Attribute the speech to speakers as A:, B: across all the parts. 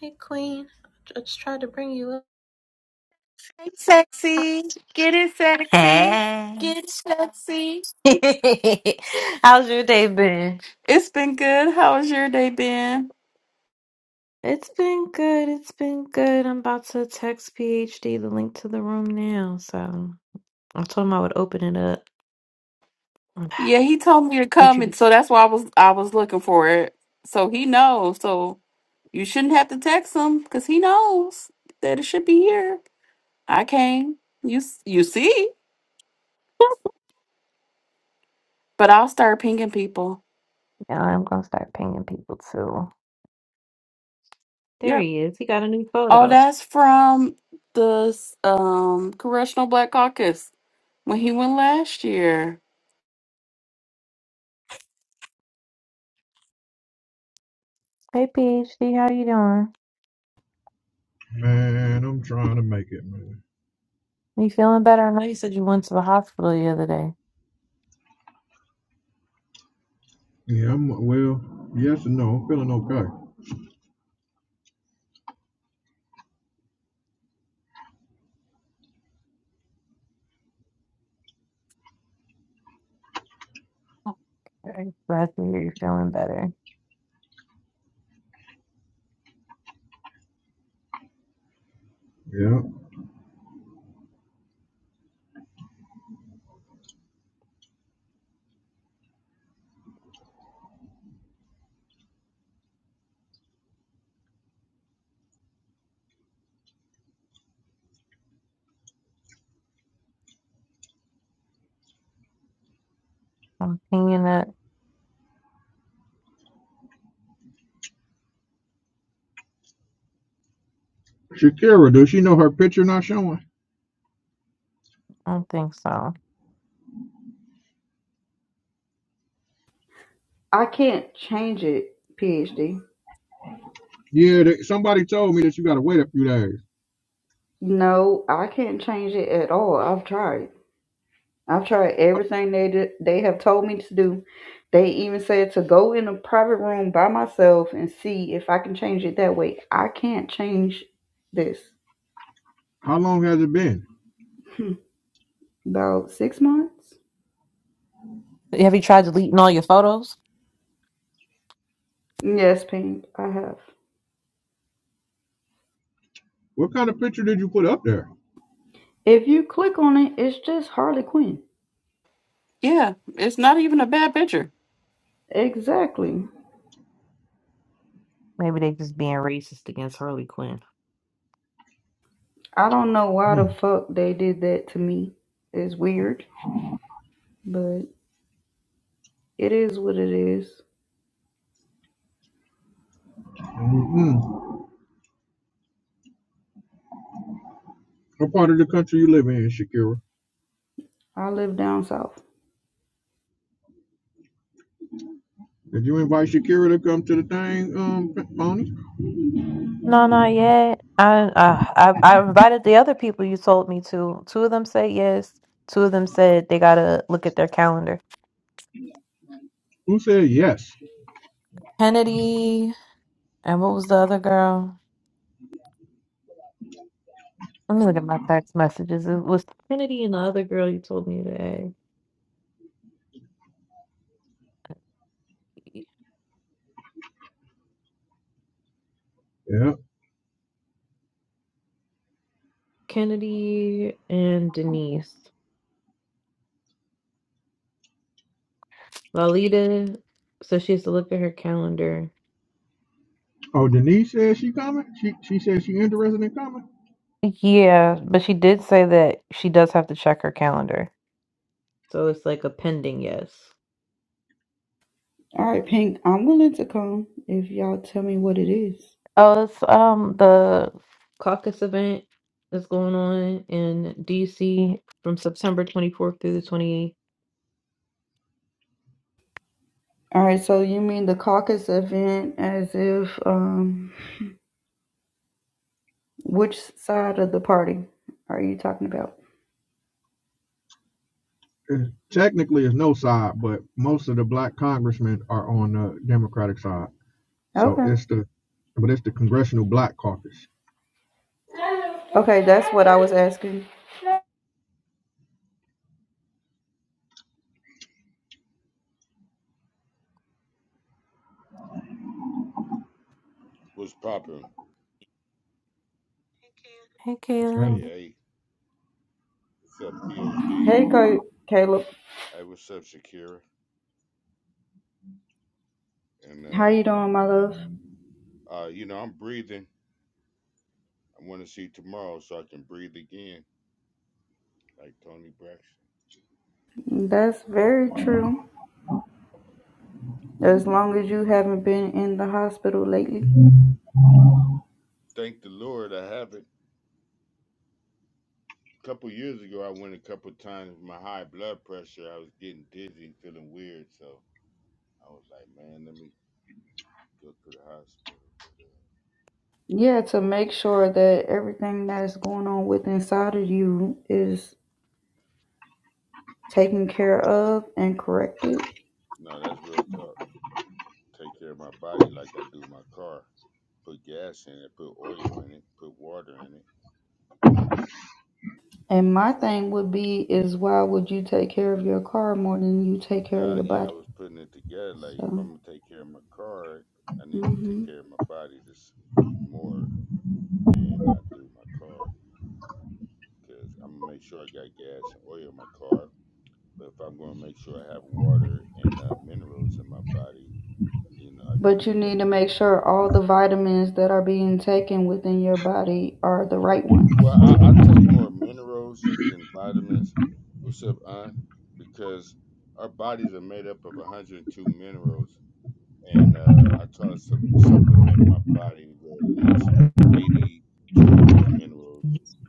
A: Hey, Queen. I just tried to bring you up.
B: Hey, sexy. Get it sexy.
A: Hey.
B: Get it sexy.
A: How's your day been?
B: It's been good. How has your day been?
A: It's been good. It's been good. I'm about to text PhD the link to the room now. So I told him I would open it up.
B: Yeah, he told me to
A: What
B: come
A: you?
B: and so that's why I was I was looking for it. So he knows. So you shouldn't have to text him because he knows that it should be here. I came. You s- you see? But I'll start pinging people.
A: Yeah, I'm gonna start pinging people too. There
B: Yep.
A: he is. He got a new
B: Oh,
A: photo.
B: that's from the s- um Congressional Black Caucus when he went last year.
A: Hey, PhD. How you doing?
C: Man, I'm trying to make it, man.
A: Are you feeling better? I know you said you went to the hospital the other day.
C: Yeah, I'm well, yes and no. I'm feeling okay.
A: I'm Glad to hear you're feeling better.
C: Yeah.
A: I'm pinging it.
C: Shakira, does she know her picture not showing?
A: I don't think so.
D: I can't change it, PhD.
C: Yeah, they, somebody told me that you gotta wait a few days.
D: No, I can't change it at all. I've tried. I've tried everything they did, they have told me to do. They even said to go in a private room by myself and see if I can change it that way. I can't change this.
C: How long has it been?
D: About six months?
A: Have you tried deleting all your photos?
D: Yes, Pink, I have.
C: What kind of picture did you put up there?
D: If you click on it, it's just Harley Quinn.
B: Yeah, it's not even a bad picture.
D: Exactly.
A: Maybe they just being racist against Harley Quinn.
D: I don't know why the
C: Hmm.
D: fuck they did that to me. It's weird, but it is what it is.
C: Mm-mm. What part of the country you live in, Shakira?
D: I live down south.
C: Did you invite Shakira to come to the thing, um, Pony?
A: No, not yet. I, I I I invited the other people you told me to. Two of them said yes. Two of them said they gotta look at their calendar.
C: Who said yes?
A: Kennedy and what was the other girl? Let me look at my text messages. It was Kennedy and the other girl you told me today.
C: Yeah.
A: Kennedy and Denise. Lalita, so she has to look at her calendar.
C: Oh, Denise said she coming. She she said she interested in coming.
A: Yeah, but she did say that she does have to check her calendar. So it's like a pending yes.
D: All right, Pink, I'm willing to come if y'all tell me what it is.
A: Oh, it's um the Caucus event that's going on in DC from September 24th through the 28th.
D: All right, so you mean the caucus event as if um which side of the party are you talking about?
C: There's- technically it's no side, but most of the black congressmen are on the Democratic side. So
D: Okay.
C: it's the but it's the Congressional Black Caucus.
D: Okay, that's what I was asking.
A: Hey
C: Which I-
A: Kayla.
D: Hey, Ca- Caleb. How you doing, my love? That's very true. As long as you haven't been in the hospital lately. Yeah, to make sure that everything that's going on with inside of you is taken care of and corrected. And my thing would be is why would you take care of your car more than you take care of your body? So, hmm but you need to make sure all the vitamins that are being taken within your body are the right ones.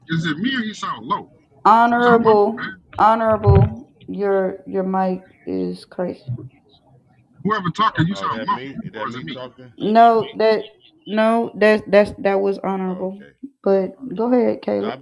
E: Is it me or you sound low? You sound muffled,
D: Honorable,
E: man.
D: honorable, your your mic is crazy.
E: Whoever talking, you sound muffled. Or is it me?
D: No, that no, that that's that was honorable. But go ahead, Caleb.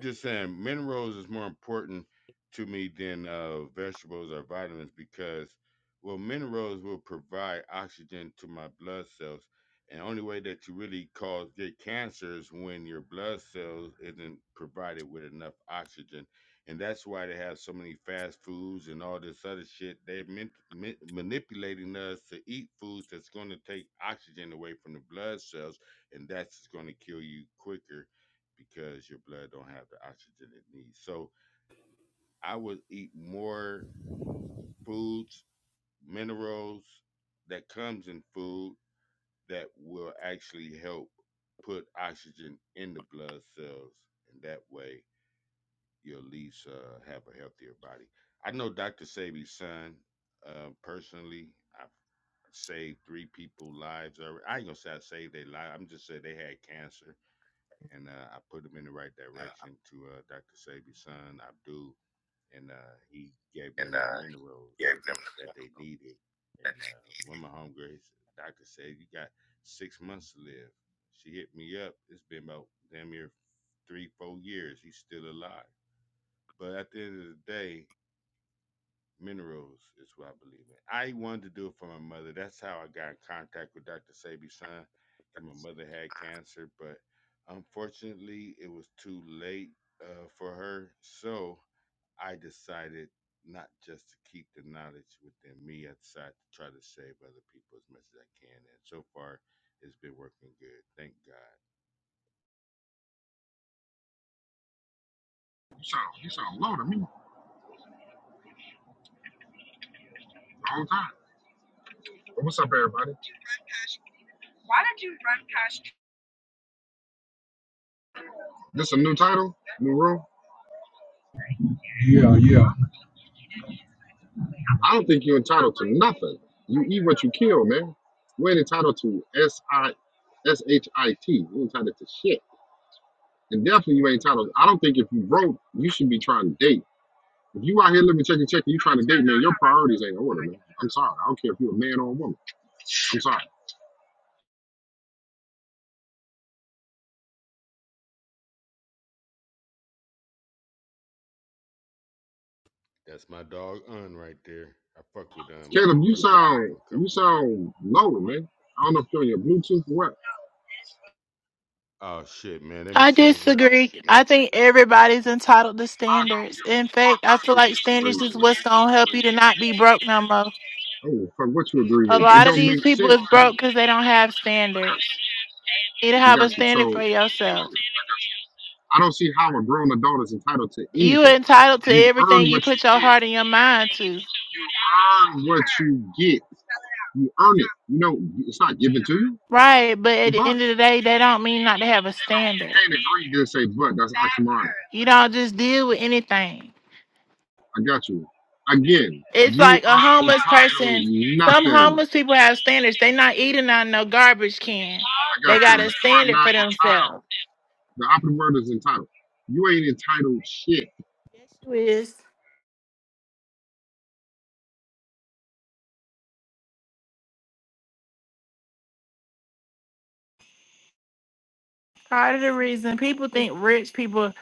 E: You sound you sound low to me the whole time. What's up, everybody? This a new title? New room?
C: Yeah, yeah.
E: I don't think you're entitled to nothing. You eat what you kill, man. You ain't entitled to S I S H I T. You ain't entitled to shit. And definitely you ain't entitled. I don't think if you broke, you should be trying to date. If you out here living check and check and you trying to date, man, your priorities ain't in order, man. I'm sorry. I don't care if you're a man or a woman. I'm sorry. Caleb, you sound you sound low, man. I don't know if you're on your Bluetooth or what.
F: I disagree. I think everybody's entitled to
E: I don't give
F: standards.
E: a
F: In
E: fuck
F: fact, I feel
E: what you
F: like
E: disagree
F: standards is
E: with.
F: what's gonna help you to not be broke no more.
E: I don't give a fuck what you agree
F: A
E: with. It
F: lot of
E: don't
F: these
E: make sense.
F: people is broke
E: You-
F: because they don't have standards. You need to
E: I
F: have a
E: got you. So you,
F: standard
E: I, got
F: for
E: you.
F: yourself.
E: I don't see how a grown adult is entitled to
F: You
E: anything.
F: entitled to
E: You earn
F: everything you
E: what you
F: put your
E: get.
F: heart and your mind to.
E: You earn what you get. You earn it. You know, it's not given to you.
F: Right, but at
E: The
F: the
E: fuck?
F: end of the day, that don't mean not to have a
E: You
F: standard.
E: can't agree to say but. That's oxymoron.
F: You don't just deal with anything.
E: I got you. Again,
F: It's
E: you
F: like a
E: are
F: homeless person.
E: entitled
F: Some
E: nothing.
F: homeless people have standards. They not eating on no garbage can.
E: I
F: They
E: got you.
F: got a
E: You are
F: standard
E: not
F: for themselves.
E: entitled. The opposite word is entitled. You ain't entitled shit.
F: Yes, you is. Part of the reason people think rich people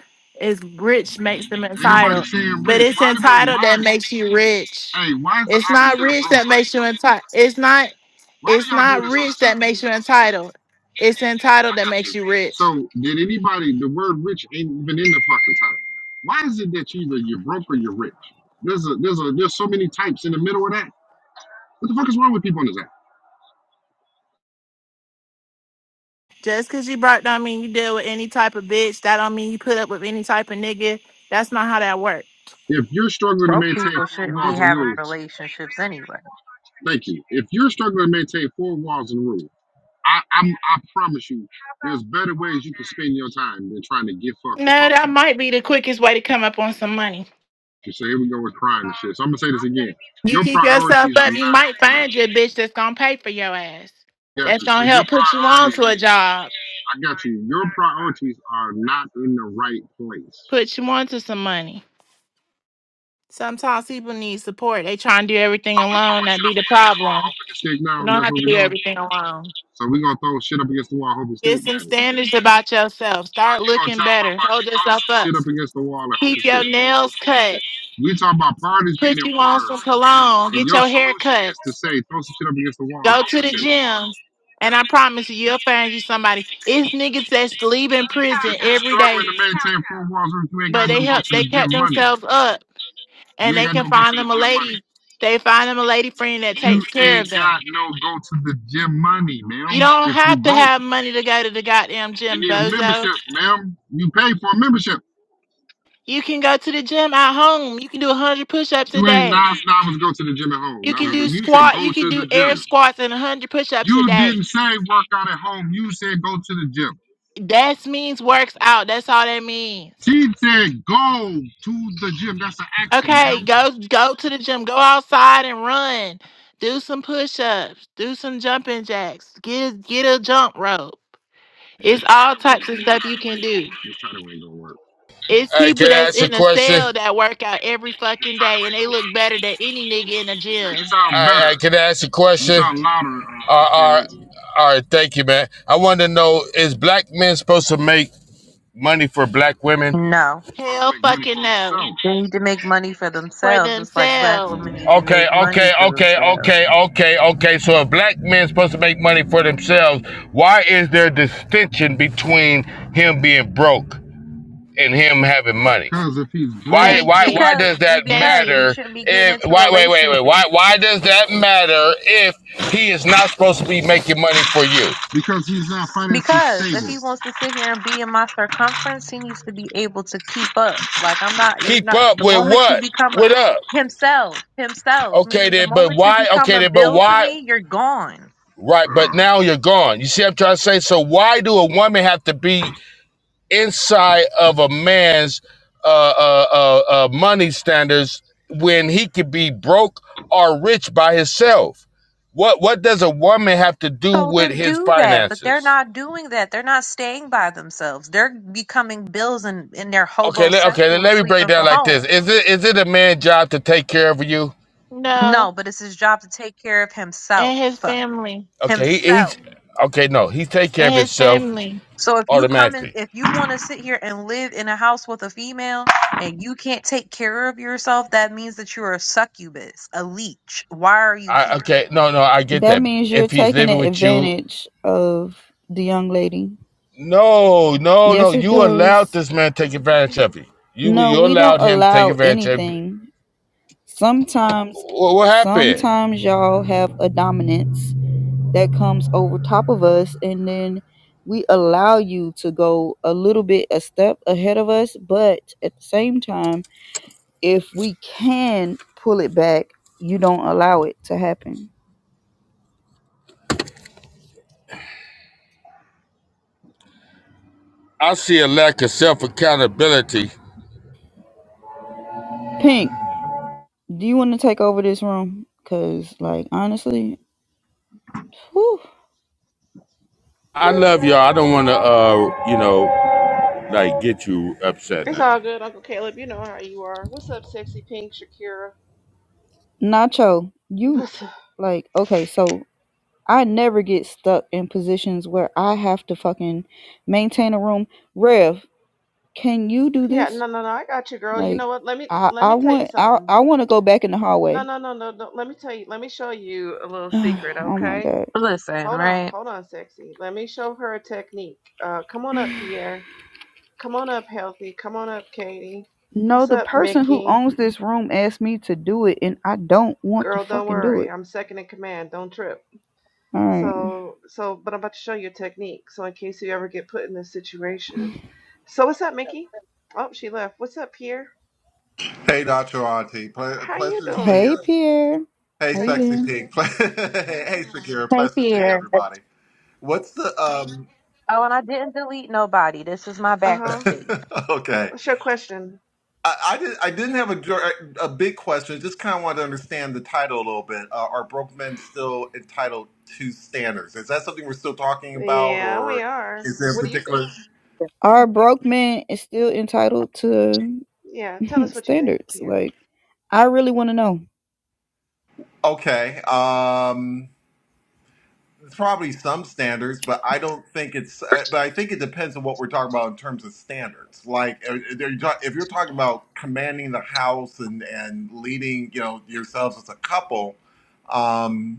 F: is rich makes them
E: Ain't nobody
F: entitled,
E: saying
F: but
E: rich.
F: it's
E: Why do we
F: entitled
E: why
F: that makes you rich.
E: hey, why is the
F: It's not
E: opposite of
F: rich
E: broke
F: that makes
E: rich?
F: you entitled. It's not.
E: Why do
F: It's
E: y'all do
F: not
E: this on
F: rich
E: this
F: that
E: app?
F: makes you entitled. It's entitled
E: I
F: that
E: got
F: makes
E: you.
F: you rich.
E: So did anybody the word rich ain't even in the fucking title. Why is it that you either you're broke or you're rich? There's a there's a there's so many types in the middle of that. What the fuck is wrong with people on this app?
F: Just because you broke don't mean you deal with any type of bitch. That don't mean you put up with any type of nigga. That's not how that works.
E: If you're struggling to
G: Broke
E: maintain
G: people
E: four
G: shouldn't be
E: walls and
G: having
E: rules,
G: relationships anyway.
E: thank you. If you're struggling to maintain four walls and rules, I, I'm, I promise you, there's better ways you can spend your time than trying to get
F: No,
E: fucked to fuck
F: that
E: somebody.
F: might be the quickest way to come up on some money.
E: You say here we go with crying and shit. So I'm gonna say this again.
F: You
E: Your
F: keep yourself
E: priorities are
F: up. You
E: not in
F: might find you a
E: order.
F: bitch that's gonna pay for your ass.
E: Got
F: That's
E: you. So
F: gonna
E: your
F: help put you on to
E: priorities,
F: a job,
E: I got you. Your priorities are not in the right place.
F: put you on to some money. Sometimes people need support. They try and do everything
E: Are we
F: alone,
E: throwing
F: that
E: shit
F: be
E: up
F: the
E: against the wall,
F: problem.
E: hoping to stick now?
F: You don't
E: That's
F: have
E: what
F: to do
E: we're doing.
F: everything alone.
E: So we're gonna throw shit up against the wall, hoping to stick.
F: Get some
E: Got it.
F: standards about yourself.
E: So
F: Start
E: you gonna
F: looking
E: tell
F: better.
E: motherfuckers
F: Hold
E: to throw
F: yourself
E: some
F: up.
E: shit up against the wall and hope
F: Keep
E: it
F: your
E: sticks.
F: nails cut.
E: We talk about priorities being
F: Put
E: in
F: you on
E: order,
F: some cologne.
E: and
F: Get
E: your
F: your hair
E: solution
F: cut.
E: is to say throw some shit up against the wall and
F: Go
E: hope
F: to
E: it
F: the
E: sticks.
F: gym. And
E: Yeah.
F: I promise you, you'll find you somebody. It's niggas that's leaving prison
E: If you're
F: every day,
E: struggling to maintain four walls, you ain't
F: but
E: got no
F: they
E: go
F: help
E: to
F: they
E: the gym
F: kept
E: money.
F: themselves up
E: You
F: and
E: ain't
F: they
E: got
F: can
E: no go to
F: find
E: the
F: them a
E: gym money.
F: lady. They find them a lady friend that
E: You
F: takes care
E: ain't
F: of them.
E: got no go to the gym money, ma'am.
F: You don't
E: If you
F: have to
E: broke,
F: have money to go to the goddamn
E: you
F: gym,
E: need a
F: bozo.
E: membership, ma'am. You pay for a membership.
F: You can go to the gym at home. You can do 100 push ups a
E: You ain't
F: day.
E: nine dollars go to the gym at home.
F: You
E: Nine
F: can
E: was go.
F: do
E: You said
F: squat.
E: go
F: You
E: to
F: can do
E: the
F: air
E: gym.
F: squats and 100 push ups a
E: You
F: day.
E: didn't say work out at home. You said go to the gym.
F: That means works out. That's all that means.
E: She said go to the gym. That's an action,
F: Okay,
E: ma'am.
F: go go to the gym. Go outside and run. Do some push-ups. Do some jumping jacks. Get a, get a jump rope.
E: Yeah, this
F: It's all
E: title ain't
F: types of
E: gonna work.
F: stuff you can do.
E: This title ain't gonna work.
F: It's people that's in a cell that work out every
E: This
F: fucking
E: title
F: day and
E: ain't
F: they
E: gonna
F: look
E: work.
F: better than any nigga in the
E: Hey, you
F: gym.
E: sound better. You sound louder, uh, Caleb.
G: No.
E: Supposed to
F: Hell
E: make money
F: fucking
E: for
F: no.
E: himself.
G: They need to make money for
F: For
G: themselves, just like black
F: themselves.
G: women need to make money for themselves.
H: men supposed to make money for themselves. Why is there distinction between him being broke and him having money?
E: Cause if he's broke,
H: Why
F: Thank
H: why
F: you.
H: why
G: Because
H: does
G: be-
H: that
F: Thank
G: because he
F: you.
H: matter
G: shouldn't be getting
H: if
G: into
H: why wait wait wait
G: relationships.
H: why why does that matter if he is not supposed to be making money for you?
E: because he's not financially
G: Because if
E: stable.
G: he wants to sit here and be in my circumference, he needs to be able to keep up. Like I'm not you're
H: Keep
G: not
H: up
G: the
H: with
G: moment you
H: what?
G: become a
H: What up?
G: himself, himself,
H: Okay
G: meaning the
H: then, but
G: moment you
H: why
G: become
H: okay
G: a
H: then but
G: bill to
H: why
G: me, you're gone.
H: right but
E: Ugh.
H: now you're gone. You see what I'm trying to say? So why do a woman have to be inside of a man's uh, uh, uh, uh, money standards when he could be broke or rich by himself? What what does a woman have to do
G: So
H: with
G: then
H: his
G: do that, but they're
H: finances?
G: not doing that. They're not staying by themselves. They're becoming bills and in their
H: Okay, let, okay, let,
G: hobosexual
H: let me break
G: sleeping
H: down
G: for
H: like this. Is
G: homes.
H: it is it a man's job to take care of you?
F: No.
G: No, but it's his job to take care of himself.
F: And his family.
H: Okay, he, he's
G: Himself.
H: okay. No, he take care of
F: And his
H: himself
F: family.
G: So if you come in
H: automatically.
G: if you want to sit here and live in a house with a female and you can't take care of yourself, that means that you're a succubus, a leech. Why are you
H: I
G: here?
H: okay, no, no, I get
D: That
H: that.
D: means you're
H: If he's
D: taking
H: living with you
D: advantage of the young lady
H: No, no, no.
D: Yes, it
H: You allowed
D: does.
H: this man to take advantage of you. You
D: No,
H: you
D: we
H: allowed
D: don't
H: him to take
D: allow
H: advantage of you.
D: anything. Sometimes,
H: Wha- What happened?
D: sometimes y'all have a dominance that comes over top of us, and then we allow you to go a little bit a step ahead of us. But at the same time, if we can pull it back, you don't allow it to happen.
H: I see a lack of self accountability.
D: Pink, do you want to take over this room? Cause, like, honestly, whew,
H: I love y'all. I don't want to, uh, you know, like get you
I: It's
H: upset.
I: all good, Uncle Caleb. You know how you are. What's up, sexy pink Shakira?
D: Nacho, you
I: What's up?
D: like okay. So I never get stuck in positions where I have to fucking maintain a room. Rev, can you do
I: Yeah,
D: this?
I: no, no, no. I got you, girl. You
D: Like,
I: know what? Let me
D: I
I: let me
D: I
I: tell you
D: want I
I: something.
D: I want to go back in the
I: No,
D: hallway.
I: no, no, no, no. Let me tell you. Let me show you a little
D: oh
I: secret,
D: my
I: okay?
D: god.
G: Listen,
I: Hold on,
G: right?
I: hold on, sexy. Let me show her a technique. Uh, come on up, Pierre. Come on up, healthy. Come on up, Katie.
D: No,
I: What's
D: the
I: up,
D: person who
I: Mickey?
D: owns this room asked me to do it, and I don't want to
I: Girl, don't
D: fucking do
I: worry.
D: it.
I: I'm second in command. Don't trip.
D: All right.
I: So, so, but I'm about to show you a technique. So, in case you ever get put in this situation. So what's up, Mickey? Oh, she left. What's up, Pierre?
J: Hey, Dr. Auntie. Ple-
I: How you
J: pleasure to see you.
D: Hey
I: doing?
D: Pierre,
J: Hey,
D: how
I: How
D: you
I: you?
J: Sexy
D: been?
J: Pink. Ple- hey, hey, Shakira.
G: Hey
J: Pleasure to see you,
G: Pierre.
J: everybody. What's the um?
G: Oh, and I didn't delete nobody. This is my
I: Uh huh.
G: backup page.
J: okay,
I: What's your question?
J: I, I did. I didn't have a dir- a big question. Just kind of wanted to understand the title a little bit. Uh, are broke men still entitled to standards? Is that something we're still talking about,
I: Yeah, we
J: or
I: are.
J: is there a
I: What do you think?
J: particular?
D: Our broke man is still entitled to
I: Yeah, tell us what you think,
D: standards.
I: Pierre.
D: Like, I really want to know.
J: Okay. Um. It's probably some standards, but I don't think it's. Uh, but I think it depends on what we're talking about in terms of standards. Like, uh, if you're ta- if you're talking about commanding the house and and leading, you know, yourselves as a couple, um,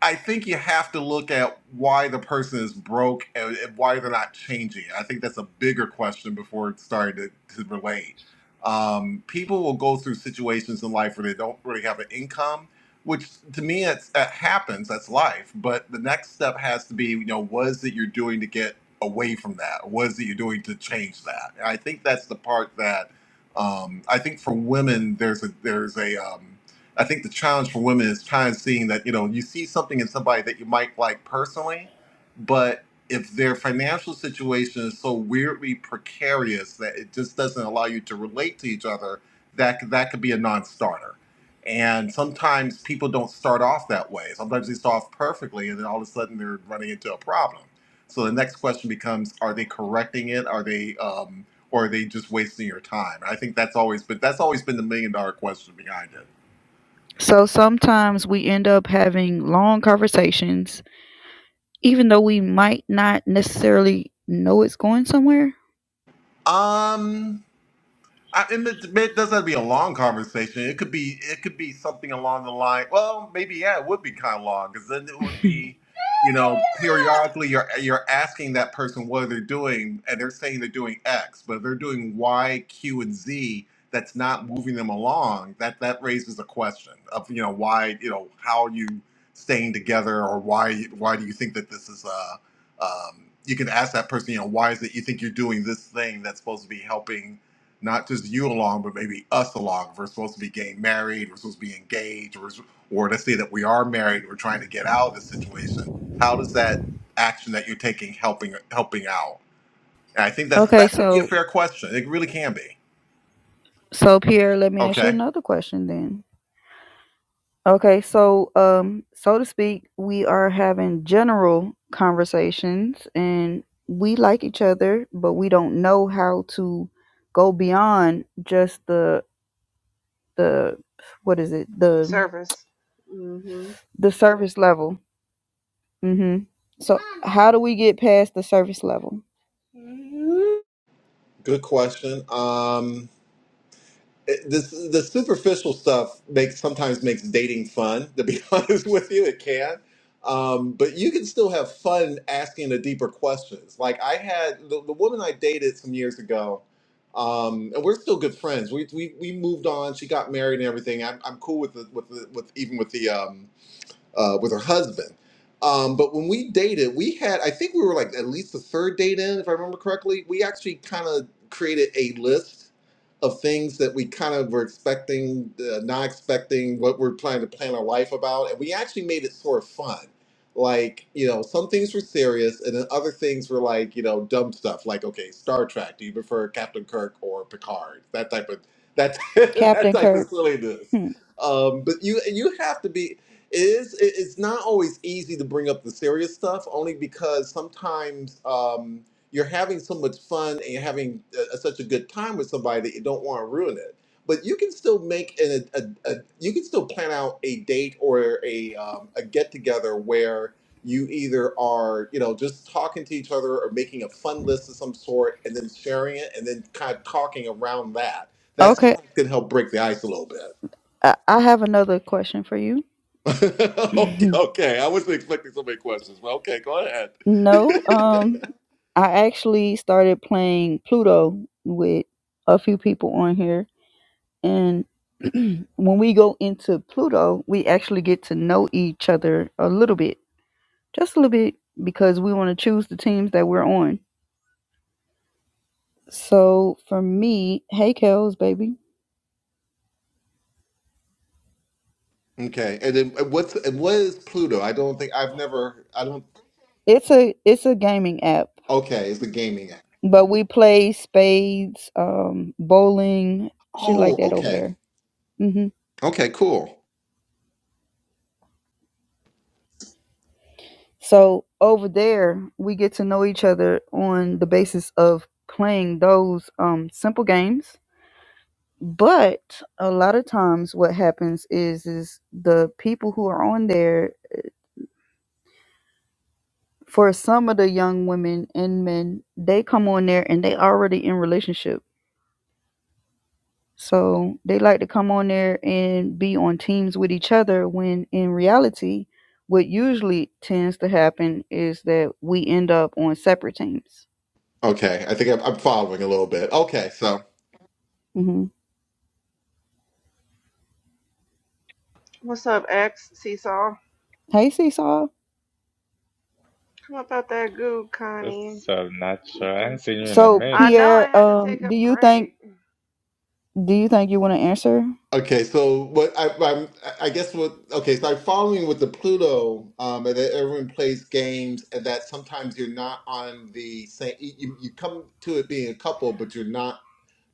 J: I think you have to look at why the person is broke and and why they're not changing. I think that's a bigger question before starting to, to relate. Um, people will go through situations in life where they don't really have an income, which to me it's, it happens. That's life. But the next step has to be, you know, what is it you're doing to get away from that? What is it you're doing to change that? And I think that's the part that um, I think for women there's a there's a um, I think the challenge for women is trying seeing that, you know, you see something in somebody that you might like personally, but if their financial situation is so weirdly precarious that it just doesn't allow you to relate to each other, that that could be a non-starter. And sometimes people don't start off that way. Sometimes they start off perfectly and then all of a sudden they're running into a problem. So the next question becomes, are they correcting it? Are they um or are they just wasting your time? I think that's always been that's always been the million dollar question behind it
D: So sometimes we end up having long conversations, even though we might not necessarily know it's going somewhere.
J: Um, I, and it, it doesn't have to be a long conversation. It could be it could be something along the line. Well, maybe yeah, it would be kind of long because then it would be, you know, periodically you're you're asking that person what they're doing, and they're saying they're doing X, but if they're doing Y, Q, and Z. That's not moving them along. That that raises a question of you know why you know how are you staying together or why why do you think that this is uh um, you can ask that person you know why is it you think you're doing this thing that's supposed to be helping not just you along, but maybe us along. If We're supposed to be getting married, we're supposed to be engaged, or, or let's say that we are married, we're trying to get out of the situation. How does that action that you're taking helping helping out? And I think that's
D: Okay,
J: that could be a
D: so
J: fair question. It really can be.
D: so Pierre, let me ask you
J: Okay,
D: another question then. Okay, so um, so to speak, we are having general conversations, and we like each other, but we don't know how to go beyond just the the what is it the
I: Service. Mm-hmm.
D: the surface level Mm-hmm. So how do we get past the surface level? Mm-hmm.
J: good question. Um, it- this the superficial stuff makes sometimes makes dating fun to be honest with you it can um, but you can still have fun asking the deeper questions like i had the, the woman i dated some years ago um, and we're still good friends we, we we moved on she got married and everything i'm, I'm cool with the, with the, with even with the um, uh, with her husband. Um, but when we dated, we had I think we were like at least the third date in, if I remember correctly. We actually kind of created a list of things that we kind of were expecting, uh, not expecting, what we're planning to plan our life about, and we actually made it sort of fun. Like you know, some things were serious, and then other things were like you know dumb stuff. Like okay, Star Trek. Do you prefer Captain Kirk or Picard? That type of that that
D: Captain
J: type of
D: Kirk.
J: silliness
D: Hmm.
J: um, but you you have to be. It is. it- It's not always easy to bring up the serious stuff, only because sometimes um, you're having so much fun and you're having uh uh, such a good time with somebody that you don't want to ruin it. But you can still make an, a, a a you can still plan out a date or a um, a get together where you either are you know just talking to each other or making a fun list of some sort and then sharing it and then kind of talking around that. That
D: Okay.
J: sometimes can help break the ice a little bit.
D: I, I have another question for you.
J: okay, okay. I wasn't expecting so many questions, but okay, go ahead.
D: no. Um I actually started playing Pluto with a few people on here and when we go into Pluto, we actually get to know each other a little bit. Just a little bit because we want to choose the teams that we're on. So for me, hey Kels, baby.
J: Okay, and then uh, what's and what is Pluto? I don't think I've never. I don't.
D: It's a it's a gaming app,
J: Okay, it's a gaming app.
D: but we play spades, um, bowling, shit like
J: Oh,
D: that over
J: okay,
D: there. hmm
J: okay, cool.
D: So over there, we get to know each other on the basis of playing those um, simple games. But a lot of times, what happens is is the people who are on there for some of the young women and men, they come on there and they already in relationships So they like to come on there and be on teams with each other when in reality, what usually tends to happen is that we end up on separate teams.
J: Okay, I think I'm, I'm following a little bit. Okay, so
D: hmm
I: What's up, X? Seesaw.
D: Hey, Seesaw.
I: Come up out that goo, Connie.
K: What's up, natural. I
I: Kika.
K: ain't seen you in a
D: So
I: I
K: minute.
I: know I
D: Pierre,
I: had to
D: um,
I: take a
D: do you think
I: break.
D: do you think you want to answer?
J: okay, so what I, I'm I guess what okay, so I'm following with the Pluto, um, and that everyone plays games, and that sometimes you're not on the same. You you come to it being a couple, but you're not.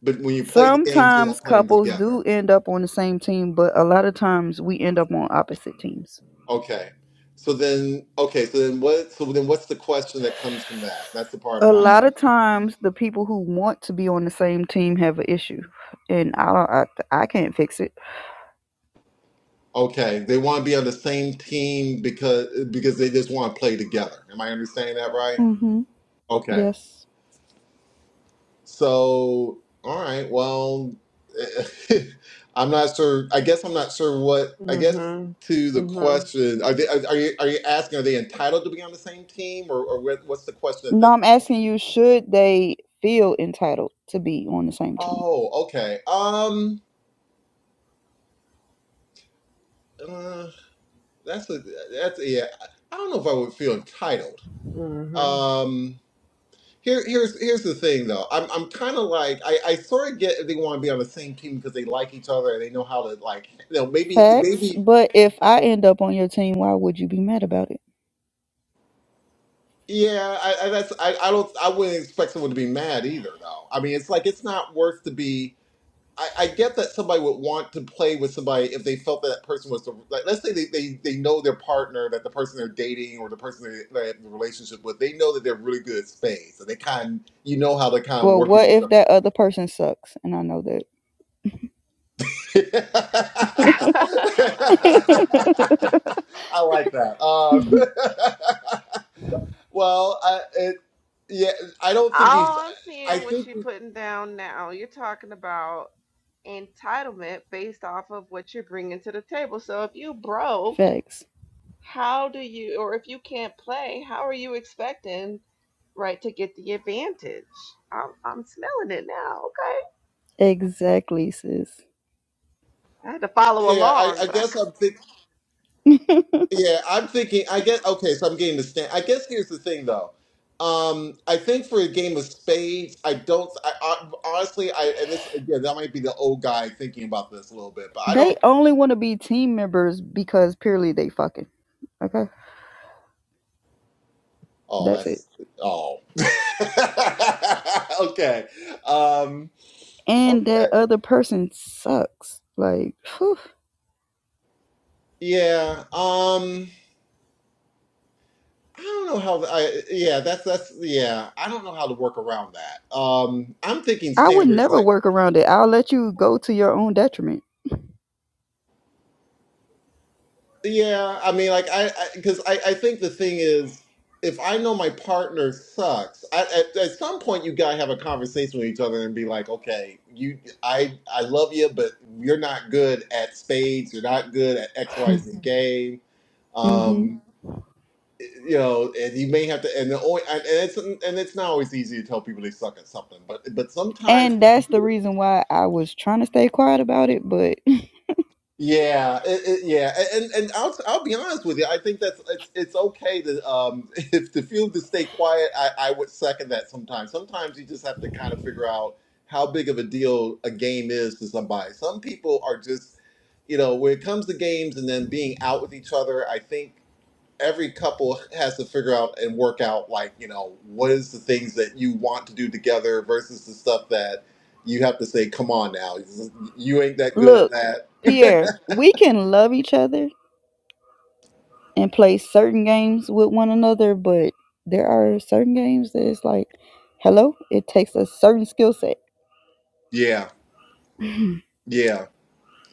J: But when you play the games, you're
D: Sometimes
J: not playing
D: couples
J: together.
D: do end up on the same team, but a lot of times we end up on opposite teams.
J: Okay. So then, okay. So then, what? So then, what's the question that comes from that? That's the part I'm
D: A
J: not.
D: lot of times, the people who want to be on the same team have an issue, and I don't, I, I can't fix it.
J: Okay, they want to be on the same team because because they just want to play together. Am I understanding that right?
D: hmm
J: Okay.
D: Yes.
J: So, all right. Well, I'm not sure. I guess I'm not sure what. I guess
I: Mm-hmm.
J: to the
I: Mm-hmm.
J: question, are they are, are you are you asking? Are they entitled to be on the same team, or or what, what's the question that?
D: No, I'm asking you, should they feel entitled to be on the same team?
J: Oh, okay. Um. uh, That's a that's a, yeah. I don't know if I would feel entitled. Um, here here's here's the thing though. I'm I'm kind of like I, I sort of get if they want to be on the same team because they like each other and they know how to like you know maybe
D: Facts.
J: maybe
D: But if I end up on your team, why would you be mad about it?
J: yeah. I, I that's I, I don't I wouldn't expect someone to be mad either though. I mean it's like it's not worth to be. I, I get that somebody would want to play with somebody if they felt that, that person was the like. Let's say they, they they know their partner, that the person they're dating or the person they, they have the relationship with, they know that they're really good at spades, and they kind you know how they kind of
D: Well,
J: work with
D: what
J: each
D: if that
J: other.
D: other person sucks? And I know
I: Mm-hmm.
D: that.
J: I like that. Um, well, I, it, yeah, I don't think you.
I: All I'm
J: I
I: seeing what
J: think
I: you're putting down now, you're talking about entitlement based off of what you're bringing to the table. So if you broke,
D: Facts.
I: how do you, or if you can't play, how are you expecting, right, to get the advantage? I'm, I'm smelling it now. Okay,
D: Exactly, sis.
I: I had to follow
J: yeah, I,
I: along,
J: I
I: but I can't.
J: guess I'm thinking. Yeah, I'm thinking. I guess okay. So I'm getting the stand. I guess here's the thing, though. Um, I think for a game of spades, I don't. I, I honestly, I and this again, that might be the old guy thinking about this a little bit, but I
D: They
J: don't.
D: only want to be team members because purely they fucking. Okay?
J: Oh,
D: That's it.
J: that's oh. okay. Um.
D: And
J: Okay.
D: that other person sucks. Like, whew.
J: Yeah. Um. I don't know how. I yeah. That's that's yeah. I don't know how to work around that. Um. I'm thinking
D: I would
J: standards
D: never
J: like.
D: work around it. I'll let you go to your own detriment.
J: Yeah, I mean, like I, because I, 'cause I, I think the thing is, if I know my partner sucks, I, at, at some point you gotta have a conversation with each other and be like, okay, you, I, I love you, but you're not good at spades. You're not good at X, Y,
D: hmm
J: Z game. Um, you know, and you may have to, and the only, and and it's, and it's not always easy to tell people they suck at something, but, but sometimes
D: And
J: if you
D: that's
J: do
D: the
J: it.
D: reason why I was trying to stay quiet about it. But
J: Yeah, it, it, yeah, and and I'll I'll be honest with you. I think that's it's it's okay to um if to feel to stay quiet. I I would second that sometimes. Sometimes you just have to kind of figure out how big of a deal a game is to somebody. Some people are just, you know, when it comes to games and then being out with each other. I think every couple has to figure out and work out like you know what is the things that you want to do together versus the stuff that you have to say, come on now, you ain't that good at
D: look,
J: that.
D: Pierre, we can love each other and play certain games with one another, but there are certain games that it's like, hello, it takes a certain skill set.
J: Yeah, yeah,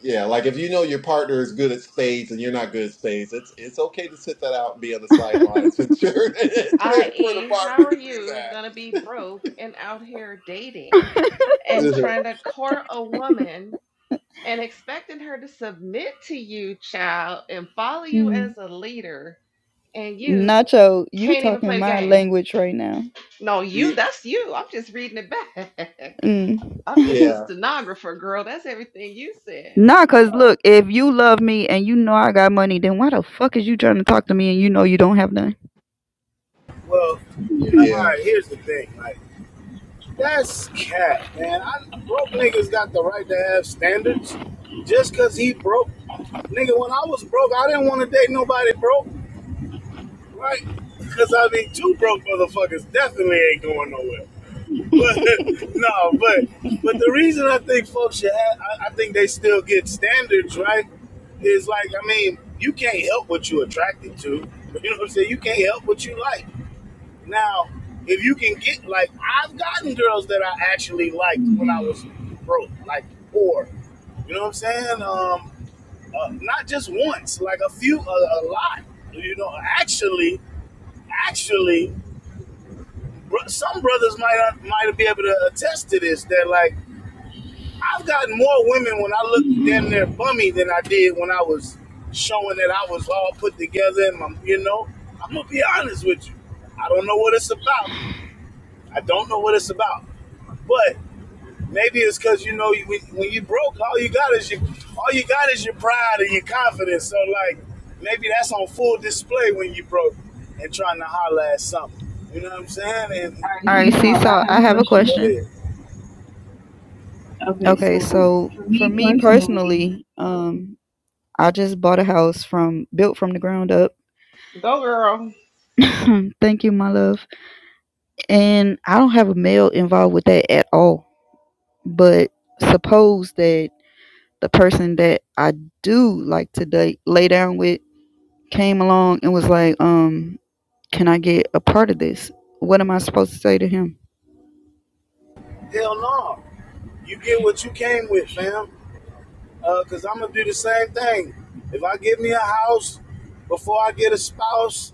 J: yeah. Like if you know your partner is good at spades and you're not good at spades, it's it's okay to sit that out and be on the sidelines and cheer, and cheer for the
I: i.e., how are
J: partner to do
I: you gonna be
J: that.
I: broke and out here dating and
J: Mhm.
I: trying to court a woman? and expecting her to submit to you, child, and follow you as
D: Mm.
I: a leader, and you
D: Nacho, you
I: can't even
D: talking
I: play the
D: my
I: game.
D: language right now.
I: No, you,
J: Ye-
I: that's you. I'm just reading it back.
D: Mm.
I: I'm just the
J: Yeah,
I: stenographer, girl. That's everything you said.
D: Nah,
I: Hello.
D: cause look, if you love me and you know I got money, then why the fuck is you trying to talk to me and you know you don't have none?
L: Well, yeah,
D: Hmm.
L: all
J: yeah,
L: right. Here's the thing, like that's cat, man. I, broke niggas got the right to have standards. Just cause he broke, nigga. When I was broke, I didn't want to date nobody broke, right? Because I mean, two broke motherfuckers definitely ain't going nowhere. But no, but but the reason I think folks should have, I, I think they still get standards, right? Is like, I mean, you can't help what you are attracted to. You know what I'm saying? You can't help what you like. Now, if you can get like I've gotten girls that I actually liked when I was broke, like poor. You know what I'm saying? Um, uh, not just once, like a few, a, a lot. You know, actually, actually, br- some brothers might uh, might be able to attest to this. That like I've gotten more women when I looked damn near bummy than I did when I was showing that I was all put together. And my, you know, I'm gonna be honest with you. I don't know what it's about. I don't know what it's about, but maybe it's because you know when, when you broke, all you got is your all you got is your pride and your confidence. So like maybe that's on full display when you broke and trying to holler at something. You know what I'm saying? And All right,
D: All right,
L: see, so I
D: Seesaw,
L: have
D: I
L: a
D: have a
L: question. go
D: question.
L: ahead. Okay,
D: Okay,
L: so
D: so
L: for
D: for
L: me
D: me
L: personally,
D: personally, um, I just bought a house from built from the ground up.
I: Go, girl.
D: Thank you, my love. And I don't have a male involved with that at all. But suppose that the person that I do like to date, lay down with came along and was like, um, can I get a part of this? What am I supposed to say to him?
L: Hell no, you get what you came with, fam. because uh, I'm gonna do the same thing. If I get me a house before I get a spouse,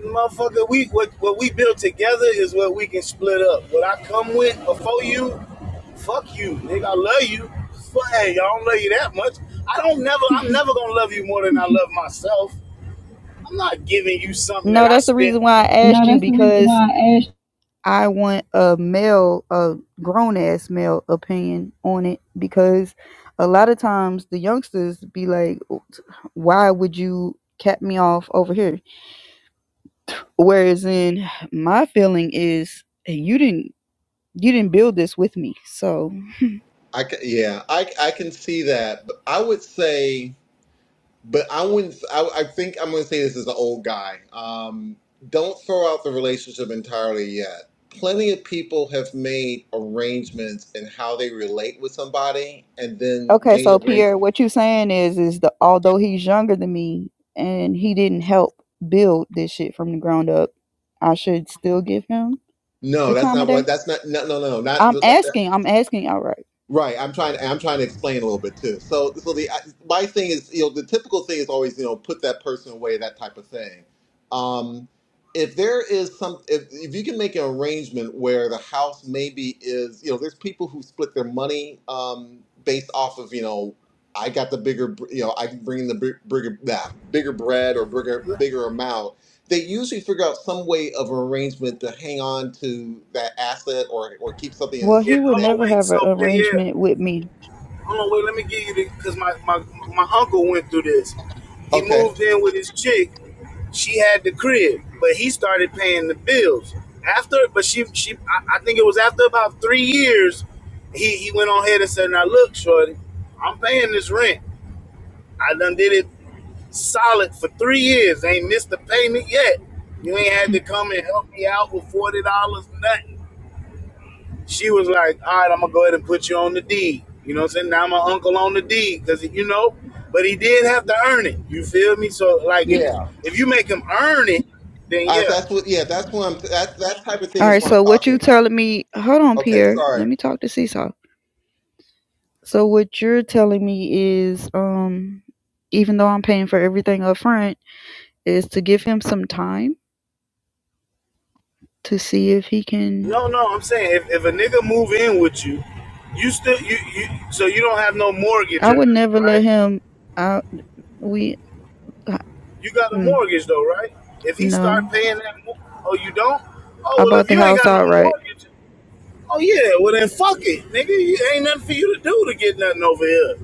L: motherfucker, we what what we build together is what we can split up. What I come with before you, fuck you, nigga. I love you, but hey, I don't love you that much. I don't never. I'm never gonna love you more than I love myself. I'm not giving you something that
D: No,
L: I
D: that's the
L: spent
D: reason why I
L: No,
D: asked you
L: that's the reason
D: because
L: why I asked.
D: I want a male, a grown ass male opinion on it because a lot of times the youngsters be like, why would you cap me off over here? Whereas in my feeling is "Hey, you didn't you didn't build this with me. So
J: I ca- yeah, I I can see that. But I would say, but I wouldn't. I, I think I'm going to say this as an old guy. Um, don't throw out the relationship entirely yet. Plenty of people have made arrangements in how they relate with somebody, and then
D: okay,
J: made
D: so
J: arrangements.
D: Pierre, what you saying is is the although he's younger than me and he didn't help build this shit from the ground up, I should still give him
J: No,
D: the
J: that's
D: time of
J: not what.
D: day.
J: That's not. No, no, no.
D: I'm
J: Not.
D: asking, I'm asking outright.
J: Right, I'm trying. I'm trying to explain a little bit too. So, so the uh, my thing is, you know, the typical thing is always, you know, put that person away, that type of thing. Um, if there is some, if if you can make an arrangement where the house maybe is, you know, there's people who split their money um, based off of, you know, I got the bigger, br- you know, I can bring in the big- bigger, nah, bigger bread or bigger, bigger amount. They usually figure out some way of arrangement to hang on to that asset or or keep something in a
D: Well,
L: yeah,
D: he
J: certain
D: would
L: hold
J: name.
L: on,
D: never
L: wait.
D: have
L: So
D: an
L: yeah, yeah.
D: arrangement with me.
L: hold on, wait, let me give you the because my, my my uncle went through this. He
J: Okay.
L: moved in with his chick. She had the crib, but he started paying the bills after. But she she I, I think it was after about three years, he he went on ahead and said, "Now look, shorty, I'm paying this rent. I done did it solid for three years. Ain't missed a payment yet. You ain't had to come and help me out with forty dollars, nothing." She was like, all right, I'm gonna go ahead and put you on the deed. You know what I'm saying? Now I'm an uncle on the deed because you know, but he did have to earn it. You feel me? So like, if you,
J: Yeah,
L: if you make him earn it, then
J: I,
L: yeah.
J: that's what. Yeah, that's what I'm. That that type of thing
D: All
J: is
D: right,
J: what I'm
D: so what
J: talking
D: you
J: about.
D: telling me? Hold on,
J: Okay,
D: Pierre. Let
J: sorry.
D: me talk to Seesaw. So what you're telling me is, um, even though I'm paying for everything up front, is to give him some time to see if he can.
L: No, no, I'm saying if, if a nigga move in with you, you still you, you so you don't have no mortgage
D: I
L: or
D: would
L: nothing,
D: never
L: right?
D: let him. I we uh,
L: You got a
D: mm,
L: mortgage though, right? If he
D: no.
L: start paying that, mor- oh, you don't? Oh
D: I
L: well,
D: bought
L: if
D: the
L: you ain't
D: house
L: got no
D: outright.
L: mortgage, oh yeah, well then fuck it, nigga. You ain't nothing for you to do to get nothing over here.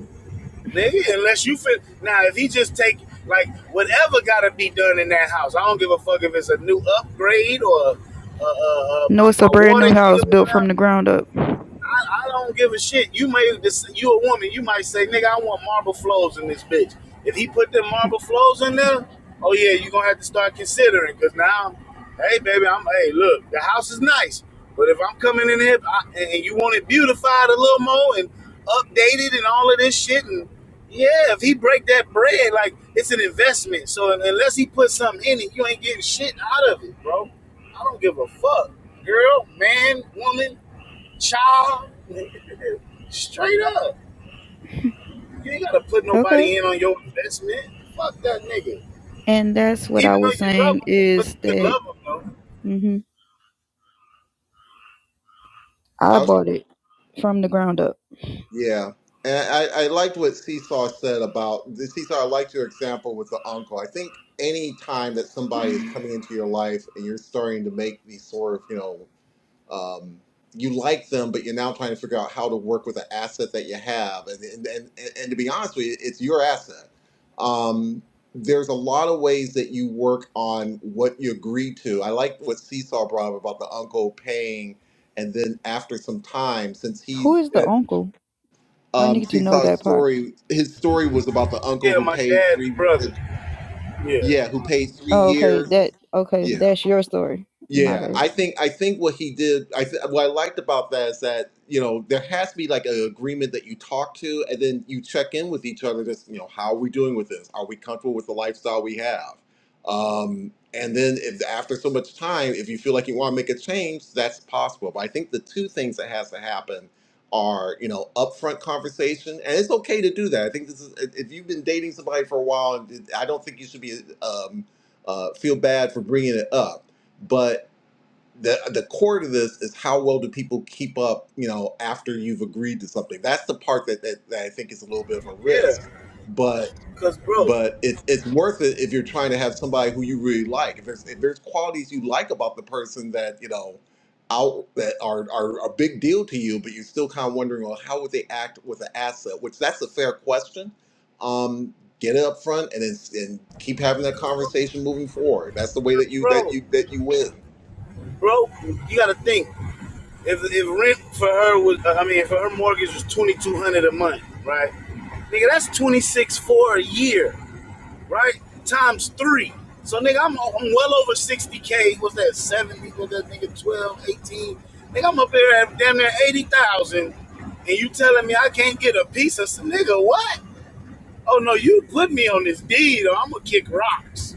L: nigga. Unless you fit now, if he just take like whatever got to be done in that house, I don't give a fuck if it's a new upgrade or uh, uh, uh,
D: No,
L: my,
D: it's
L: my
D: a brand
L: water
D: new
L: heater
D: house
L: went
D: built
L: out.
D: from the ground up.
L: I, I don't give a shit. You may you a woman. You might say, nigga, I want marble flows in this bitch. If he put them marble flows in there, oh yeah, you gonna have to start considering. Cause now, hey baby, I'm hey look, the house is nice, but if I'm coming in here I, and you want it beautified a little more and updated and all of this shit, and yeah, if he break that bread, like it's an investment. So unless he put something in it, you ain't getting shit out of it, bro. I don't give a fuck, girl, man, woman. Child, nigga, straight up. You ain't gotta put
D: Okay,
L: nobody in on your investment. Fuck that nigga.
D: and that's what I
L: Even though
D: was
L: you love
D: saying
L: him, but
D: is
L: you could
D: that.
L: love him though.
D: Mm-hmm. I
J: I was.
D: bought it from the ground up.
J: Yeah, and I I liked what Seesaw said about the Seesaw. I liked your example with the uncle. I think any time that somebody is coming into your life and you're starting to make these sort of you know um, you like them, but you're now trying to figure out how to work with the asset that you have. And and and, and to be honest with you, it's your asset. Um, there's a lot of ways that you work on what you agree to. I like what Seesaw brought up about the uncle paying, and then after some time, since he
D: Who is
J: uh,
D: the uncle? I
J: um,
D: need to know
J: Seesaw's
D: that part.
J: story, his story was about the
L: Yeah,
J: uncle who
L: my
J: paid
L: dad's
J: three, uh,
L: brother. Yeah.
J: yeah, who paid three
D: Oh, okay.
J: years.
D: That okay.
J: Yeah.
D: That's your story. My
J: Yeah,
D: bad.
J: I think I think what he did, I th what I liked about that is that you know there has to be like an agreement that you talk to, and then you check in with each other. Just you know, how are we doing with this? Are we comfortable with the lifestyle we have? Um, and then if after so much time, if you feel like you want to make a change, that's possible. But I think the two things that has to happen are you know upfront conversation, and it's okay to do that. I think this is if if you've been dating somebody for a while, I don't think you should be um, uh, feel bad for bringing it up but the the core to this is how well do people keep up you know after you've agreed to something that's the part that that, that i think is a little bit of a
L: Yeah.
J: risk but
L: Cause bro,
J: but it's it's worth it if you're trying to have somebody who you really like if there's if there's qualities you like about the person that you know out that are are a big deal to you but you're still kind of wondering well how would they act with an asset which that's a fair question um get it up front and it's, and keep having that conversation moving forward that's the way
L: cause
J: that you that
L: bro,
J: you that you win
L: bro, you gotta think. If if rent for her was I mean, if her mortgage was twenty two hundred dollars a month, right? Nigga, that's twenty six for a year. right? Times three. So nigga, I'm I'm well over 60k. What's that? 70? Was that nigga twelve, eighteen? 18? Nigga, I'm up there at damn near 80,000, and you telling me I can't get a piece of some nigga? What? Oh no, you put me on this deed, or I'm gonna kick rocks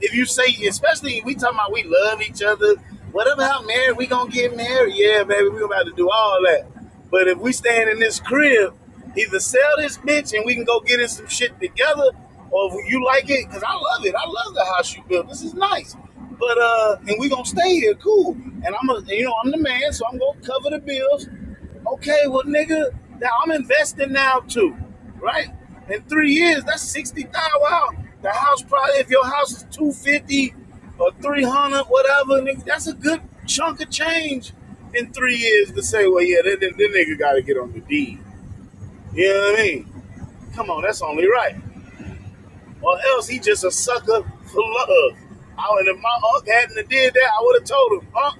L: if you say, especially we talking about we love each other, whatever how married we gonna get married, yeah, baby, we about to do all that. But if we stand in this crib, either sell this bitch and we can go get in some shit together, or if you like it, cause I love it. I love the house you built. This is nice. But uh, and we gonna stay here, cool. And I'm a, you know, I'm the man, so I'm gonna cover the bills. Okay, well, nigga, now I'm investing now too right? In three years, that's sixty thousand. Wow, the house probably if your house is two fifty or three hundred, whatever, nigga, that's a good chunk of change in three years to say, well, yeah, that, that, that nigga got to get on the deed. You know what I mean? Come on, that's only right or else he just a sucker for love. I would if my uncle hadn't did that, I would have told him, Unc,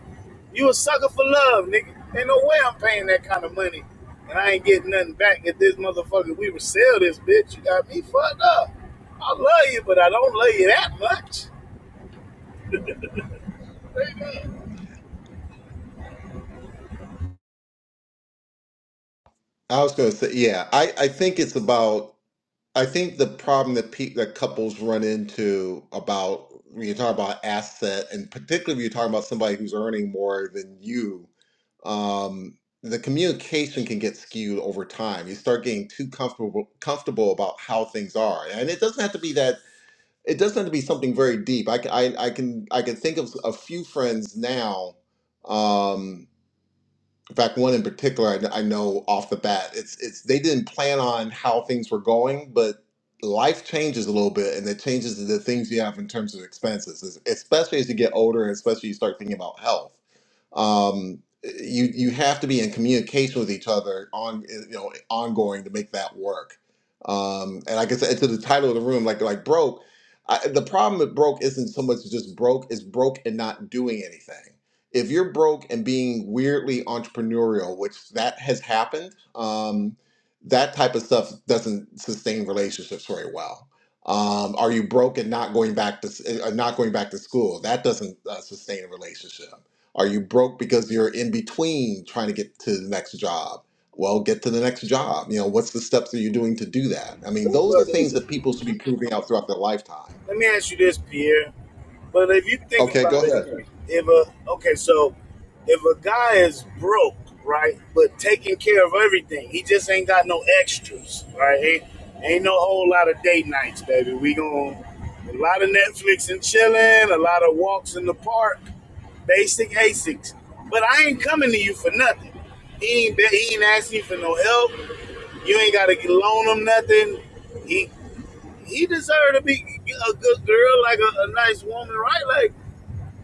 L: you a sucker for love, nigga. Ain't no way I'm paying that kind of money. And I ain't getting nothing back if this motherfucker we would sell this bitch. You got me fucked up. I love you, but I don't love you that much.
J: I was going to say, yeah, I, I think it's about, I think the problem that pe that couples run into about when you talk about asset, and particularly when you're talking about somebody who's earning more than you, um, the communication can get skewed over time. You start getting too comfortable comfortable about how things are, and it doesn't have to be that. It doesn't have to be something very deep. I, c- I, I can I can think of a few friends now. um, in fact, one in particular, I, kn- I know off the bat, it's it's they didn't plan on how things were going, but life changes a little bit, and it changes the things you have in terms of expenses, es- especially as you get older, and especially you start thinking about health um, you you have to be in communication with each other on you know ongoing to make that work. Um, and like I said, to the title of the room, like like broke, I, the problem with broke isn't so much just broke; it's broke and not doing anything. If you're broke and being weirdly entrepreneurial, which that has happened, um, that type of stuff doesn't sustain relationships very well. Um, are you broke and not going back to s- uh, not going back to school? That doesn't uh, sustain a relationship are you broke because you're in between trying to get to the next job? Well, get to the next job. You know, what's the steps that you're doing to do that? I mean, those are things that people should be proving out throughout their lifetime.
L: Let me ask you this, Pierre. But if you think
J: Okay, go
L: about it,
J: ahead.
L: if a okay, so if a guy is broke, right, but taking care of everything, he just ain't got no extras, right? Ain't, ain't no whole lot of date nights, baby. We gon' a lot of Netflix and chilling, a lot of walks in the park, basic ASICs. But I ain't coming to you for nothing. He ain't he ain't asking you for no help. You ain't gotta loan him nothing. He he deserved to be a good girl, like a, a nice woman, right? Like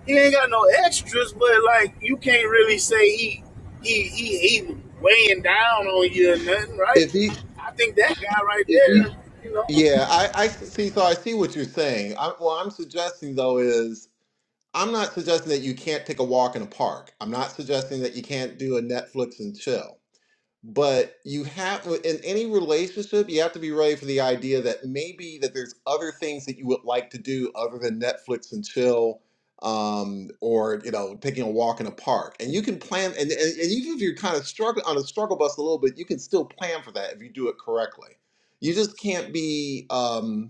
L: he ain't got no extras, but like you can't really say he he he, he weighing down on you or nothing, right?
J: If he,
L: I think that guy right Mhm. there, you know,
J: yeah, I, I see. So I see what you're saying. I, what I'm suggesting though is I'm not suggesting that you can't take a walk in a park. I'm not suggesting that you can't do a Netflix and chill. but you have uh, in any relationship you have to be ready for the idea that maybe that there's other things that you would like to do other than netflix and chill um, or you know taking a walk in a park and you can plan and, and, and even if you're kind of struggling on a struggle bus a little bit you can still plan for that if you do it correctly you just can't be um,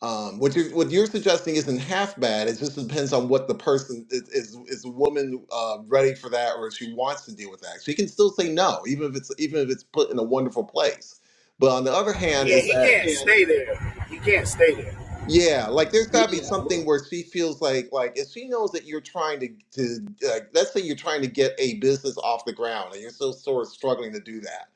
J: um, what you are what you're suggesting isn't half bad. It just depends on what the person is is, is a woman uh, ready for that, or if she wants to deal with that. She can still say no, even if it's even if it's put in a wonderful place. But on the other hand,
L: yeah,
J: is
L: he
J: that
L: can't stay there. He can't stay there.
J: yeah, like there's got to be
L: Yeah,
J: something where she feels like like if she knows that you're trying to to like let's say you're trying to get a business off the ground and you're still sort of struggling to do that.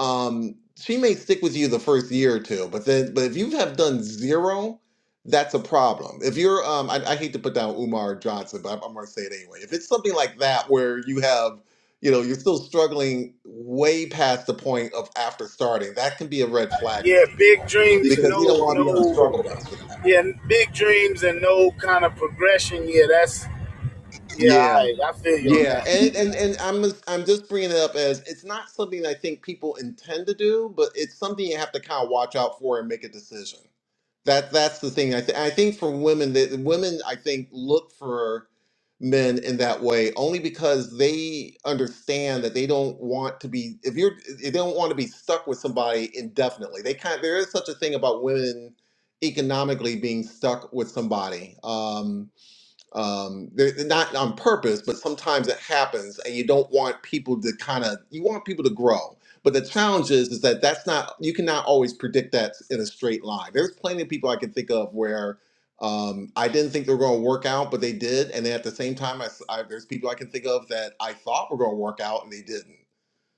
J: Um, she may stick with you the first year or two, but then but if you have done zero, that's a problem. If you're um, I, I hate to put down Umar Johnson, but I'm, I'm gonna say it anyway. If it's something like that where you have you know you're still struggling way past the point of after starting, that can be a red flag for
L: yeah,
J: some
L: big
J: people
L: dreams,
J: because you
L: no
J: don't want to be on a struggle
L: no
J: bus.
L: yeah, big dreams and no kind of progression. Yeah, that's yeah, all
J: Yeah,
L: right, I feel you on
J: yeah,
L: that.
J: and
L: Yeah.
J: and and I'm I'm just bringing it up as it's not something I think people intend to do, but it's something you have to kind of watch out for and make a decision. That that's the thing. I th- I think for women that women I think look for men in that way only because they understand that they don't want to be if you're they don't want to be stuck with somebody indefinitely. They kind there is such a thing about women economically being stuck with somebody. Um, um, they're, they're not on purpose, but sometimes it happens, and you don't want people to kind of you want people to grow. But the challenge is, is that that's not you cannot always predict that in a straight line. There's plenty of people I can think of where um, I didn't think they were going to work out, but they did, and then at the same time, I, s- I- there's people I can think of that I thought were going to work out and they didn't.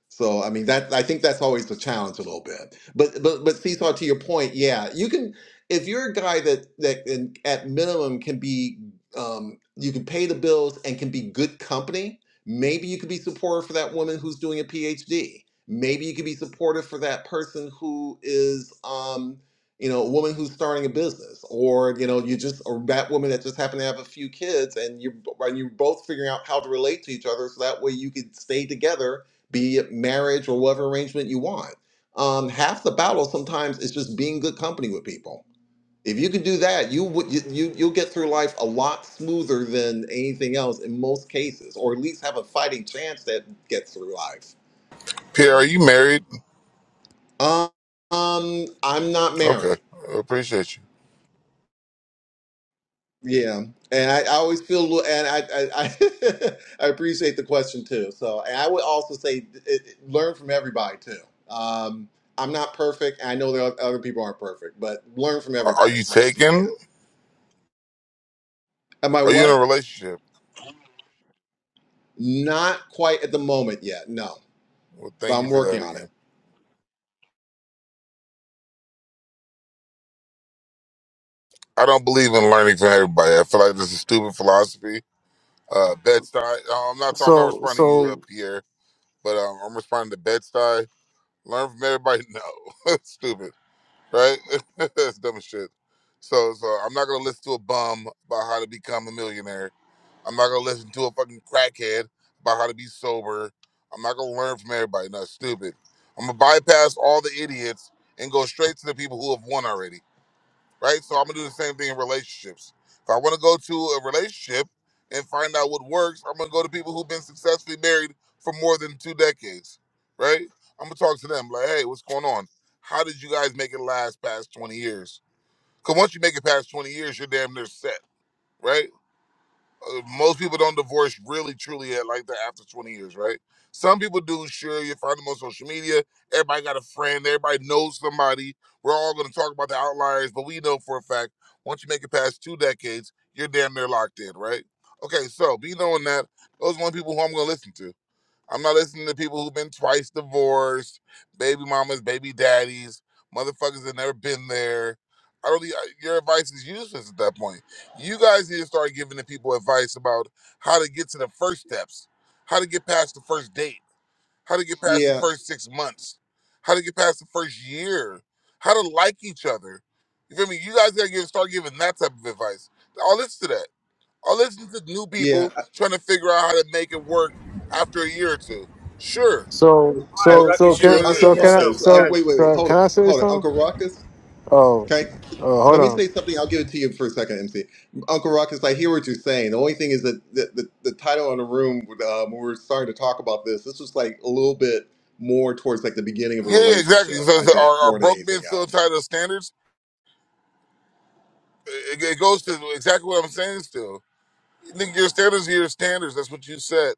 J: So I mean that I think that's always the challenge a little bit. But but but Seesaw, to your point, yeah, you can if you're a guy that that in, at minimum can be um, you can pay the bills and can be good company. Maybe you could be supportive for that woman who's doing a PhD. Maybe you could be supportive for that person who is um, you know a woman who's starting a business, or you know you just or that woman that just happened to have a few kids, and you and you're both figuring out how to relate to each other, so that way you could stay together be it marriage or whatever arrangement you want. Um, half the battle sometimes is just being good company with people. If you can do that, you would you, you you'll get through life a lot smoother than anything else in most cases, or at least have a fighting chance that get through life.
M: Pierre, are you married?
J: Um, um, I'm not
M: Okay,
J: married.
M: I appreciate you.
J: Yeah, and I, I always feel a little, and I I, I I appreciate the question too. So, and I would also say, it, it- learn from everybody too. Um, I'm not perfect. and I know there are other people aren't perfect, but learn from
M: Are, are
J: everybody
M: you
J: as much as you can.
M: taken?
J: Am I
M: Are you in a
J: what?
M: relationship?
J: Not quite at the moment yet. No,
M: Well, thank
J: but
M: you
J: I'm
M: for that
J: working on
M: again.
J: it.
M: I don't believe in learning from everybody. I feel like this is stupid philosophy. Uh, Bed-Stuy. uh, I'm not. I'm not
N: So
M: responding to you, uh,
N: so
M: Pierre, but um, I'm responding to Bed-Stuy. Learn from everybody. No, stupid, right? That's dumb as shit. So, so I'm not gonna listen to a bum about how to become a millionaire I'm not gonna listen to a fucking crackhead about how to be sober. I'm not gonna learn from everybody. Not stupid. I'm gonna bypass all the idiots and go straight to the people who have won already. Right? So I'm gonna do the same thing in relationships. If I wanna go to a relationship and find out what works, I'm gonna go to people who've been successfully married for more than two decades. Right? I'm gonna talk to them like, hey, what's going on? How did you guys make it last past 20 years? Because once you make it past 20 years, you're damn near set. Right? uh, most people don't divorce really truly at like that after 20 years, right? Some people do, sure, you find them on social media. Everybody got a friend, everybody knows somebody. We're all gonna talk about the outliers, but we know for a fact once you make it past two decades, you're damn near locked in, right? Okay, so be knowing that those are the only people who I'm gonna listen to. I'm not listening to people who've been twice divorced, baby mamas, baby daddies, motherfuckers that never been there. I really, I- your advice is useless at that point. You guys need to start giving the people advice about how to get to the first steps, how to get past the first date, how to get past the
J: Yeah,
M: first six months, how to get past the first year, how to like each other. You feel me? You guys gotta give, start giving that type of advice. I'll listen to that. I'll listen to new
J: yeah.
M: people trying to figure out how to make it work after a year or two. Sure,
N: so
L: All right,
J: Un-
N: so so
L: Ruckus, you
M: it's
N: can
M: what it
L: repeat
N: so
J: Uncle
M: is.
N: can I
L: yourself.
J: Ruckus.
L: We
J: Un-
L: got
N: so
L: you.
J: wait, wait, wait.
N: so
J: Hold
N: can
J: it,
N: I say
J: hold it.
N: something?
J: Uncle Ruckus.
N: Oh,
J: Okay.
N: oh hold
J: Let me
N: on.
J: say something. I'll give it to you for a second, MC. Uncle Ruckus, I hear what you're saying. The only thing is that the, the, the title on the room, um, when we were starting to talk about this, this was like a little bit more towards like the beginning of a
M: Yeah, yeah, exactly.
J: relationship,
M: So,
J: I
M: so
J: think,
M: are, are
J: more than
M: broke
J: anything
M: men still
J: else.
M: tied to standards? It, it goes to exactly what I'm saying still. You think your standards are your standards. That's what you said.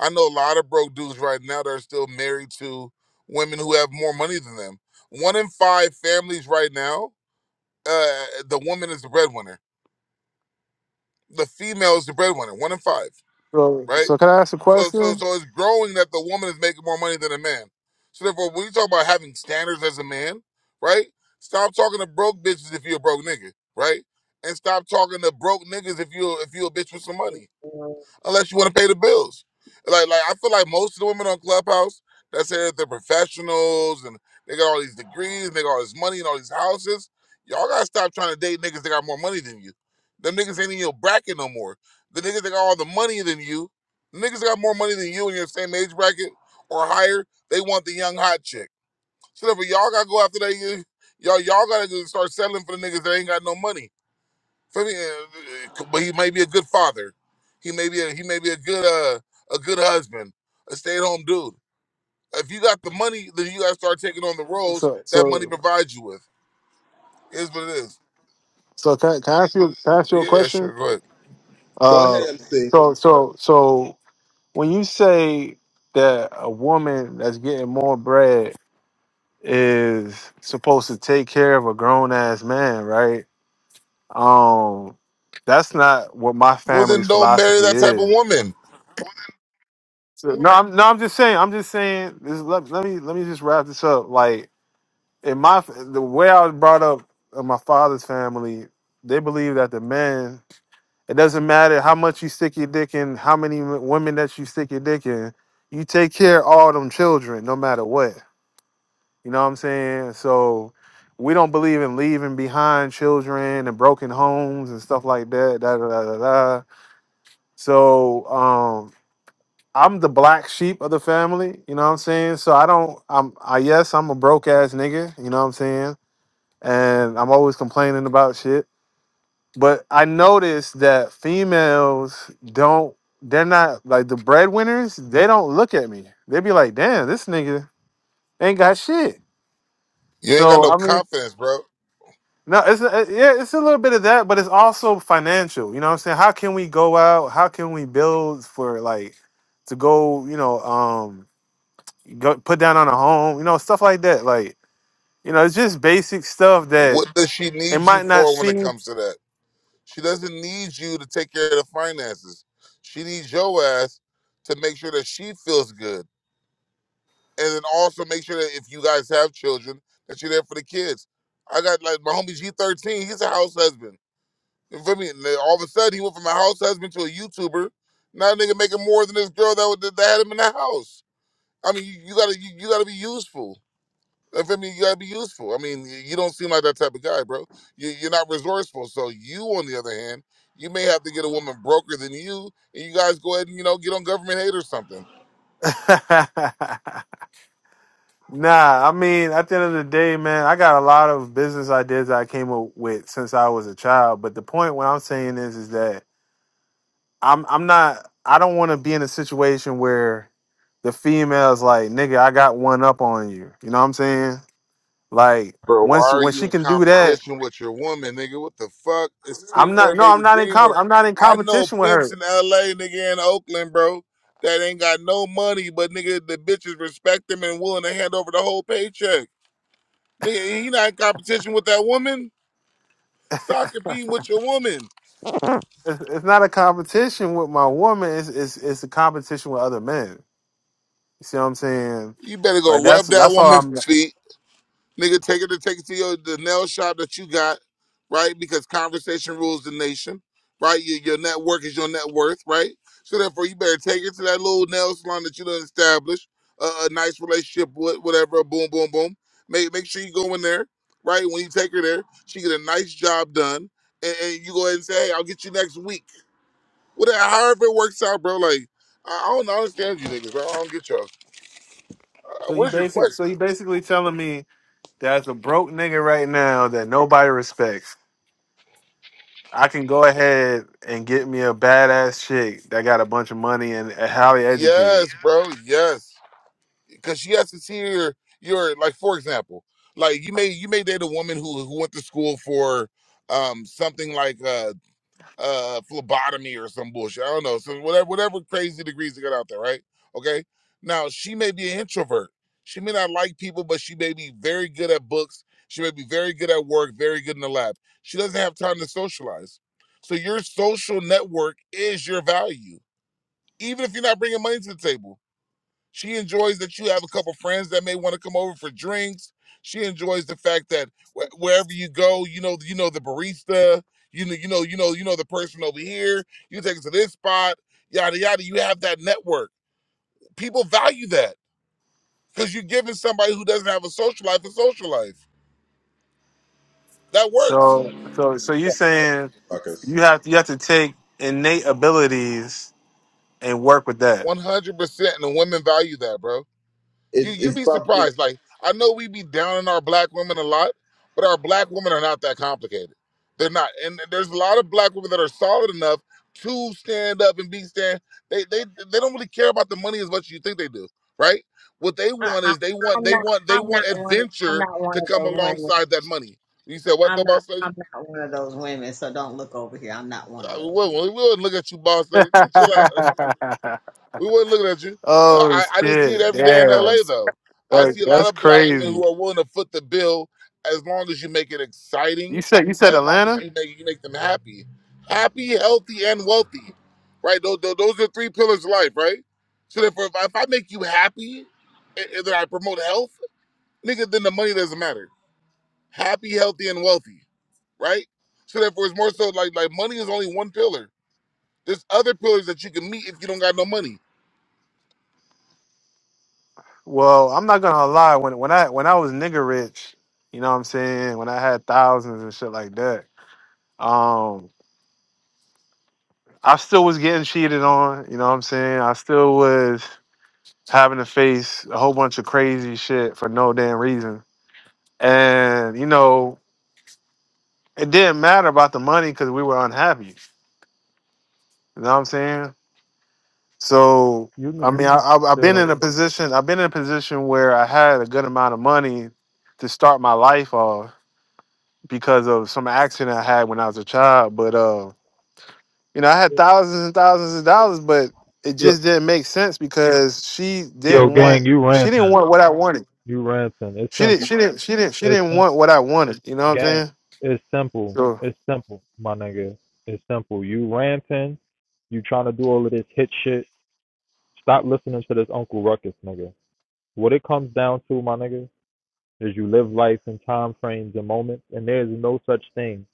M: I know a lot of broke dudes right now that are still married to women who have more money than them. One in five families right now, uh, the woman is the breadwinner. The female is the breadwinner. One in five,
N: So
M: right?
N: so can I ask a
M: So, so,
N: question?
M: so it's growing that the woman is making more money than a man. So therefore, when you talk about having standards as a man, right? Stop talking to broke bitches if you're a broke nigga, right? And stop talking to broke niggas if you if you a bitch with some money
O: know,
M: unless you want to pay the bills. Like, like I feel like most of the women on Clubhouse that say that they're professionals and they got all these degrees and they got all this money and all these houses. Y'all gotta stop trying to date niggas that got more money than you. Them niggas ain't in your bracket no more. The niggas that got all the money than you, the niggas that got more money than you in your same age bracket or higher, they want the young hot chick. So therefore, y'all gotta go after that. you- all y'all gotta just start settling for the niggas that ain't got no money. So, I mean, uh, but he may be a good father. He may be a, he may be a good uh, a good husband, a stay at home dude. If you got the money, then you got to start taking on the roles
N: So
M: that money
N: so
M: provides you with. It Is what it is.
N: so can can I ask you can I ask you a
M: Yeah, yeah, sure.
N: question?
M: Go ahead.
J: Go
N: Uh,
J: ahead, MC
N: so so so when you say that a woman that's getting more bread is supposed to take care of a grown ass man, right? Um, that's not what my
M: Well, then
N: family's
M: don't marry
N: philosophy
M: that type of
N: is.
M: woman.
N: So, no, I'm no, I'm just saying. I'm just saying. This, let, let me let me just wrap this up. Like in my the way I was brought up in my father's family, they believe that the man. It doesn't matter how much you stick your dick in, how many w- women that you stick your dick in. You take care of all them children, no matter what. You know what I'm saying? So we don't believe in leaving behind children and broken homes and stuff like that. Da da da da. da. So um, I'm the black sheep of the family, you know what I'm saying? So I don't I'm I yes, I'm a broke ass nigga, you know what I'm saying? And I'm always complaining about shit. But I noticed that females don't they're not like the breadwinners, they don't look at me. They be like, damn, this nigga ain't got shit.
M: You ain't got
N: So
M: no
N: I mean
M: confidence, bro.
N: no, it's a, yeah, it's a little bit of that, but it's also financial. You know what I'm saying? How can we go out? How can we build for like to go, you know, um go put down on a home, you know, stuff like that. Like, you know, it's just basic stuff that
M: What does she
N: it
M: need you
N: might not
M: for when it
N: seem.
M: comes to that? She doesn't need you to take care of the finances. She needs your ass to make sure that she feels good and then also make sure that if you guys have children, that you're there for the kids. I got like my homie G13. He's a house husband. You feel me? And then all of a sudden, he went from a house husband to a YouTuber. Now, that nigga making more than this girl that, was- that had him in the house. I mean, you, you gotta you, you gotta be useful. You feel me? You gotta be useful. I mean, y- you don't seem like that type of guy, bro. You, you're not resourceful. So you, on the other hand, you may have to get a woman broker than you, and you guys go ahead and you know get on government aid or something.
N: nah, I mean, at the end of the day, man, I got a lot of business ideas that I came up with since I was a child. But the point what I'm saying is, is that I'm I'm not I don't want to be in a situation where the female's like, nigga, I got one up on you. You know what I'm saying? Like
M: Bro, why
N: once
M: are
N: when
M: you
N: she
M: in
N: can do that,
M: competition with your woman, nigga? What the fuck? It's
N: I'm not
M: teamwork
N: no,
M: made the
N: I'm not in
M: dream
N: comp
M: work.
N: I'm not in
M: I know
N: competition with
M: pimps
N: her.
M: in LA, nigga, and Oakland, bro, that ain't got no money, but nigga, the bitches respect them and willing to hand over the whole paycheck. Nigga, he not in competition with that woman. Stop competing with your woman.
N: It's, it's not a competition with my woman. It's, it's it's a competition with other men. You see what I'm saying?
M: You better
N: Like
M: go
N: that's
M: rub that
N: that's all
M: woman's
N: I'm.
M: feet Nigga, take her to take it to your the nail shop that you got, right? Because conversation rules the nation, right? Your, your network is your net worth, right? So therefore, you better take it to that little nail salon that you done established a, a nice relationship with, whatever. Boom, boom, boom. Make make sure you go in there, right? When you take her there, she get a nice job done, and, and you go ahead and say, "Hey, I'll get you next week." Whatever, however it works out, bro. Like I I don't understand you niggas, bro. I don't get y'all. Uh,
N: So you
M: What is your
N: basically so
M: question?
N: you basically telling me there's a broke nigga right now that nobody respects. I can go ahead and get me a badass chick that got a bunch of money and highly educated.
M: Yes, bro. Yes. because she has to see your your like for example like you may you may date a woman who who went to school for um something like uh uh phlebotomy or some bullshit i don't know so whatever whatever crazy degrees they got out there right okay now she may be an introvert she may not like people but she may be very good at books she may be very good at work very good in the lab she doesn't have time to socialize so your social network is your value even if you're not bringing money to the table she enjoys that you have a couple friends that may want to come over for drinks. She enjoys the fact that wh- wherever you go, you know, you know the barista, you know, you know, you know, you know the person over here. You take it to this spot, yada yada. You have that network. People value that because you're giving somebody who doesn't have a social life a social life. That works,
N: So so so you saying
J: Ruckus.
N: you have you have to take innate abilities and work with that.
M: one hundred percent, and the women value that, bro. You
J: It's,
M: you
J: it's
M: be
J: about being,
M: surprised. Like I know we be downing our black women a lot, but our black women are not that complicated. They're not, and there's a lot of black women that are solid enough to stand up and be stand. They they they don't really care about the money as much as you think they do, right? What they
O: I,
M: want
O: I,
M: is they want
O: I'm
M: they
O: not.
M: want they
O: I'm not
M: want
O: one. Of, I'm
M: adventure
O: not one
M: to
O: of
M: come
O: those women.
M: alongside that money. You said what
O: I'm
M: the
O: not.
M: boss lady?
O: I'm not one of those women. So don't look over here. I'm not one of
M: Uh, We
O: those women.
M: would we wouldn't look at you, boss lady. Chill out. We was not looking at you.
N: oh
M: I, I didn't see it
N: shit!
M: every day in
N: Damn.
M: LA though. I
N: Hey,
M: see a lot
N: that's
M: of black women
N: crazy.
M: who are willing to foot the bill as long as you make it
N: You
M: exciting,
N: said you said
M: as long
N: Atlanta?
M: as you make you make them happy, happy, healthy, and wealthy. Right? Those, those are three pillars of life. Right? So therefore, if I, if I make you happy, and, and then I promote health, nigga, then the money doesn't matter. Happy, healthy, and wealthy right? So therefore, it's more so like like money is only one pillar. There's other pillars that you can meet if you don't got no money.
N: Well, I'm not gonna lie. When when I when I was nigga rich, you know what I'm saying? When I had thousands and shit like that, um, I still was getting cheated on, you know what I'm saying? I still was having to face a whole bunch of crazy shit for no damn reason. And, you know, it didn't matter about the money because we were unhappy. You know what I'm saying? So
P: You niggas
N: I mean, I, I, I've
P: still
N: been in
P: don't.
N: a position. I've been in a position where I had a good amount of money to start my life off because of some accident I had when I was a child. But uh, you know, I had thousands and thousands of dollars, but it
P: Yo,
N: just didn't make sense because she
P: yo,
N: didn't
P: gang,
N: want.
P: you
N: She didn't
P: ranting.
N: want what I wanted.
P: You ranting. It's
N: She didn't.
P: simple.
N: She didn't. She didn't. She
P: It's
N: didn't
P: simple.
N: want what I wanted. You know what I'm
P: Gang,
N: saying?
P: it's simple.
N: So.
P: It's simple, my nigga. It's simple. You ranting. You trying to do all of this hit shit. Stop listening to this Uncle Ruckus, nigga. What it comes down to, my nigga, is you live life in time frames and moments, and there is no such thing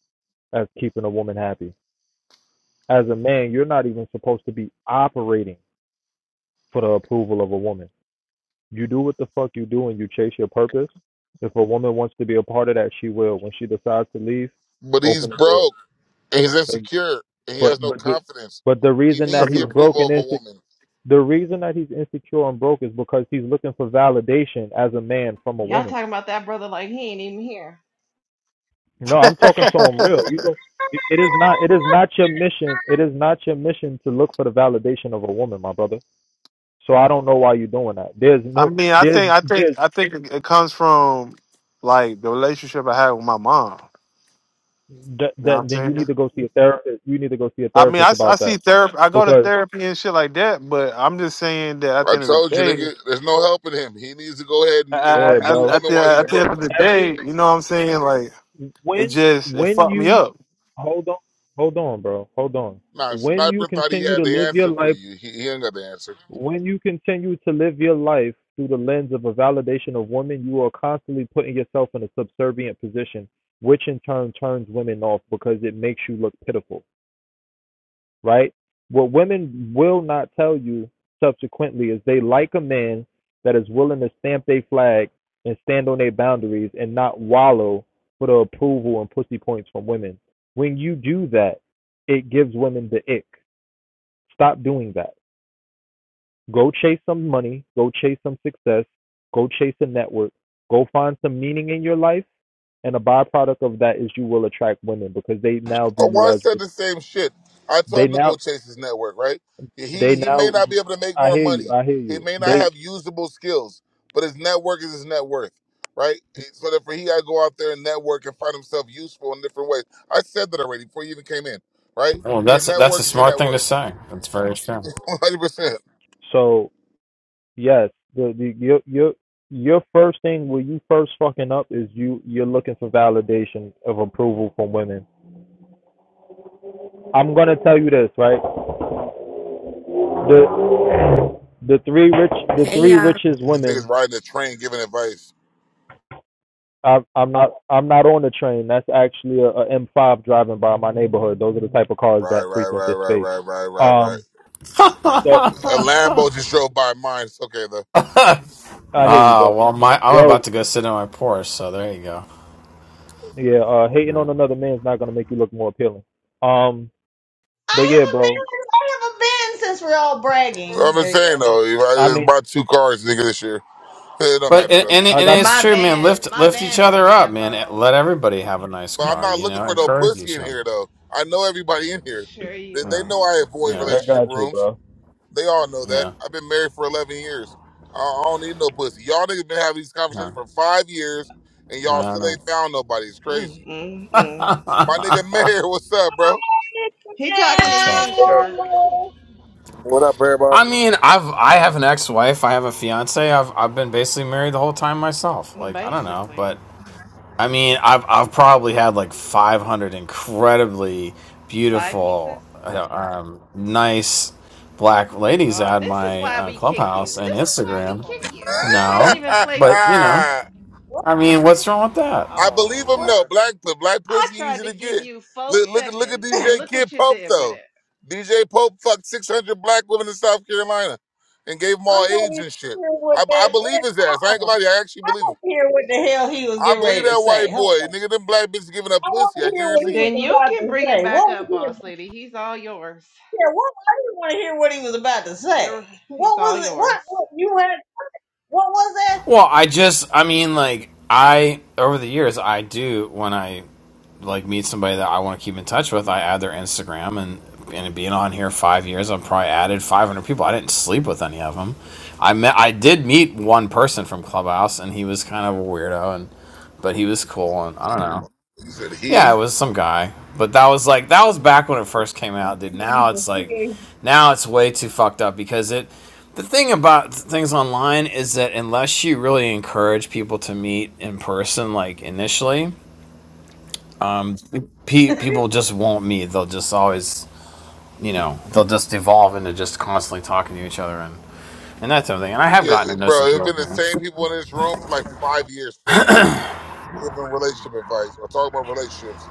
P: as keeping a woman happy. As a man, you're not even supposed to be operating for the approval of a woman. You do what the fuck you do and you chase your purpose. If a woman wants to be a part of that, she will. When she decides to leave,
M: But he's
P: open the door.
M: broke. and he's
P: But
M: insecure and he
P: but
M: has no
P: but the,
M: confidence.
P: but the
M: He
P: reason that
M: needs the
P: he's
M: approval
P: broken
M: of
P: is
M: a woman.
P: the reason that he's insecure and broke is because he's looking for validation as a man from a
I: Y'all
P: woman.
I: talking about that brother like he ain't even here.
P: No, I'm talking to him real. You go. It it is not. It is not your mission. It is not your mission to look for the validation of a woman, my brother. So I don't know why you're doing that. There's
N: I
P: no.
N: mean, I
P: There's
N: think. I think.
P: there's
N: I think it it comes from like the relationship I had with my mom.
P: that,
N: You know what
P: that
N: I'm
P: then you
N: saying?
P: need to go see a therapist. You need to go see a
N: I mean, I,
P: therapist
N: s- I
P: about
N: see
P: that
N: therapy. I go to
P: because
N: therapy and shit like that, but I'm just saying that at
M: I
N: the end of the
M: told you,
N: day,
M: nigga, there's no helping him. He needs to go ahead
N: I,
M: and,
N: I,
M: and
P: yeah,
M: meet a
N: I-
P: bro.
N: at
M: woman
N: the
M: while he's
N: at the end
M: broke.
N: of the day,
P: Every
N: you know what I'm saying? Like it
P: when
N: just it
P: when
N: fucked me
P: you
N: up.
P: hold on, hold on, bro, hold on.
M: Nah,
P: When you
M: Sniper thought he
P: continue
M: had
P: to
M: the
P: live your
M: answer for
P: life,
M: you. He, he ain't got the answer.
P: when you continue to live your life through the lens of a validation of women, you are constantly putting yourself in a subservient position, which in turn turns women off because it makes you look pitiful right? What women will not tell you subsequently is they like a man that is willing to stamp their flag and stand on their boundaries and not wallow for the approval and pussy points from women. When you do that, it gives women the ick. Stop doing that. Go chase some money, go chase some success, go chase a network, go find some meaning in your life. And a byproduct of that is you will attract women because they now view you
M: Omar
P: as
M: said the same shit. I
P: they
M: told him to
P: now
M: go chase his network, right? Yeah,
P: They
M: He he may
P: now,
M: not be able to make
P: I
M: more
P: hear you.
M: money.
P: I hear
M: He
P: you.
M: may not
P: They
M: have usable skills, but his network is his net worth, right? Eh, So therefore, he got to go out there and network and find himself useful in different ways. I said that already before you even came in, right?
Q: Well,
M: Your
Q: that's that's a
M: network is your
Q: smart
M: net
Q: thing to
M: worth,
Q: say. That's very true.
M: one hundred percent.
P: so yes, the, the your your your first thing when you first fucking up is you you're looking for validation of approval from women. I'm gonna tell you this right. The the three rich the three
R: Yeah.
P: richest
M: This nigga's
P: women.
M: riding the train, giving advice.
P: I, I'm not I'm not on the train. That's actually a, a M5 driving by my neighborhood. Those are the type of cars
M: Right,
P: that
M: right,
P: frequent
M: right,
P: this
M: right,
P: space.
M: right, right, right, right.
P: Um. So
M: A Lambo just drove by mine. It's okay though.
P: I hear you,
Q: Ah, uh,
P: bro.
Q: well, my I'm
P: Yo,
Q: about to go sit in my Porsche, so there you go.
P: Yeah, uh, hating
Q: Yeah.
P: on another man's not gonna make you look more appealing. Um, but
O: I
P: yeah,
O: haven't been.
P: bro.
O: I haven't been since we're all bragging.
M: I'm just
O: There you
M: saying
O: go.
M: though, if
P: I
M: I just
P: mean,
M: bought two cars, nigga, this year. It don't
Q: But
M: matter though.
Q: and and it-
P: I
Q: and
P: got
I: And
P: you.
Q: it's
I: my
Q: true, man.
I: van,
Q: Lift
I: my
Q: lift each
I: van is a
Q: other up, man. Eh,
I: Lambo.
Q: Let everybody have a nice
M: But I'm
Q: car,
M: not
Q: you
M: looking
Q: know.
M: for no
Q: Encourage
M: pussy
Q: each
M: in
Q: other.
M: here though. I know everybody in here.
I: Sure
M: They,
I: you
M: they
Q: Yeah,
M: know
I: aren't.
M: I avoid
Q: yeah,
P: I
M: relationship
P: got you,
M: rooms.
P: bro.
M: They all know that.
Q: yeah.
M: I've been married for 11 years. I, I don't need no pussy. Y'all niggas been having these
Q: yeah.
M: conversations for five years, and
Q: I
M: y'all
Q: don't
M: still
Q: know.
M: ain't found nobody. It's crazy.
I: Mm, mm, mm.
M: My nigga Mayor, what's up, bro?
I: He talking to
Q: What's up?
I: you, Shark.
S: What up, everybody?
Q: I mean, I've I have an ex-wife. I have a fiance. I've I've been basically married the whole time myself. Like I don't know, but
I: Basically.
Q: I mean, I've I've probably had like 500 incredibly
I: Side
Q: beautiful,
I: pieces?
Q: uh, um, nice black ladies
I: Uh,
Q: at
I: this is
Q: my
I: why
Q: uh,
I: we kick you.
Q: clubhouse and
I: This is why we
Q: Instagram.
I: kick
O: Well,
I: you.
O: oh,
I: You
O: Lord.
I: can't
Q: No,
I: even play.
Q: but you know,
O: what,
Q: I mean, what's wrong with that?
M: I believe
I: Oh,
M: him though.
O: what?
M: Black
I: Lordy.
M: but black
I: I
M: pussy
I: tried
M: easy
I: to
M: to
I: give
M: get.
I: you four
M: Look look at look at
I: seconds, and
M: DJ
I: look
M: Kid
I: what you
M: Pope
I: did with
M: though.
I: it.
M: DJ Pope fucked six hundred black women in South Carolina and gave them
O: I'm
M: all
O: not
M: AIDS
O: even
M: and shit.
O: sure what
M: I, I
O: that. What,
M: believe his ass. I
O: I,
M: ain't gonna lie
O: I
M: to you. I actually believe him.
O: want to hear what the hell he was
M: I
O: getting
M: believe
O: ready to
M: that
O: say.
M: white
O: Hold
M: boy.
O: on.
M: Nigga, them black bitches giving up
O: I want
M: pussy.
O: to
M: I
O: hear what
I: And
O: he
M: guarantee you.
O: was
I: then you
O: about
I: can
O: to
I: bring him
O: say.
I: back
O: What was
I: up,
O: he
I: boss lady. He's all yours.
O: Yeah, what I didn't want to hear what he was about to say.
I: You're
O: What
I: he's all
O: was it? What,
I: yours.
O: what you had? What was that?
Q: Well, I just, I mean, like, I, over the years, I do, when I, like, meet somebody that I want to keep in touch with, I add their Instagram, and, and being on here five years, I've probably added 500 people. I didn't sleep with any of them. I met, I did meet one person from Clubhouse, and he was kind of a weirdo, and, but he was cool, and I don't know.
M: He said
Q: Yeah,
M: he.
Q: it was some guy. But that was like that was back when it first came out, dude. Now it's like
O: P-
Q: now it's way too fucked up because it the thing about things online is that unless you really encourage people to meet in person like initially, pe- people just won't meet. They'll just always, you know, they'll just evolve into just constantly talking to each other and and that type of thing. And I have
M: Yeah,
Q: gotten to know some
M: bro. It's
Q: people.
M: been the
Q: man.
M: same people in this room for like five years, four years, giving relationship advice or talking about relationships.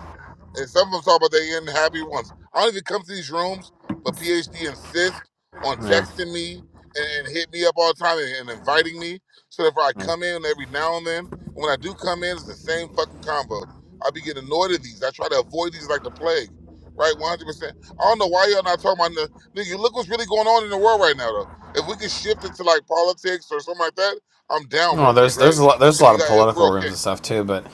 M: And some of them talk about they end happy ones. I don't even come to these rooms, but PhD insists on
Q: Yeah.
M: texting me and, and hit me up all the time and, and inviting me. So if I
Q: yeah.
M: come in every now and then, and when I do come in, it's the same fucking convo. I be getting annoyed at these. I try to avoid these like the plague. Right, 100%. I don't know why y'all not talking about the. Nigga, look what's really going on in the world right now, though. If we could shift it to like politics or something like that, I'm down
Q: No,
M: real quick,
Q: there's there's
M: right?
Q: a lot there's a
M: If
Q: lot
M: you
Q: of
M: got, if
Q: political
M: we're okay.
Q: rooms and stuff too, but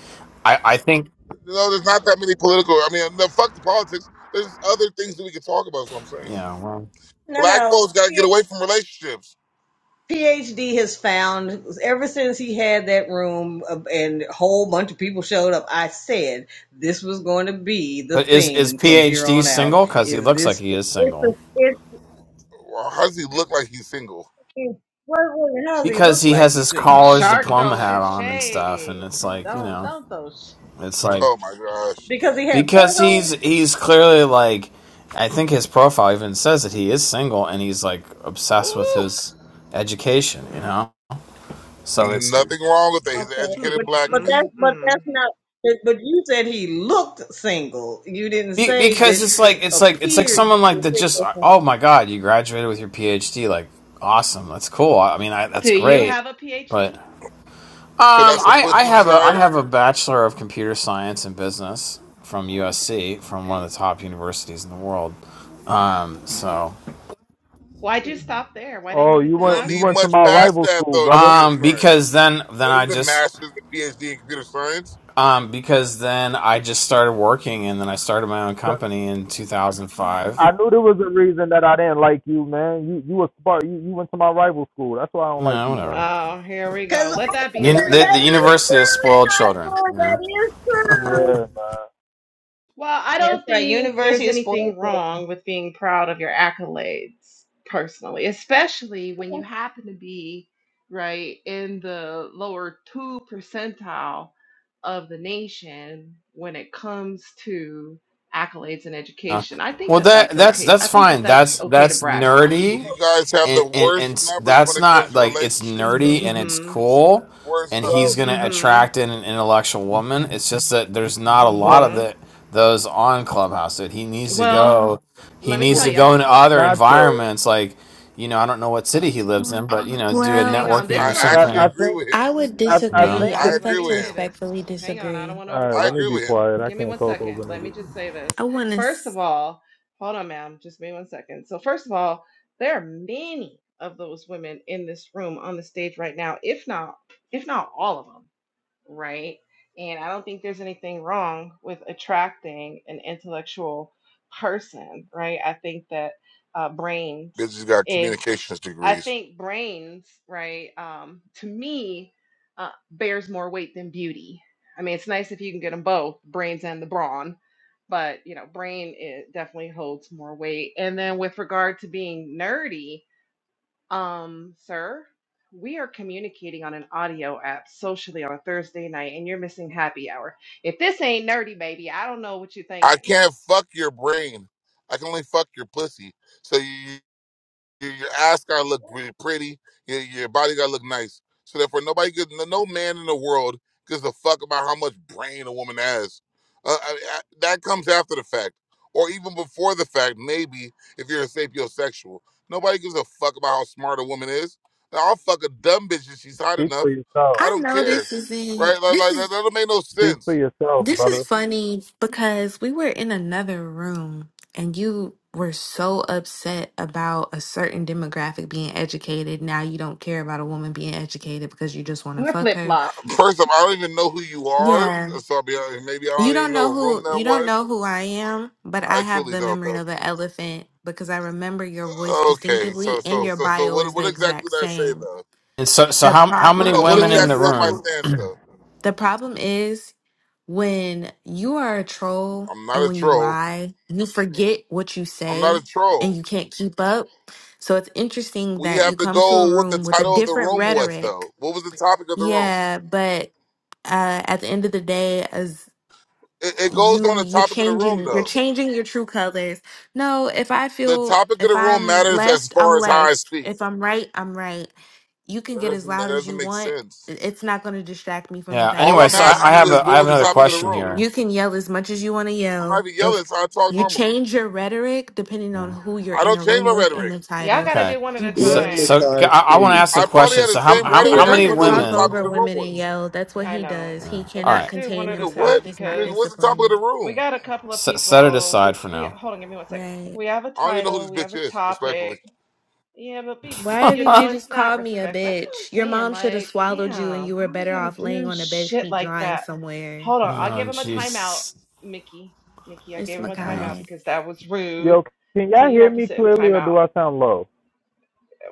Q: I I think
M: You know, there's not that many political. I mean, no, fuck the politics. There's other things that we can talk about. Is what I'm saying.
Q: yeah, well.
O: No,
M: Black
O: no.
M: folks got to get
O: P-
M: away from relationships.
O: PhD has found ever since he had that room uh, and a whole bunch of people showed up. I said this was going to be the
Q: But is is
O: theme from here
Q: PhD
O: on out.
Q: single? Because he
O: Is
Q: looks like
O: this?
Q: he is
O: It's a.
Q: single.
O: It's.
M: Well, How does he look like he's single?
O: it's what, what, how does he
Q: Because
O: look
Q: he
O: like?
Q: has
O: He's
Q: his
O: single
Q: college
I: Shark
Q: diploma hat
I: throwing
Q: on and stuff, and
I: shade.
Q: it's like you
I: Don't
Q: know,
I: don't throw. Sh-
Q: it's like
M: Oh my gosh,
O: because he had.
Q: because he's he's clearly like, I think his profile even says that he is single and he's like obsessed with
I: Ooh.
Q: his education, you know. So it's
M: nothing wrong with that. He's an
O: Okay.
M: educated
O: But
I: Hmm.
M: black
O: but
I: Mm,
M: man,
O: that's but
I: mm.
O: that's not. But but you said he looked single. You didn't
Q: be-
O: say
Q: because
O: that
Q: it's like
O: it
Q: it's like it's like
O: appeared to
Q: someone
O: be
Q: like that just
O: single.
Q: oh my god, you graduated with your PhD, like awesome, that's cool. I mean, I, that's
I: Do you
Q: great,
I: have a
Q: but.
I: PhD?
M: so
Q: Um,
M: that's a
Q: I, I
M: pussy
Q: have a I
M: dryer.
Q: have a bachelor of computer science and business from
I: Oh.
Q: USC, from one
I: Okay.
Q: of the top universities in the world. Um,
I: All right.
Q: so
I: Why'd you stop there? Why didn't
P: Oh,
I: you get
P: you
I: the
M: You
P: went
M: don't
P: you
M: need
P: went to
I: master's?
M: much
P: my
M: past
P: rival
M: that
P: school,
M: though in
P: brother.
M: computer
Q: um,
M: science.
Q: because then
M: You
Q: then
M: don't
Q: I
M: need the
Q: just
M: master's, the PhD in computer science.
Q: um because then I just started working, and then I started my own company in 2005.
P: I knew there was a reason that I didn't like you, man. You you a spark. You you went to my rival school. That's why I don't like
Q: No,
P: you,
Q: whatever.
P: man.
I: Oh, here we
O: Cause
I: go. Let
O: I-
I: that be
Q: You,
I: the
O: that,
Q: the
O: that
Q: the
I: reason.
O: is
Q: university has spoiled
O: true,
Q: children.
O: Sniper.
Q: You
O: That
Q: know.
O: is true.
P: Yeah, man.
I: Well, I
O: That's
I: don't
O: right.
I: think there's
O: University of spoiled.
I: anything wrong with being proud of your accolades personally, especially when you happen to be right in the lower two percentile of the nation when it comes to accolades in
Q: Uh,
I: education. I think
Q: well,
I: that
Q: that
I: that's
Q: that's
I: okay. I
Q: that's
I: think that
Q: fine.
I: that's
Q: That's
I: okay to
Q: that's
I: brag on.
Q: nerdy,
M: You guys have
Q: and
M: the
Q: and and
M: worst
Q: s-
M: numbers
Q: that's
M: when it
Q: not
M: comes to
Q: like it's
M: relationship
Q: nerdy
M: stuff.
Q: and it's
I: Mhm.
Q: cool,
M: Worst
Q: and
P: Well,
Q: he's
M: numbers.
Q: gonna
I: Mhm.
Q: attract an, an intellectual woman. It's just that there's not a
P: well,
Q: lot of
I: Mhm.
Q: the those on Clubhouse. That he needs to
I: Well,
Q: go, he
I: let me
Q: needs
I: tell
Q: to
P: well,
I: you.
Q: go into other
P: Nacho.
Q: environments. Like, you know, I don't know what city he lives in,
P: I
Q: but you know, do a
I: Hang
R: Well,
I: on.
Q: networking or
I: This
M: I
P: I,
I: room
M: actually
P: I
Q: something.
M: agree
P: think
M: with
R: I
M: him.
R: would
P: I
Q: You
P: I
I: Hang on,
Q: know,
R: disagree.
P: think
R: I
P: that.
M: I
I: guys.
R: would
I: Let
M: agree
R: like
I: me
R: to
M: with
I: say
M: him.
I: this.
R: respectfully
I: Hang on. I don't
R: disagree.
I: want to
P: All right,
M: I
P: let
I: overtalk.
P: me
M: agree
P: be
M: with him.
P: quiet. I
I: Give me
P: can't
I: one
P: talk
I: second.
P: over
I: Let me
P: niggas.
I: just say
R: I
I: this.
R: want to.
I: First of all, hold on, ma'am. Just give me one second. So, first of all, there are many of those women in this room on the stage right now, if not, if not all of them right? And I don't think there's anything wrong with attracting an intellectual person, right? I think that uh, brains
M: Bitches got
I: is,
M: communications
I: I
M: degrees.
I: think brains, right, um, to me, uh, bears more weight than beauty. I mean, it's nice if you can get them both, brains and the brawn, but you know, brain it definitely holds more weight. And then with regard to being nerdy, um, sir, we are communicating on an audio app socially on a Thursday night, and you're missing happy hour. If this ain't nerdy, baby, I don't know what you're
M: I
I: thinking.
M: can't fuck your brain. I can only fuck your pussy. So you, you, your ass gotta look really pretty. Your, your body gotta look nice. So therefore, nobody gives no no man in the world gives a fuck about how much brain a woman has. Uh, I, I, that comes after the fact, or even before the fact. Maybe if you're a sapiosexual, nobody gives a fuck about how smart a woman is. Now, I'll fuck a dumb bitch if she's hot
P: Speak for
M: enough.
P: yourself.
M: I
R: I
M: don't
R: know
M: care,
R: this is in.
M: right? Like,
R: This
M: like that,
R: is
M: that don't make no
P: Speak
M: sense
P: for yourself,
R: this
P: brother.
R: is funny because we were in another room and you were so upset about a certain demographic being educated. Now you don't care about a woman being educated because you just want to
I: We're
R: fuck
I: flip
R: her.
I: flop.
M: First of all, I don't even know who you are.
R: Yeah.
M: So I'll be honest, maybe I
R: You
M: don't
R: don't
M: even
R: know
M: know what room
R: who
M: that
R: you don't
M: was.
R: know who I am, but I
M: I
R: have
M: truly
R: the
M: don't
R: memory
M: though.
R: of an elephant because I remember your voice
M: Okay,
R: distinctively
M: so
R: and
M: so
R: your
M: so so
R: bio
M: what
R: is the
M: what exactly
R: exact
M: did I say
R: same.
M: though?
Q: and so so
R: The
Q: how how
M: No
Q: many
R: problem
M: no, what
Q: women in
M: exactly
Q: the
R: is
M: was my
Q: room?
M: stance though?
R: the problem is when you are a troll
M: I'm
R: and
M: not a
R: when you
M: troll.
R: lie, you forget what you
M: I'm not
R: say
M: a
R: and
M: troll.
R: you can't keep up. So it's interesting
M: We
R: that you
M: have to
R: come to a
M: go what the
R: room with a
M: title of the
R: different
M: room was
R: rhetoric.
M: though. What was the topic of the room?
R: Yeah, but uh, at the end of the day,
M: It, it goes on
R: you
M: the
R: you're
M: topic of the room
R: changing you're
M: though.
R: changing your true colors no if i
M: The
R: feel
M: topic of
R: if
M: the room
R: i'm
M: matters as
R: left i'm
M: far as how I
R: left
M: speak.
R: if i'm right i'm right you can
M: That
R: get as
M: doesn't ma- that
R: loud as you
M: doesn't make
R: want
M: sense.
R: I- it's not going to distract me from the
Q: Yeah.
R: fact
M: All
Q: Anyway,
R: that
M: I'm
Q: so
R: you're
Q: I, I
M: asking you
Q: have
M: is
R: lying
Q: a I
M: what
Q: have
M: was the
Q: another
M: topic of the
Q: question
M: room?
Q: here.
R: you can yell as much as you want to
M: I'm
R: yell
M: not even
R: if
M: yelling, so I talk
R: you
M: normally.
R: change your rhetoric depending on who you're
M: I
R: in
M: don't
R: a
M: change
R: room
M: my
R: with and
M: rhetoric.
R: the
I: Y'all
R: title
I: gotta
Q: Okay.
I: do one at
R: you
I: a
Q: So,
J: let
R: did
Q: so
I: time.
Q: okay,
J: Nikai
Q: I, I want to
J: speak.
Q: ask a
M: I probably
Q: question.
M: had
Q: So,
M: the
Q: how
M: same
Q: how
R: he's
Q: how
M: rhetoric.
J: Let
M: I
J: her
R: going
M: just
Q: many
R: to
M: want to know what the
R: talk
J: speak.
Q: women?
M: topic of
R: over
M: the room
R: women and
M: was.
R: yell that's what
I: I
R: he
I: know,
R: does he
I: but
Q: All
R: cannot
I: let's
Q: right,
I: do
R: contain
I: one at a
M: Nigga,
R: himself
M: what?
I: time
R: he's not
I: because
M: Nigga, what's the topic of the
R: disciplined
I: we
M: room?
I: got a couple of
Q: set set it
I: people.
Q: aside
I: We
Q: for
I: we
Q: now.
I: hold on, give me one sec.
R: right
I: We have a
M: I don't even know who
I: title.
M: this
I: We have
M: bitch
I: a
M: is,
I: topic.
M: respectfully.
I: Yeah, but be
R: Why
I: you
R: did you
I: know,
R: just
I: it's not
R: call me a
I: respectful. That's what I'm
R: bitch? Your
I: saying.
R: mom should have
I: Like,
R: swallowed you
I: damn,
R: and you were
I: why we
R: better
I: gotta
R: off laying
I: do
R: on a bed
I: shit
R: sheet
I: like
R: drying
I: that?
R: somewhere.
I: Hold on, I gave
Q: Oh,
I: him a timeout,
Q: Jesus.
I: Mickey. Mickey, I
R: It's
I: gave him a
Q: Yeah,
I: timeout
R: Makai.
I: because that was rude.
P: Yo, can
I: So
P: y'all
I: you
P: hear
I: have to
P: me
I: sit in
P: clearly or
I: timeout.
P: do I sound low?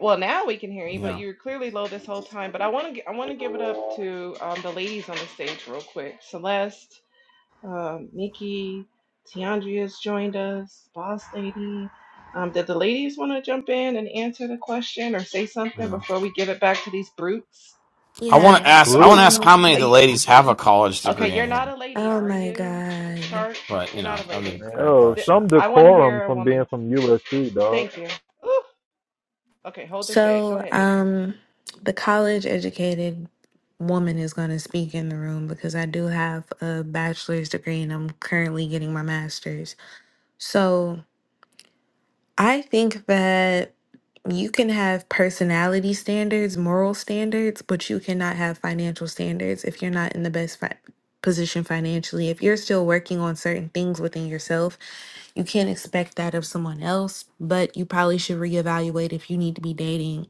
I: Well, now we can hear you, but
Q: yeah,
I: you were clearly low this whole time. But I want to, I want to give it up to um, the ladies on the stage real quick. Celeste, um, Nikki, Tiandria's joined us, Boss Lady. Um, did the ladies want to jump in and answer the question or say something
Q: yeah.
I: before we give it back to these brutes?
Q: I want to
R: Yeah,
Q: ask. I want to
P: Brute.
Q: ask
R: so
Q: how many of
I: Are
Q: the
I: you,
Q: ladies have a
O: children.
Q: college
I: okay,
Q: degree in
I: you're
Q: here.
I: not a lady,
R: oh
I: are
R: my
I: you,
R: god.
I: Chart?
Q: But you
I: You're
Q: know,
I: not a
Q: that'd be a
I: lady.
P: Man,
Q: great
P: oh,
I: Th-
Q: question.
P: some
I: I want to
P: decorum
I: hear a
P: from being
I: woman.
P: from USC, dog.
I: Thank you. Ooh, okay, hold the shade. Go
R: So
I: ahead, Nikki.
R: um the college educated woman is gonna speak in the room because I do have a bachelor's degree and I'm currently getting my master's. So I think that you can have personality standards, moral standards, but you cannot have financial standards if you're not in the best fi- position financially. If you're still working on certain things within yourself, you can't expect that of someone else, but you probably should reevaluate if you need to be dating.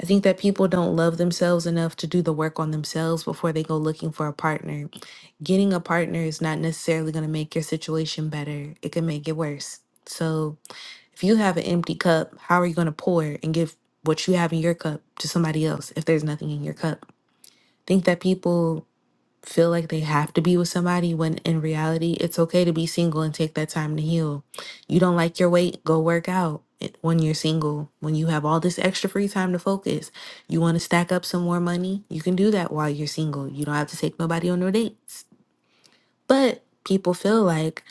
R: I think that people don't love themselves enough to do the work on themselves before they go looking for a partner. Getting a partner is not necessarily going to make your situation better, it can make it worse. So, if you have an empty cup, how are you going to pour and give what you have in your cup to somebody else if there's nothing in your cup? Think that people feel like they have to be with somebody when in reality, it's okay to be single and take that time to heal. You don't like your weight, go work out. It- When you're single, when you have all this extra free time to focus, you want to stack up some more money, you can do that while you're single. You don't have to take nobody on no dates. But people feel like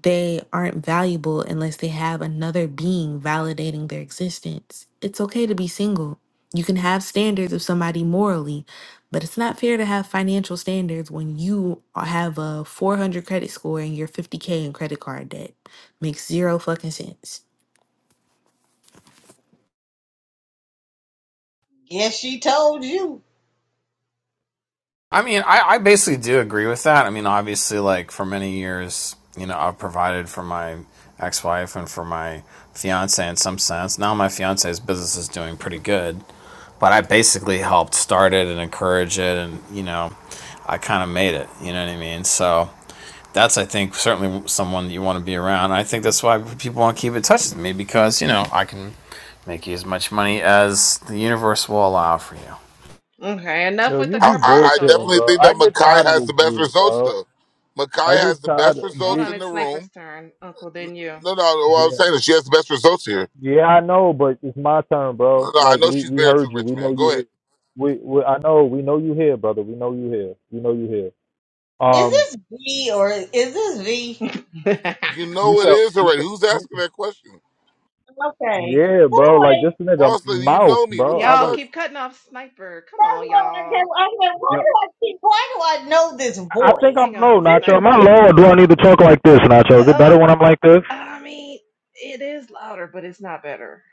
R: they aren't valuable unless they have another being validating their existence. It's okay to be single. You can have standards of somebody morally, but it's not fair to have financial standards when you have a 400 credit score and you're 50K in credit card debt. Makes zero fucking sense.
O: Yes, she told you.
Q: I mean, I, I basically do agree with that. I mean, obviously, like for many years, you know, I've provided for my ex-wife and for my fiance in some sense. Now my fiance's business is doing pretty good, but I basically helped start it and encourage it, and you know, I kind of made it. You know what I mean? So that's I think certainly someone that you want to be around. I think that's why people want to keep in touch with me because you know I can make you as much money as the universe will allow for you.
I: Okay, enough
P: Yo,
I: with
P: you
I: the
M: I, I,
P: be
M: I
P: bullshitting,
I: commercial.
M: definitely
P: bro.
M: think
P: I
M: that
P: get
M: Makai
P: tired of
M: has
P: this
M: the best
P: dude,
M: results,
P: bro.
M: though.
P: I
M: Makai
P: get
M: has the
P: tired
M: best
P: of
I: Hold
M: results
P: ye-
I: on,
M: in the
I: it's Sniper's
M: room.
I: turn, Uncle, then you.
M: No, no, what I'm
P: yeah,
M: saying is she has the best results here.
P: yeah. I know, but it's my turn,
M: No,
P: bro.
M: no, I
P: Like
M: know
P: we
M: she's
P: we
M: married to
P: heard
M: a
P: you.
M: rich
P: We know
M: man.
P: you
M: Go ahead.
P: here. We, we I know. We know you here, brother. We know you here. We know you here.
O: Is
P: Um,
O: this V or is this V?
M: You
P: you
M: know it
P: shall.
M: is
P: You
M: already.
P: shall
M: Who's
P: you,
M: asking that question?
O: Okay,
P: yeah, bro. Like this
O: boy.
P: nigga
M: Boss lady, you
P: mouth,
M: know me. What
P: bro.
M: the
P: I
I: y'all
P: like.
M: fuck?
I: keep cutting off Sniper. Come
O: That's
I: on,
O: what I
I: y'all.
O: get. I said,
P: Yo,
O: why do I keep? Why do I know this
P: I think
O: voice?
P: I'm
I: Hang
P: low,
I: on,
P: Nacho.
O: This is
P: Am
I: Sniper.
P: I
I: Just.
O: V.
P: low or do I need to talk like this, Nacho? Is it
I: Uh,
P: better when I'm like this?
I: I mean, it is louder, but it's not better.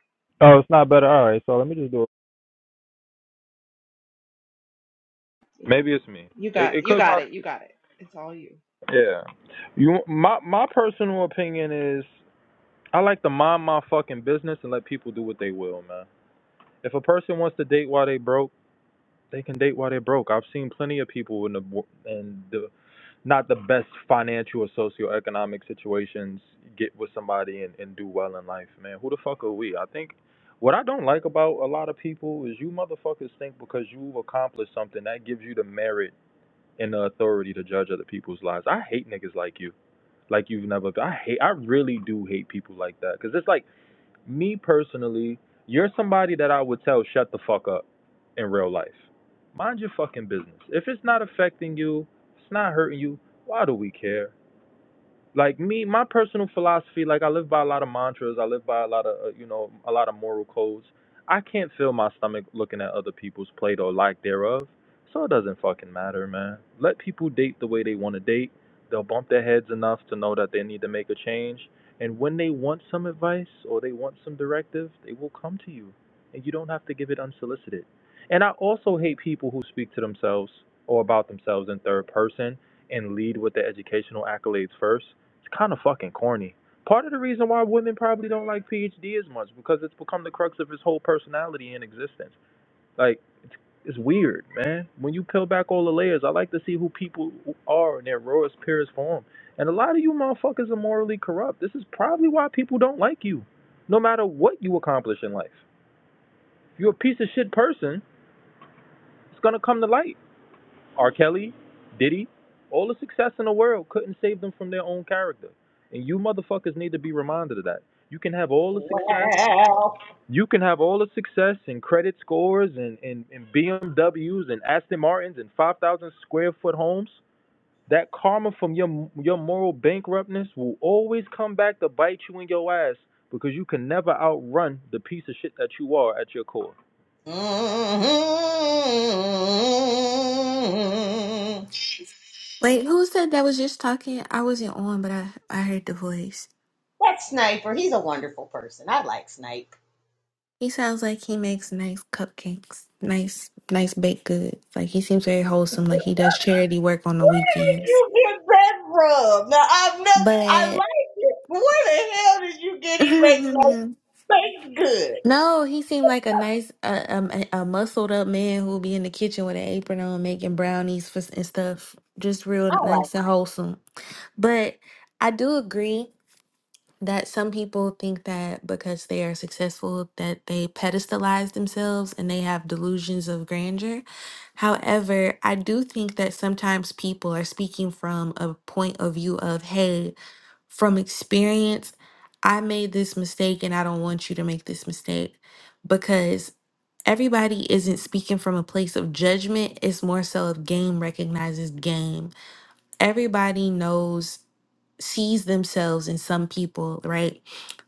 P: Oh, it's not better. All right, so let me just do it. Maybe it's me.
I: You got,
P: It, it
I: you
P: could
I: got it, you
P: possibly.
I: got it. It's all you.
P: Yeah. You. My my personal opinion is I like to mind my fucking business and let people do what they will, man. If a person wants to date while they broke, they can date while they broke. I've seen plenty of people in the wo- in the not the best financial or socioeconomic situations get with somebody and, and do well in life, man. Who the fuck are we? I think what I don't like about a lot of people is you motherfuckers think because you've accomplished something that gives you the merit and the authority to judge other people's lives. I hate niggas like you. Like you've never I hate I really do hate people like that cuz it's like me personally, you're somebody that I would tell shut the fuck up in real life. Mind your fucking business. If it's not affecting you, it's not hurting you, why do we care? like me my personal philosophy like i live by a lot of mantras i live by a lot of uh, you know a lot of moral codes i can't feel my stomach looking at other people's plate or lack thereof so it doesn't fucking matter man let people date the way they want to date they'll bump their heads enough to know that they need to make a change and when they want some advice or they want some directive they will come to you and you don't have to give it unsolicited and i also hate people who speak to themselves or about themselves in third person and lead with their educational accolades first it's kind of fucking corny. Part of the reason why women probably don't like PhD as much because it's become the crux of his whole personality and existence. Like, it's, it's weird, man. When you peel back all the layers, I like to see who people are in their rawest, purest form. And a lot of you motherfuckers are morally corrupt. This is probably why people don't like you, no matter what you accomplish in life. If you're a piece of shit person, it's gonna come to light. R. Kelly, Diddy, all the success in the world couldn't save them from their own character. And you motherfuckers need to be reminded of that. You can have all the success.
O: Wow.
P: You can have all the success and credit scores and, and, and BMWs and Aston Martins and 5,000 square foot homes. That karma from your your moral bankruptness will always come back to bite you in your ass because you can never outrun the piece of shit that you are at your core.
O: Mhm.
R: Wait, who said that was just talking? I wasn't on, but I, I heard the voice.
O: That sniper, he's a wonderful person. I like Snipe.
R: He sounds like he makes nice cupcakes, nice, nice baked goods. Like he seems very wholesome. Like he does charity work on the
O: Where did
R: weekends.
O: you get that from? Now i have never, I
R: But
O: like it. but Where the hell did you get he makes no
R: no,
O: baked good?
R: he seemed like a nice, uh, um, a, a muscled up man who'll be in the kitchen with an apron on, making brownies for, and stuff. Just real
O: I like, it.
R: nice and wholesome. But I do agree. that some people think that because they are successful that they pedestalize themselves and they have delusions of grandeur. However, I do think that sometimes people are speaking from a point of view of, hey, from experience, I made this mistake and I don't want you to make this mistake because everybody isn't speaking from a place of judgment. It's more so of game recognizes game. Everybody knows sees themselves in some people, right?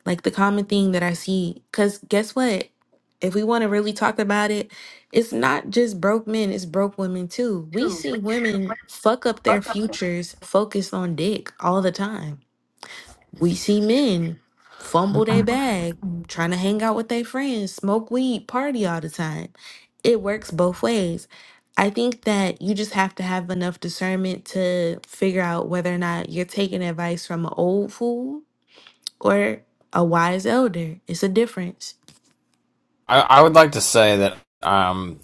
R: Like the common thing that I see, because guess what? If we want to really talk about it, it's not just broke men, it's broke women too. We see women fuck up their futures focused on dick all the time we see men fumble their bag, trying to hang out with their friends, smoke weed, party all the time. It works both ways. I think that you just have to have enough discernment to figure out whether or not you're taking advice from an old fool or a wise elder. It's a difference.
Q: I, I would like to say that um,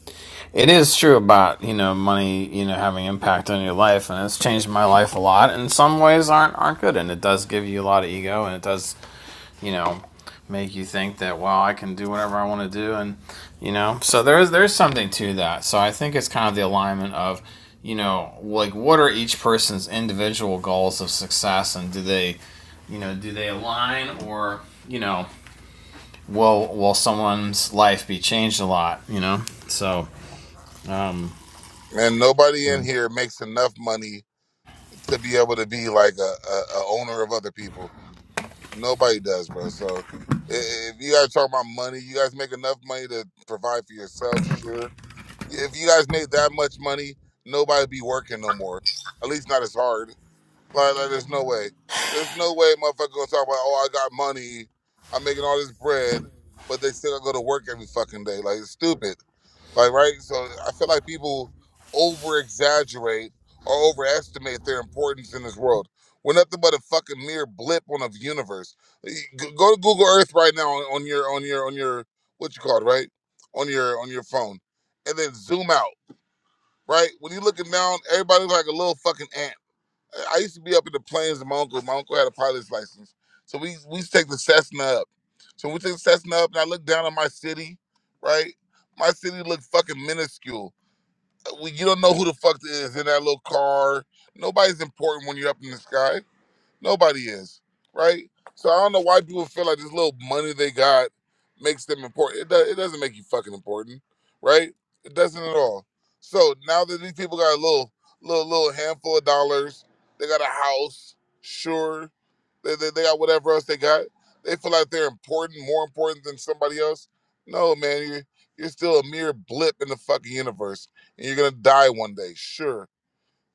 Q: it is true about you know money you know having impact on your life, and it's changed my life a lot. And some ways aren't aren't good, and it does give you a lot of ego, and it does you know make you think that well I can do whatever I want to do, and you know so there is there's something to that. So I think it's kind of the alignment of you know like what are each person's individual goals of success, and do they you know do they align or you know will will someone's life be changed a lot? You know, so um,
M: And nobody in here makes enough money to be able to be like a, a, a owner of other people. Nobody does, bro. So i- i- if you guys talk about money, you guys make enough money to provide for yourselves, sure. If you guys made that much money, nobody be working no more. At least not as hard. Like, like, there's no way. There's no way motherfucker gonna talk about, oh, I got money, I'm making all this bread, but they still gotta go to work every fucking day. Like, it's stupid. Like, right? So I feel like people over exaggerate or overestimate their importance in this world. We're nothing but a fucking mere blip on a universe. Y- g- Go to Google Earth right now on, on your on your on your what you call it, right? On your on your phone. And then zoom out, right? When you're looking down, everybody look like a little fucking ant I used to be up in the plains with my uncle. My uncle had a pilot's license. So we we used to take the Cessna up. So we took the Cessna up and I looked down on my city, right? My city looked fucking minuscule. Uh, We, you don't know who the fuck is in that little car. Nobody's important when you're up in the sky Nobody is, right? So I don't know why people feel like this little money they got makes them important. It, do, it doesn't make you fucking important, right? It doesn't at all. So now that these people got a little, little, little handful of dollars, they got a house, sure, they, they, they got whatever else they got. They feel like they're important, more important than somebody else. No, man, you're, you're still a mere blip in the fucking universe, and you're gonna die one day, sure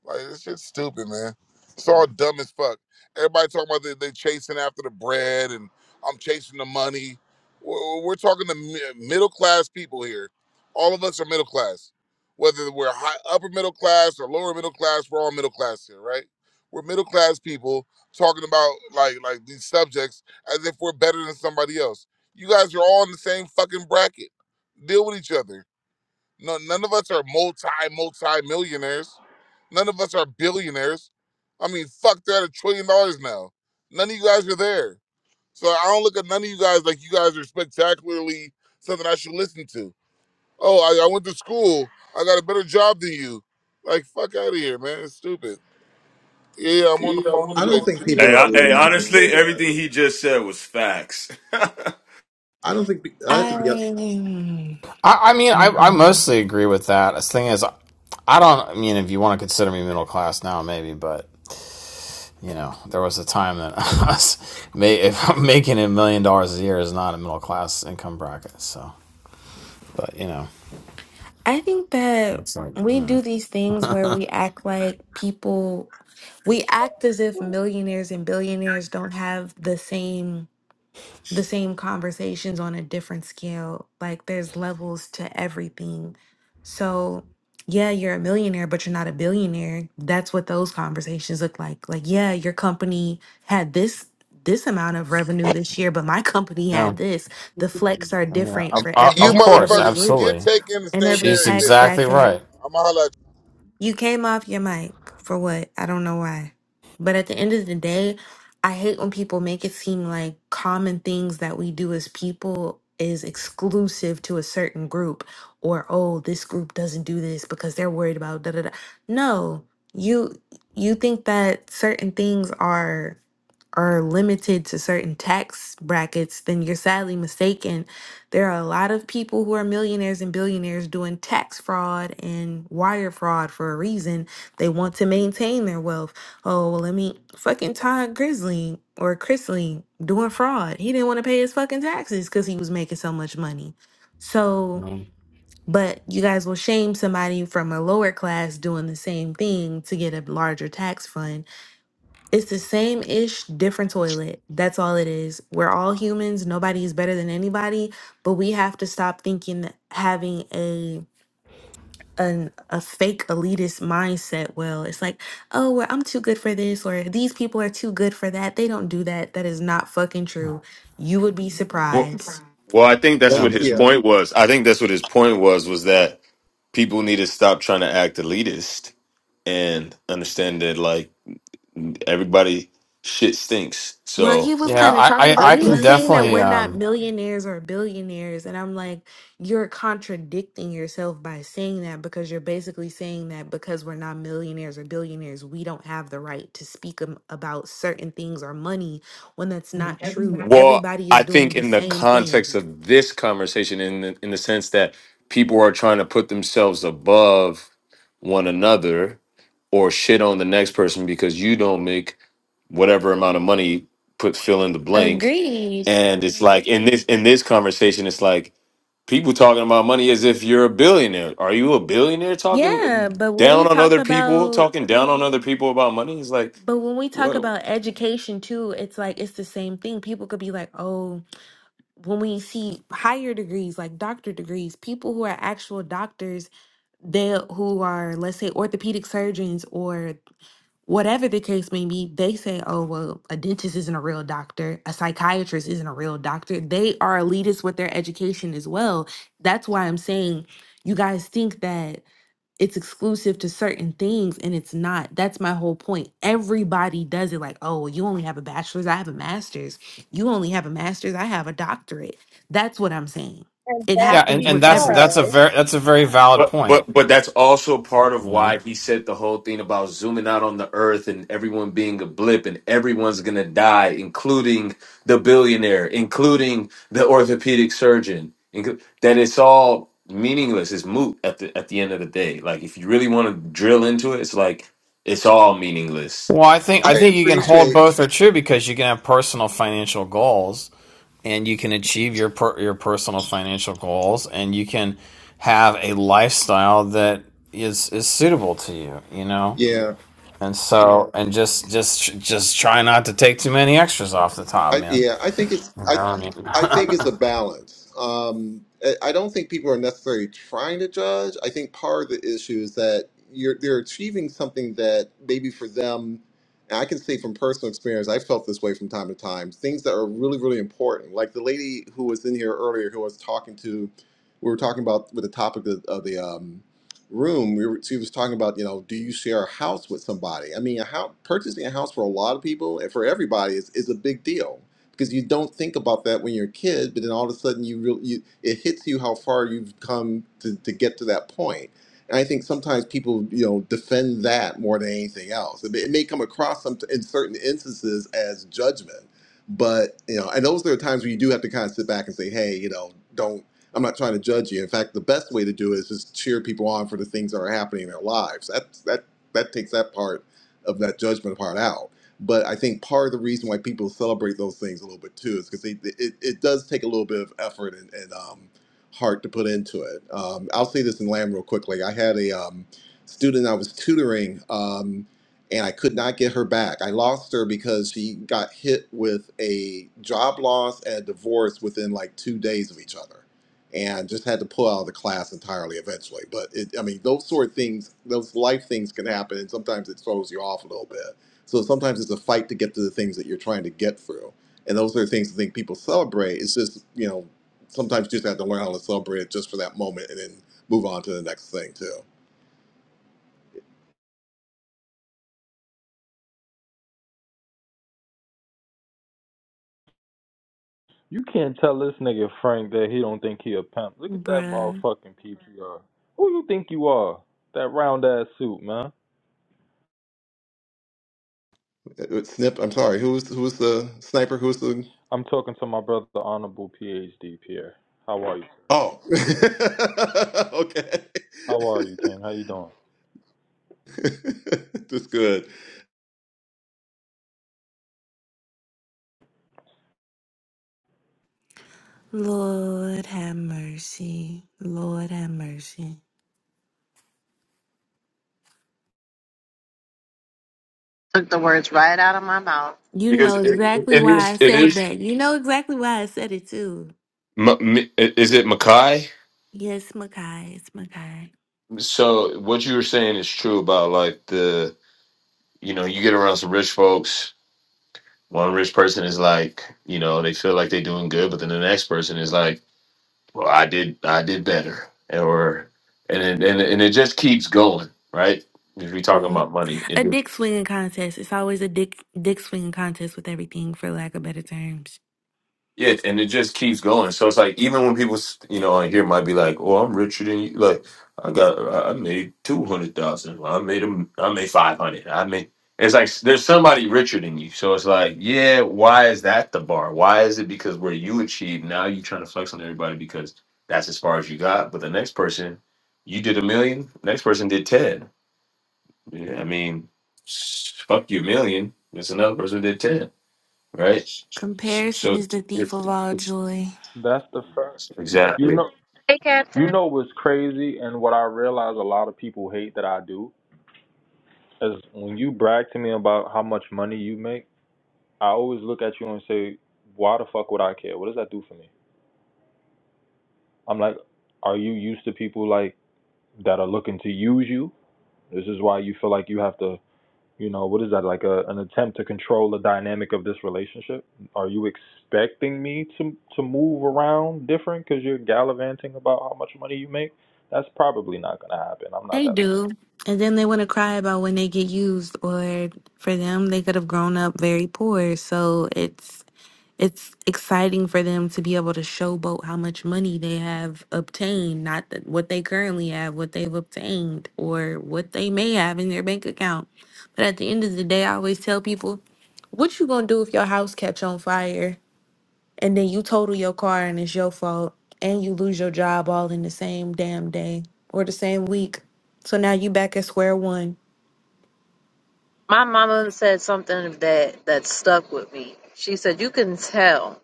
M: like this shit's stupid, man. It's all dumb as fuck. Everybody talking about they, they chasing after the bread and I'm chasing the money. We're, we're talking to mi- middle class people here. All of us are middle class, whether we're high, upper middle class or lower middle class. We're all middle class here, right? We're middle class people talking about like like these subjects as if we're better than somebody else. You guys are all in the same fucking bracket. Deal with each other. No, none of us are multi multi millionaires. None of us are billionaires. I mean, fuck, they're at a trillion dollars now. None of you guys are there. So I don't look at none of you guys like you guys are spectacularly something I should listen to. Oh, I, I went to school. I got a better job than you. Like, fuck out of here, man. It's stupid. Yeah, I'm on the
T: Yeah, I'm
M: phone
T: on the
J: I don't
M: anyways,
T: phone.
J: think
M: bitch.
J: people
M: Shut
T: Hey,
J: ever
T: I,
M: up.
J: really
T: hey,
J: honestly
T: honestly,
J: say that.
T: everything he just said was facts.
J: I don't think, I have to be,
R: I.
Q: I, I mean, I, I
R: Mm-mm.
Q: mostly agree with that. The thing is, I don't. I mean, if you want to consider me middle class now, maybe, but you know, there was a time that us if making a million dollars a year is not a middle class income bracket. So, but you know,
R: I think that
Q: it's like,
R: we do
Q: mm,
R: these things where we act like people, we act as if millionaires and billionaires don't have the same the same conversations on a different scale. Like there's levels to everything. So, yeah, you're a millionaire, but you're not a billionaire. That's what those conversations look like. Like, yeah, your company had this this amount of revenue this year, but my company
Q: you
R: had
Q: know,
R: this. The flex are
Q: yeah,
R: different
Q: of,
R: for
Q: uh, of
M: You
R: every
Q: course,
R: every
M: motherfuckers,
R: group.
M: get
Q: absolutely.
M: taken and
R: In
M: stay
R: every
Q: She's
M: married,
R: tax
M: bitches.
Q: exactly
R: bracket.
Q: right.
M: I'ma holla at you.
R: You came off your mic for what? I don't know why. But at the end of the day, I hate when people make it seem like common things that we do as people is exclusive to a certain group or oh, this group doesn't do this because they're worried about da da da. No. You you think that certain things are are limited to certain tax brackets, then you're sadly mistaken. There are a lot of people who are millionaires and billionaires doing tax fraud and wire fraud for a reason. They want to maintain their wealth. Oh, well, let me fucking Todd Grizzly or Chrisley doing fraud. He didn't want to pay his fucking taxes because he was making so much money.
Q: You
R: So,
Q: know,
R: but you guys will shame somebody from a lower class doing the same thing to get a larger tax fund it's the same ish, different toilet. That's all it is. We're all humans. Nobody is better than anybody, but we have to stop thinking that having a an a fake elitist mindset. Well, it's like, oh, well, I'm too good for this, or these people are too good for that. They don't do that. That is not fucking true. You would be
T: well,
R: surprised.
T: well, I think
Q: you
T: that's
J: thank
T: what
Q: know,
T: his
J: you.
T: point was. I think that's what his point was was that people need to stop trying to act elitist and understand that like everybody shit stinks.
R: Well, he
T: So
R: was
Q: yeah,
R: kind of
Q: I,
R: talking
Q: I,
J: I,
R: about,
Q: I
R: he
Q: can
R: was saying that
Q: definitely.
R: we're not
Q: Um,
R: millionaires or billionaires. And I'm like, you're contradicting yourself by saying that because you're basically saying that because we're not millionaires or billionaires, we don't have the right to speak am- about certain things or money when that's not true.
T: Well,
R: Everybody is
T: I
R: doing
T: think
R: the
T: in the
R: same
T: context
R: thing.
T: of this conversation, in the, in the sense that people are trying to put themselves above one another or shit on the next person because you don't make whatever amount of money, put fill in the blank,
R: Agreed.
T: and it's like in this in this conversation, it's like people talking about money as if you're a billionaire. Are you a billionaire talking
R: Yeah.
T: uh,
R: But when
T: down
R: we
T: on
R: talk
T: other people,
R: about,
T: talking down on other people about money? It's like
R: but when we talk
T: what?
R: about education too, it's like, it's the same thing. People could be like, oh, when we see higher degrees like doctor degrees people who are actual doctors they who are let's say orthopedic surgeons or whatever the case may be they say oh well a dentist isn't a real doctor a psychiatrist isn't a real doctor they are elitist with their education as well that's why i'm saying you guys think that it's exclusive to certain things and it's not that's my whole point everybody does it like oh you only have a bachelor's i have a master's you only have a master's i have a doctorate that's what i'm saying
O: and
R: it
Q: Yeah,
O: that's
Q: and,
R: happens
Q: and
R: with
Q: that's
R: every
Q: that's a
O: because
Q: very that's a very valid
T: But
Q: point.
T: but but that's also part of
Q: You know.
T: why he said the whole thing about zooming out on the earth and everyone being a blip and everyone's gonna die, including the billionaire, including the orthopedic surgeon. inclu- That it's all meaningless. It's moot at the at the end of the day. Like if you really want to drill into it, it's like it's all meaningless
Q: Well, I think I
J: I
Q: think you can hold
J: appreciate,
Q: both are true because you can have personal financial goals, and you can achieve your per, your personal financial goals, and you can have a lifestyle that is is suitable to you. You know.
J: yeah,
Q: And so, and just, just, just try not to take too many extras off the top,
J: I,
Q: man.
J: yeah, I think it's
Q: You know what
J: I
Q: I mean?
J: I think it's a balance. Um, I I don't think people are necessarily trying to judge. I think part of the issue is that you're they're achieving something that maybe for them, and I can say from personal experience, I felt this way from time to time. Things that are really really important, like the lady who was in here earlier, who I was talking to, we were talking about with the topic of, of the um, room, we were, she was talking about, you know, do you share a house with somebody? I mean, a house, purchasing a house for a lot of people and for everybody is, is a big deal because you don't think about that when you're a kid, but then all of a sudden you really, you, it hits you how far you've come to, to get to that point. And I think sometimes people, you know, defend that more than anything else. It may, it may come across some, in certain instances as judgment, but you know, and those are the times where you do have to kind of sit back and say, hey, you know, don't. I'm not trying to judge you. In fact, the best way to do it is just cheer people on for the things that are happening in their lives. That that that takes that part of that judgment part out. But I think part of the reason why people celebrate those things a little bit too is because they, it, it does take a little bit of effort and, and um, heart to put into it. Um, I'll say this in Lamb real quickly. I had a um, student I was tutoring, um, and I could not get her back. I lost her because she got hit with a job loss and a divorce within like two days of each other and just had to pull out of the class entirely eventually. But it, I mean, those sort of things, those life things can happen, and sometimes it throws you off a little bit. So sometimes it's a fight to get to the things that you're trying to get through, and those are the things I think people celebrate. It's just you know sometimes you just have to learn how to celebrate it just for that moment, and then move on to the next thing too.
P: You can't tell this nigga Frank that he don't think he a pimp. Look at that
R: Bruh.
P: motherfucking PPR. Who you think you are? That round ass suit, man.
J: It- it- Snip, I'm sorry. Who was who was the sniper? Who was the
P: I'm talking to my brother, the Honorable PhD Pierre. How are you?
J: Oh. okay.
P: How are?
J: That's good.
R: Lord have mercy. Lord have mercy.
G: Took the words right out of my mouth.
R: You
T: because
R: know
T: it,
R: exactly
T: it
R: why I
T: is it
R: said
T: is.
R: that. You know exactly why I said it too.
T: M- m- is it Mackay?
R: Yes, Makai. It's Makai.
T: So what you were saying is true about like the you know you get around some rich folks One rich person is like, you know, they feel like they're doing good, but then the next person is like, well, I did, I did better, or and it, and it- and it just keeps going, right? If we're talking about money, it,
R: A dick swinging contest. It's always a dick dick swinging contest with everything, for lack of better terms.
T: Yeah, and it just keeps going. So it's like even when people, you know, on here might be like, "Oh, I'm richer than you." Like, I got, I made two hundred thousand. Well, I made them. I made five hundred. I made. It's like there's somebody richer than you. So it's like, yeah, why is that the bar? Why is it because where you achieve now you trying to flex on everybody because that's as far as you got. But the next person, you did a million. Next person did ten. Yeah, I mean, s- fuck your million. There's another person who did ten, right? So
R: Comparison
T: so
R: is the thief of all
T: it's
R: joy.
P: You? That's the first. You
T: Exactly.
P: know,
G: Hey,
P: you
G: Captain.
P: know what's crazy, and what I realize a lot of people hate that I do is when you brag to me about how much money you make. I always look at you and say, "Why the fuck would I care? What does that do for me?" I'm like, "Are you used to people like that are looking to use you?" This is why you feel like you have to, you know, what is that like a an attempt to control the dynamic of this relationship? Are you expecting me to to move around different because you're gallivanting about how much money you make? That's probably not gonna happen. I'm not
R: They
P: that.
R: do. And then they want to cry about when they get used or for them they could have grown up very poor. So it's it's exciting for them to be able to showboat how much money they have obtained, not that what they currently have, what they've obtained or what they may have in their bank account. But at the end of the day, I always tell people, what you going to do if your house catch on fire? and then you total your car and it's your fault and you lose your job all in the same damn day or the same week so now you back at square one
G: My mama said something that that stuck with me. She said, "You can tell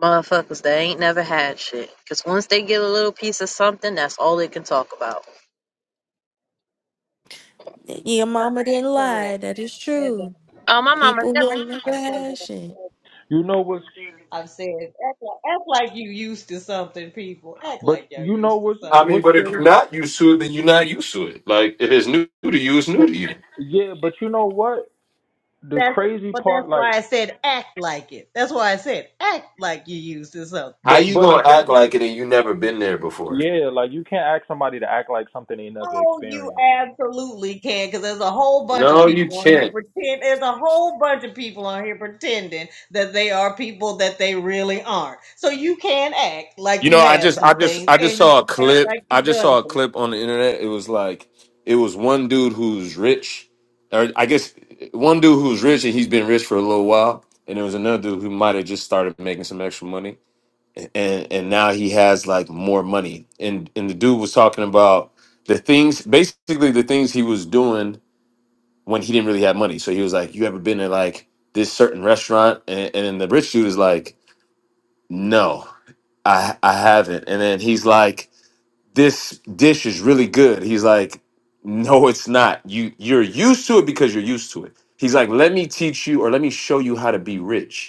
G: motherfuckers that ain't never had shit, 'cause once they get a little piece of something, that's all they can talk about."
R: your mama didn't lie
O: correct.
R: that
O: And
R: is
O: I've said that.
R: true
G: Oh, my mama.
R: people
G: said-
R: who are never
O: I've said
R: had
O: that.
R: shit
P: You know what's,
O: I've said act like, act like you used to something, people. Act
P: but
O: like y'all
P: you know
O: used to
P: what's
O: something.
T: I mean,
P: what's
T: but if
P: crazy.
T: you're not used to it, then you're not used to it. Like if it's new to you, it's new to you.
P: Yeah, but you know what? The
O: That's
P: crazy
O: but that's
P: part,
O: why
P: like,
O: I said act like it. That's why I said act like you used to something.
T: How
P: but
T: you
P: but
T: gonna act
P: essentially,
T: like it and you never been there before?
P: yeah, like you can't ask somebody to act like something they never
O: Oh, you
P: experienced.
O: absolutely can, because there's a whole bunch of
T: No, you
O: people on here
T: can't.
O: pretend. There's a whole bunch of people on here pretending that they are people that they really aren't. So you can act like
T: You
O: you
T: know, I
O: have
T: just, I
O: some
T: just,
O: things,
T: I just
O: and you
T: saw a
O: can act like
T: clip. I
O: you've
T: just
O: done
T: saw a
O: some
T: clip on the internet. It was like, it was one dude who's rich, or I guess one dude who's rich and he's been rich for a little while, and there was another dude who might have just started making some extra money, and and now he has like more money and and the dude was talking about the things basically the things he was doing when he didn't really have money so he was like you ever been to like this certain restaurant and, and then the rich dude is like no i i haven't and then he's like this dish is really good he's like no it's not you you're used to it because you're used to it he's like let me teach you or let me show you how to be rich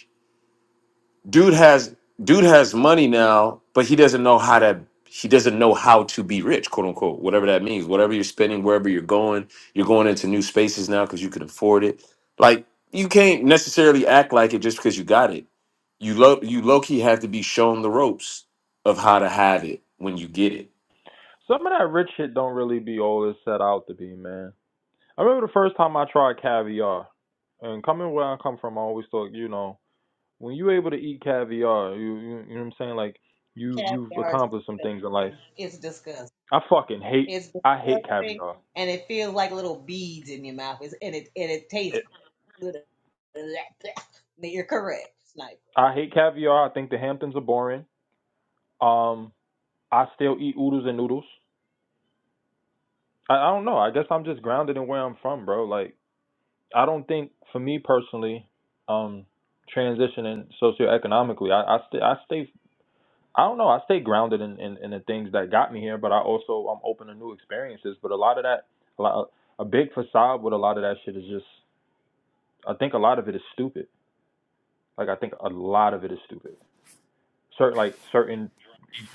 T: dude has dude has money now, but he doesn't know how to he doesn't know how to be rich, quote unquote, whatever that means. Whatever you're spending, wherever you're going, you're going into new spaces now because you can afford it. Like you can't necessarily act like it just because you got it. You low you low key have to be shown the ropes of how to have it when you get it.
P: Some of that rich shit don't really be all it's set out to be, man. I remember the first time I tried caviar, and coming where I come from, I always thought, you know, when you are able to eat caviar, you you, you know what I'm saying, like you
O: cat
P: you've accomplished some things in life.
O: things. It's disgusting.
P: I fucking hate
O: It's
P: I hate
O: disgusting,
P: caviar.
O: and it feels like little beads in your mouth. It's, and it and it
P: It,
O: tastes good. You're correct, sniper.
P: I hate caviar. I think the Hamptons are boring. Um, I still eat oodles and noodles. I, I don't know. I guess I'm just grounded in where I'm from, bro. Like I don't think for me personally, um, transitioning socioeconomically, I I, st- I stay I don't know. I stay grounded in, in, in the things that got me here, but I also I'm open to new experiences. But a lot of that, a, lot, a big facade with a lot of that shit is just. I think a lot of it is stupid. Like I think a lot of it is stupid. Certain like certain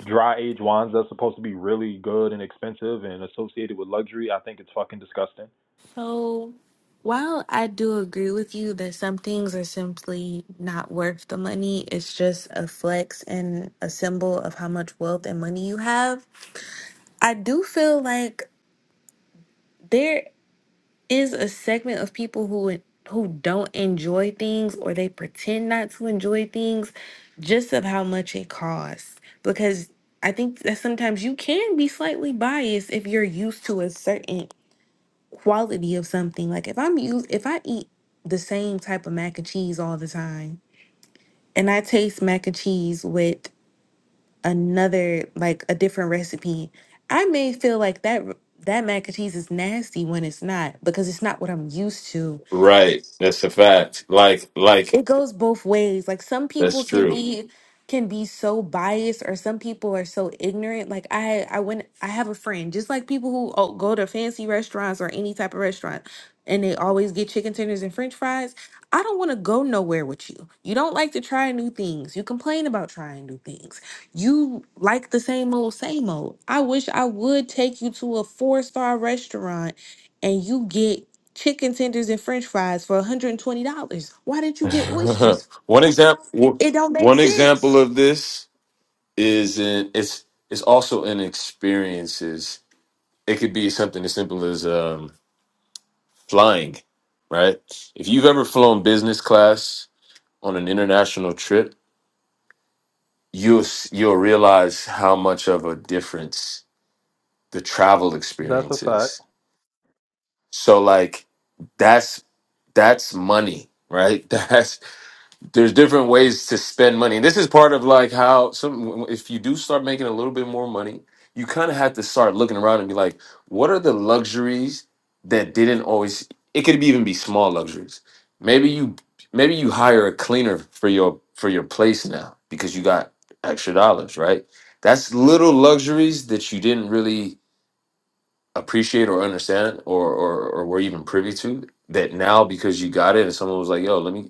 P: dry age wines that's supposed to be really good and expensive and associated with luxury. I think it's fucking disgusting.
R: so while i do agree with you that some things are simply not worth the money it's just a flex and a symbol of how much wealth and money you have i do feel like there. is a segment of people who who don't enjoy things or they pretend not to enjoy things just of how much it costs because I think that sometimes you can be slightly biased if you're used to a certain quality of something. Like if I'm used if I eat the same type of mac and cheese all the time and I taste mac and cheese with another like a different recipe, I may feel like that that mac and cheese is nasty when it's not because it's not what I'm used to
T: Right. That's a fact. Like, like
R: it goes both ways like some people
T: that's
R: can
T: true.
R: be can be so biased or some people are so ignorant like i i went i have a friend just like people who oh, go to fancy restaurants or any type of restaurant and they always get chicken tenders and french fries i don't want to go nowhere with you you don't like to try new things you complain about trying new things you like the same old same old i wish i would take you to a four star restaurant and you get chicken tenders and french fries for $120. Why didn't you get oysters?
T: one example
R: It don't make
T: one example
R: sense.
T: of this. is in it's it's also in experiences. It could be something as simple as um, flying, right? If you've ever flown business class on an international trip, you'll s- you'll realize how much of a difference the travel
P: That's a
T: experience
P: fact.
T: is. So like that's that's money, right? That's there's different ways to spend money. And this is part of like how some if you do start making a little bit more money, you kind of have to start looking around and be like, what are the luxuries that didn't always it could be even be small luxuries. Maybe you maybe you hire a cleaner for your for your place now because you got extra dollars, right? That's little luxuries that you didn't really appreciate or understand or or, or were even privy to that now because you got it and someone was like, yo, let me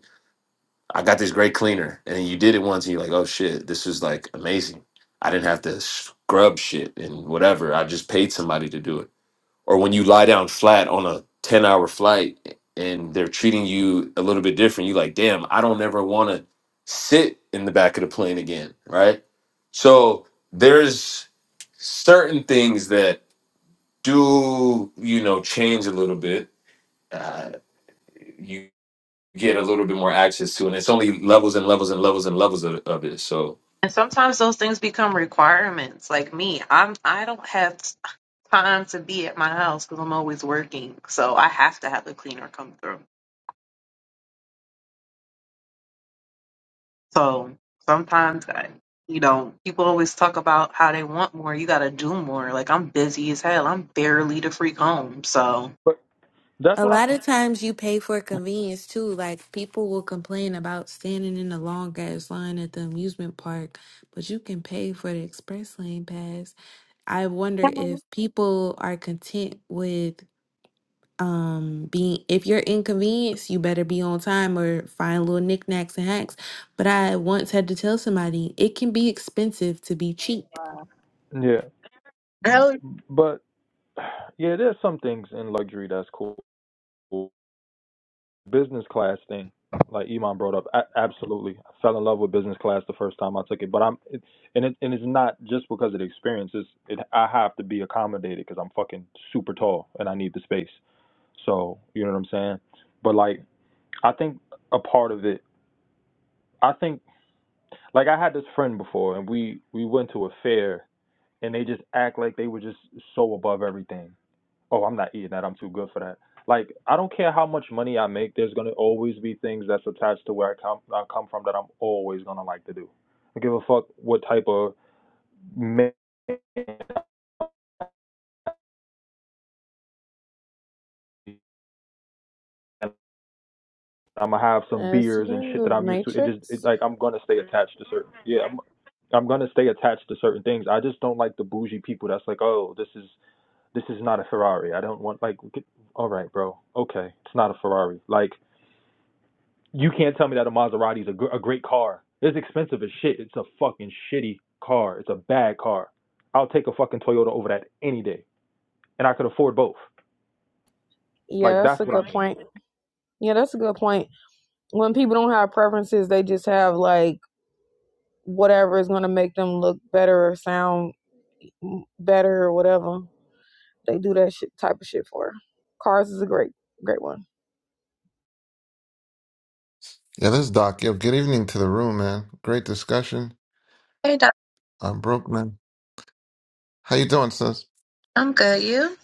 T: I got this great cleaner, and you did it once, and you're like, oh shit, this is like amazing. I didn't have to scrub shit and whatever. I just paid somebody to do it. Or when you lie down flat on a 10 hour flight and they're treating you a little bit different, you like, damn, I don't ever want to sit in the back of the plane again. Right. So there's certain things that do, you know, change a little bit. Uh, get a little bit more access to, and it's only levels and levels and levels and levels of, of it. So
G: And sometimes those things become requirements. Like me, I'm I don't have time to be at my house because 'cause I'm always working, so I have to have the cleaner come through. So sometimes I, you know, people always talk about how they want more. You got to do more. Like I'm busy as hell. I'm barely the freak home. So
P: But that's
R: A
P: what I'm.
R: lot of times you pay for convenience too. Like people will complain about standing in the long ass line at the amusement park, but you can pay for the express lane pass. I wonder if
G: Hello.
R: people are content with um being if you're inconvenienced you better be on time or find little knickknacks and hacks but i once had to tell somebody it can be expensive to be cheap
O: Wow.
P: Yeah, but yeah, there's some things in luxury that's cool. business class thing, like Iman brought up, a- absolutely. I fell in love with business class the first time I took it, but I'm, it, and it, and it's not just because of the experience. It's, it, I have to be accommodated because I'm fucking super tall and I need the space. So you know what I'm saying. But like, I think a part of it, I think like I had this friend before, and we we went to a fair, and they just act like they were just so above everything oh, I'm not eating that. I'm too good for that. Like, I don't care how much money I make. There's gonna always be things that's attached to where I come I come from that I'm always gonna like to do. I give a fuck what type of man I'm gonna have some
U: Is he
P: beers and
U: in
P: shit that
U: the
P: I'm used to. It just it,
U: Matrix?
P: like I'm gonna stay attached to certain. Yeah, I'm I'm gonna stay attached to certain things. I just don't like the bougie people that's like, oh, this is this is not a Ferrari. I don't want like, get, all right, bro, okay, it's not a Ferrari. Like. You can't tell me that a Maserati is a, gr- a great car. It's expensive as shit. It's a fucking shitty car. It's a bad car. I'll take a fucking Toyota over that any day, and I could afford both. Like
U: Yeah, that's
P: that's
U: a
P: what
U: good
P: I mean.
U: point. Yeah, that's a good point. When people don't have preferences, they just have like whatever is going to make them look better or sound better or whatever. They do that shit, type of shit for. her. Cars is a great, great one.
V: Yeah, this is Doc. Yo, good evening to the room, man. Great discussion.
G: Hey, Doc.
V: I'm broke, man. How you doing, sis?
G: I'm good. You?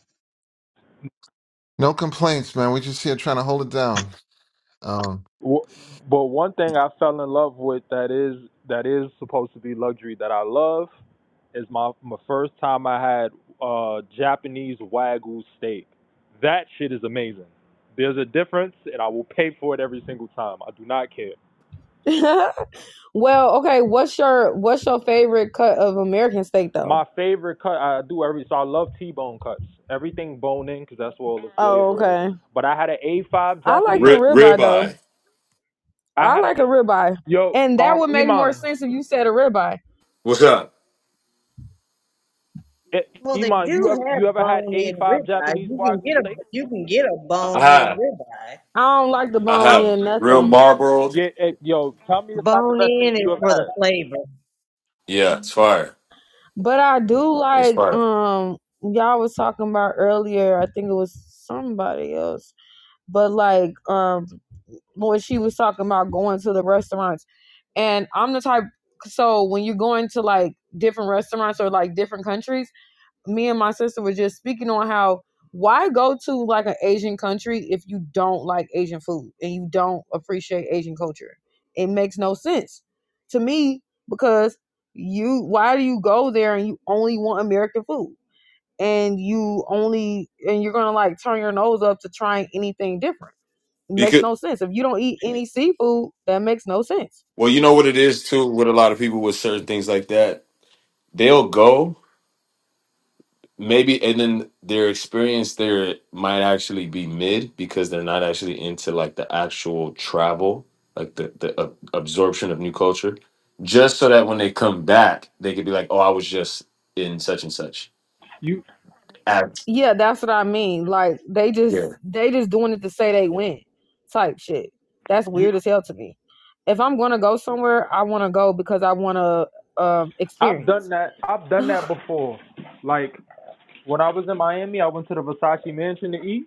V: No complaints, man. We just here trying to hold it down. Um,
P: But one thing I fell in love with that is that is supposed to be luxury that I love is my my first time I had uh Japanese wagyu steak. That shit is amazing. There's a difference, and I will pay for it every single time. I do not care.
U: well, okay. What's your what's your favorite cut of American steak though?
P: My favorite cut I do every so I love T-bone cuts. Everything bone in because that's where all the
U: Oh,
P: flavor is.
U: okay.
P: But I had an A5
U: I like
P: Japanese.
U: the
T: Ri
U: ribeye though.
T: ribeye.
P: I
U: I
P: had a
U: like a ribeye,
P: yo
U: and that
P: um
U: would make more
P: Iman.
U: sense if you said a ribeye.
T: what's up?
P: Eh,
O: Well, they
P: Iman, you
O: do
P: ever you
O: have
P: ever had
O: bone-in
P: A5
O: ribeye.
P: Japanese
O: You can
P: wagyu
O: get a
P: steak?
O: you can get a
T: I
O: bone-in
T: have,
O: ribeye.
U: I don't like the
T: I
U: bone
T: have
U: in
T: real
U: nothing.
T: Marlboro.
P: Yeah, eh, yo, tell me it's not the best steak
O: Bone-in is
P: you ever
O: for the
P: had.
O: flavor.
T: Yeah, it's fire.
U: But I do
T: It's
U: like
T: fire.
U: um y'all was talking about earlier, I think it was somebody else. But like um when she was talking about going to the restaurants and I'm the type so when you're going to like different restaurants or like different countries, me and my sister were just speaking on how why go to like an Asian country if you don't like Asian food and you don't appreciate Asian culture? It makes no sense to me because you why do you go there and you only want American food and you only and you're gonna like turn your nose up to trying anything different? It makes
T: Because
U: no sense. If you don't eat any seafood, that makes no sense
T: well, you know what it is too with a lot of people with certain things like that. They'll go. Maybe, and then their experience there might actually be mid because they're not actually into like the actual travel, like the the ab- absorption of new culture, just so that when they come back, they could be like, "Oh, I was just in such and such."
P: You,
T: At
U: Yeah, that's what I mean. Like they just
T: here,
U: they just doing it to say they win type shit. That's
P: you,
U: weird as hell to me. If I'm gonna go somewhere, I wanna go because I wanna um
P: I've done
U: experience.
P: that. I've done that
U: oh
P: before. Like when I was in Miami, I went to the Versace Mansion to eat.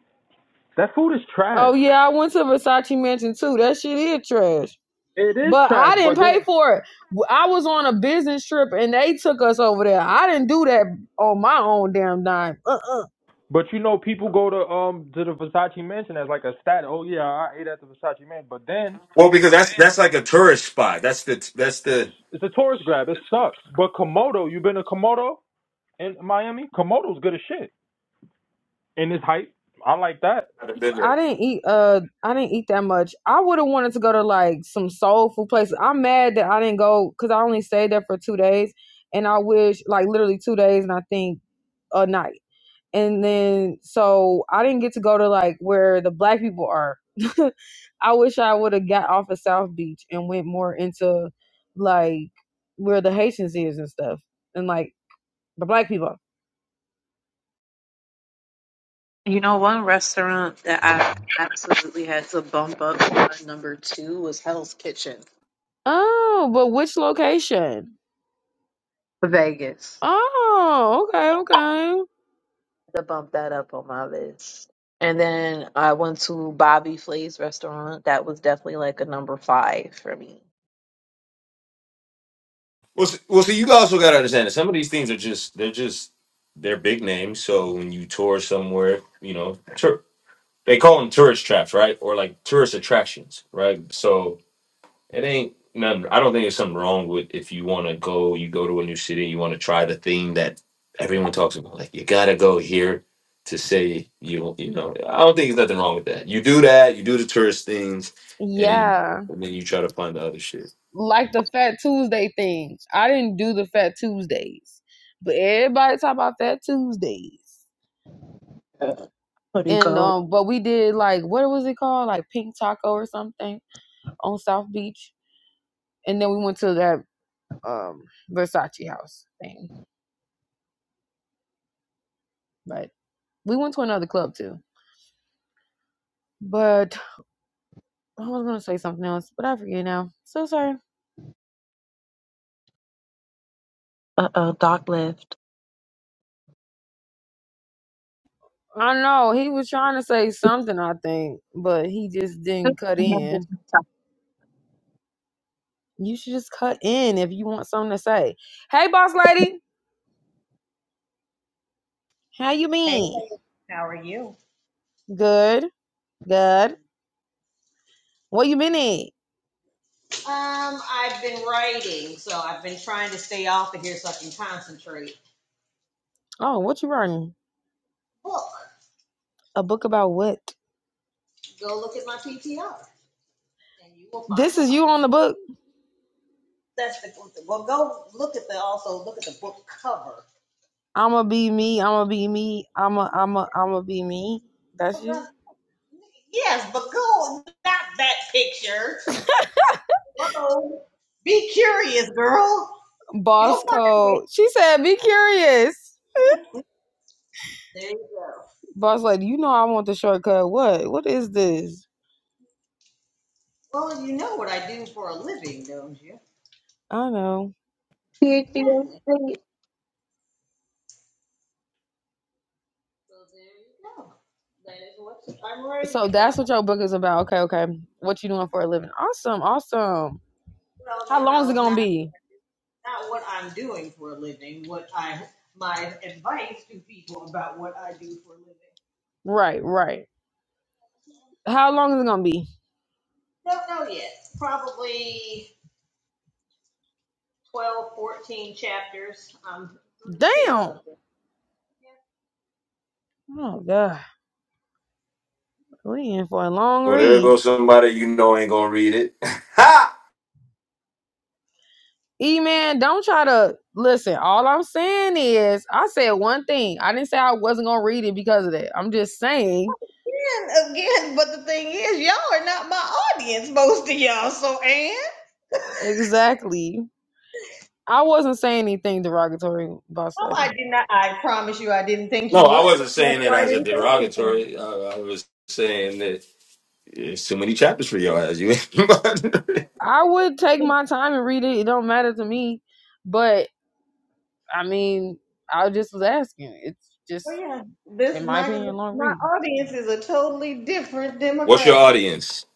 P: That food is trash.
U: yeah, I went to Versace Mansion too. That shit is trash.
P: It is
U: But
P: trash.
U: I didn't
P: But then
U: pay for it. I was on a business trip and they took us over there. I didn't do that on my own damn dime. Uh uh
P: But you know, people go to um to the Versace mansion as like a stat. Oh yeah, I ate at the Versace mansion. But then
T: Well, because that's that's like a tourist spot. That's the that's the.
P: it's a tourist grab. It sucks. But Komodo, you been to Komodo in Miami? Komodo's good as shit. And it's hype. I like that.
T: I've been
U: I
T: there.
U: didn't eat uh I didn't eat that much. I would have wanted to go to like some soul food places. I'm mad that I didn't go because I only stayed there for two days and I wish like literally two days and I think a night. And then so I didn't get to go to like where the black people are. I wish I would have got off of South Beach and went more into like where the Haitians is and stuff and like the black people.
G: you know, one restaurant that I absolutely had to bump up to my number two was Hell's Kitchen,
U: Oh, but which location?
G: Vegas.
U: Oh, okay, okay.
G: to bump that up on my list. And then I went to Bobby Flay's restaurant. That was definitely like a number five for me.
T: Well, s- well, see, you also got to understand that some of these things are just they're just they're big names. So when you tour somewhere, you know, they call them tourist traps, right? Or like tourist attractions, right? So it ain't nothing. I don't think there's something wrong with if you want to go, you go to a new city, you want to try the thing that everyone talks about. Like you gotta go here to say you, you know. I don't think there's nothing wrong with that. You do that, you do the tourist things, and then you,
U: Yeah,
T: and then you try to find the other shit.
U: like the Fat Tuesday things. I didn't do the Fat Tuesdays, but everybody talk about Fat Tuesdays.
G: couldn't
U: And
G: go.
U: um, but we did like what was it called, like Pink Taco or something on South Beach, and then we went to that um Versace house thing. But we went to another club too. But I was gonna say something else, but I forget now. So sorry.
G: Uh oh, Doc left.
U: I know he was trying to say something, I think, but he just didn't cut in. You should just cut in if you want something to say. Hey, boss lady, how you
O: Hey,
U: been?
O: ladies, how are you?
U: Good, good. What you been at?
O: Um, I've been writing, so I've been trying to stay off of here so I can concentrate.
U: Oh, what you writing?
O: Book.
U: A book about what?
O: Go look at my PTR, and you will find
U: This is
O: out.
U: you on the book.
O: That's the well. Go look at the also look at the book cover.
U: I'ma be me. I'ma be me. I'ma I'ma I'ma be me. That's you.
O: Yes, but go not that picture. Whoa. Be curious, girl. You'll
U: Boss
O: find
U: code.
O: it.
U: She said, "Be curious."
O: There you go.
U: Boss lady, you know I want the shortcut. What? What is this?
O: Well, you know what I do for a living, don't you?
U: I know.
G: PhD
O: Exactly. So there you go. That is what I'm writing
U: So that's
O: about.
U: what your book is about. Okay, okay. What you doing for a living? Awesome, awesome.
O: Well,
U: How
O: no,
U: long is
O: no,
U: it
O: it's
U: gonna
O: not
U: be?
O: not what I'm doing for a living. What I my advice to people about what I do for a living.
U: Right, right.
O: So,
U: How long is it gonna be?
O: Don't know yet. Probably 12, 14 chapters. I'm um, through six
U: Damn.
O: of them.
U: Oh god, we in for a long
T: Well, there
U: read.
T: goes somebody you know ain't gonna read it. ha!
U: E man, don't try to listen. All I'm saying is, I said one thing. I didn't say I wasn't gonna read it because of that. I'm just saying
O: Again, again, but the thing is, y'all are not my audience, most of y'all. So, Ann,
U: exactly. I wasn't saying anything derogatory, boss
O: Oh, I
U: lady.
O: did not. I promise you, I didn't think
T: No,
O: you
T: I
O: were.
T: wasn't
O: That's
T: saying it
O: why I
T: as a
O: didn't say anything.
T: derogatory. I, I was saying that. It's too many chapters for your ass. You.
U: I would take
O: The-
U: my time and read it. It don't matter to me. But I mean, I just was asking. It's
O: Oh
U: just,
O: yeah,
U: in
O: this
U: my
O: my
U: opinion, a long
O: my
U: read.
O: audience is a totally different
T: What's your
O: demographic.
T: audience?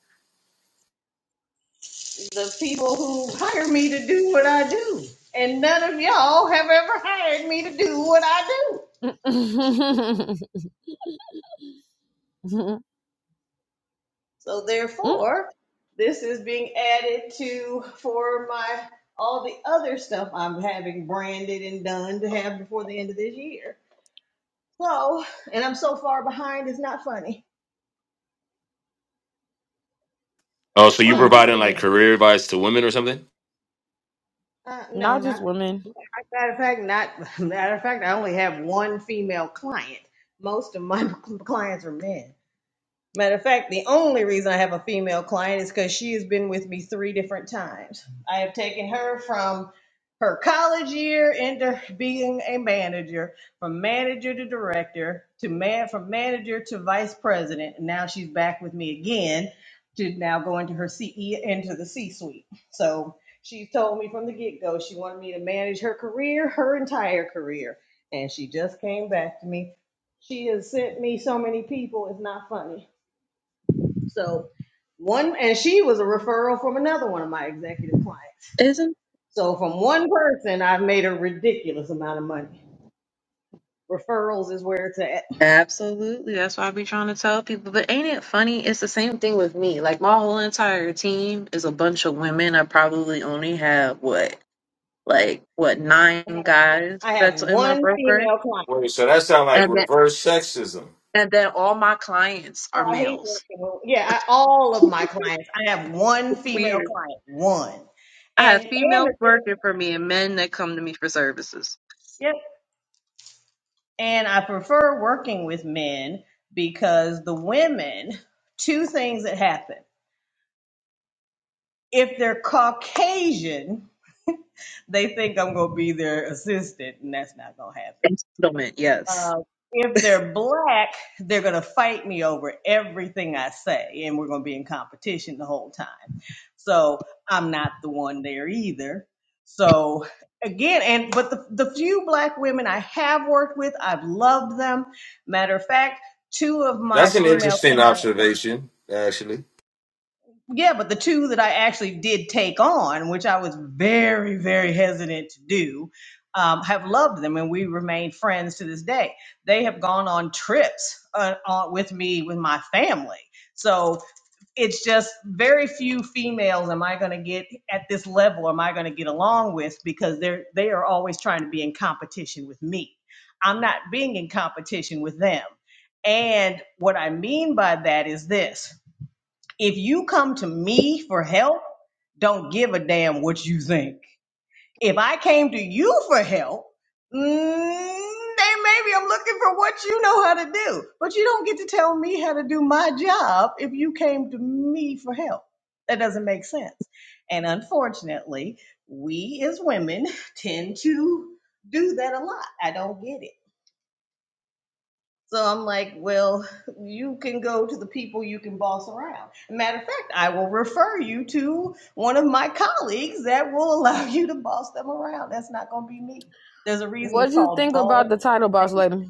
O: The people who hire me to do what I do, and none of y'all have ever hired me to do what I do.
U: Mm-mm.
O: So therefore, this is being added to for my all the other stuff I'm having branded and done to have before the end of this year. So, and I'm so far behind, it's not funny,
T: Oh, so you
O: but it's
T: providing like
O: getting.
T: career advice to women or something?
O: Uh, no,
U: Not
O: not
U: just women.
O: matter of fact. Not matter of fact, I only have one female client. Most of my clients are men. Matter of fact, the only reason I have a female client is because she has been with me three different times. I have taken her from her college year into being a manager, from manager to director, to man, from manager to vice president, and now she's back with me again to now go into her CE into the C-suite. So she's told me from the get-go she wanted me to manage her career, her entire career, and she just came back to me. She has sent me so many people, it's not funny so one, and she was a referral from another one of my executive clients.
G: isn't
O: So from one person, I've made a ridiculous amount of money. Referrals is where it's at.
G: absolutely that's why I be trying to tell people. But ain't it funny? It's the same thing with me. Like my whole entire team is a bunch of women. I probably only have what like what
O: Yeah, I
G: nine
O: have
G: guys
O: I have
G: that's in my
O: one
G: broker,
O: female client.
T: Wait, so that sounds like
G: and then
T: reverse sexism.
G: and then all my clients
O: Oh,
G: are
O: I hate
G: males.
O: working with. Yeah, I, all of my clients. I have one
G: It's
O: female
G: weird.
O: client, one,
G: I
O: and
G: have
O: and the
G: females
O: thing,
G: working for me and men that come to me for services.
O: yep. And I prefer working with men because the women, two things that happen. If they're Caucasian, they think I'm going to be their assistant, and that's not going to
G: And
O: happen.
G: settlement, yes.
O: Um, if they're black, they're going to fight me over everything I say, and we're going to be in competition the whole time. So I'm not the one there either. So again, and but the, the few black women I have worked with, I've loved them. Matter of fact, two of my
T: That's an
O: female
T: interesting
O: clients.
T: observation, actually.
O: Yeah, but the two that I actually did take on, which I was very, very hesitant to do, um, have loved them and we remain friends to this day. They have gone on trips uh, on, with me, with my family. So it's just very few females am I going to get at this level, am I going to get along with because they're, they are always trying to be in competition with me. I'm not being in competition with them. And what I mean by that is this. If you come to me for help, don't give a damn what you think. If I came to you for help, mm, then maybe I'm looking for what you know how to do. But you don't get to tell me how to do my job if you came to me for help. That doesn't make sense. And unfortunately, we as women tend to do that a lot. I don't get it. So I'm like, well, you can go to the people you can boss around. Matter of fact, I will refer you to one of my colleagues that will allow you to boss them around. That's not going to be me. There's a reason
U: What
O: it's
U: do you
O: called
U: think about
O: boss.
U: the title boss
O: lady.
U: lady?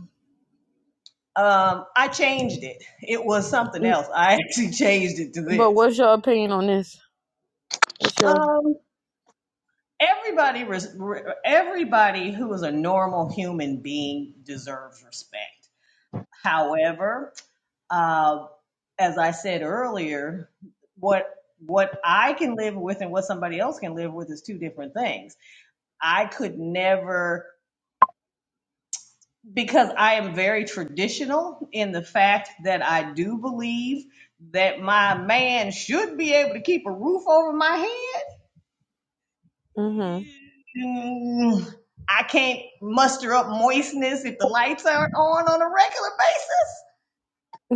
O: Um, I changed it. It was something
U: Mm,
O: else. I actually changed it to
U: But
O: this.
U: what's your opinion on this? What's your
O: Um, everybody, res- re- everybody who is a normal human being deserves respect. However, uh, as I said earlier, what what I can live with and what somebody else can live with is two different things. I could never because I am very traditional in the fact that I do believe that my man should be able to keep a roof over my head.
U: mm-hmm.
O: Mm, I can't muster up moistness if the lights aren't on on a regular basis.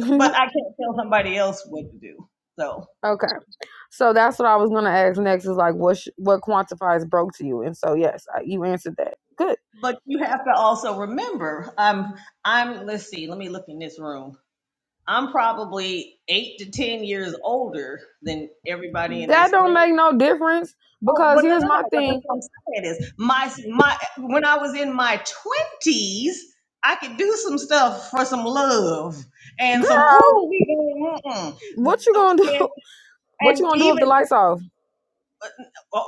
O: but I can't tell somebody else what to do. So,
U: okay. So that's what I was gonna ask next is like what sh- what quantifies broke to you? And so yes, I, you answered that. Good.
O: but you have to also remember, I'm, I'm, let's see, let me look in this room. I'm probably eight to 10 years older than everybody in
U: That
O: this
U: don't
O: room.
U: make no difference
O: Oh,
U: because
O: but no, no,
U: here's my
O: no. But that's
U: thing,
O: what I'm saying is my, my, when I was in my twenties, I could do some stuff for some love and some,
U: girl.
O: ooh, we going, mm-mm.
U: What you gonna do?
O: And,
U: What
O: and
U: you gonna do if the
O: even,
U: lights off?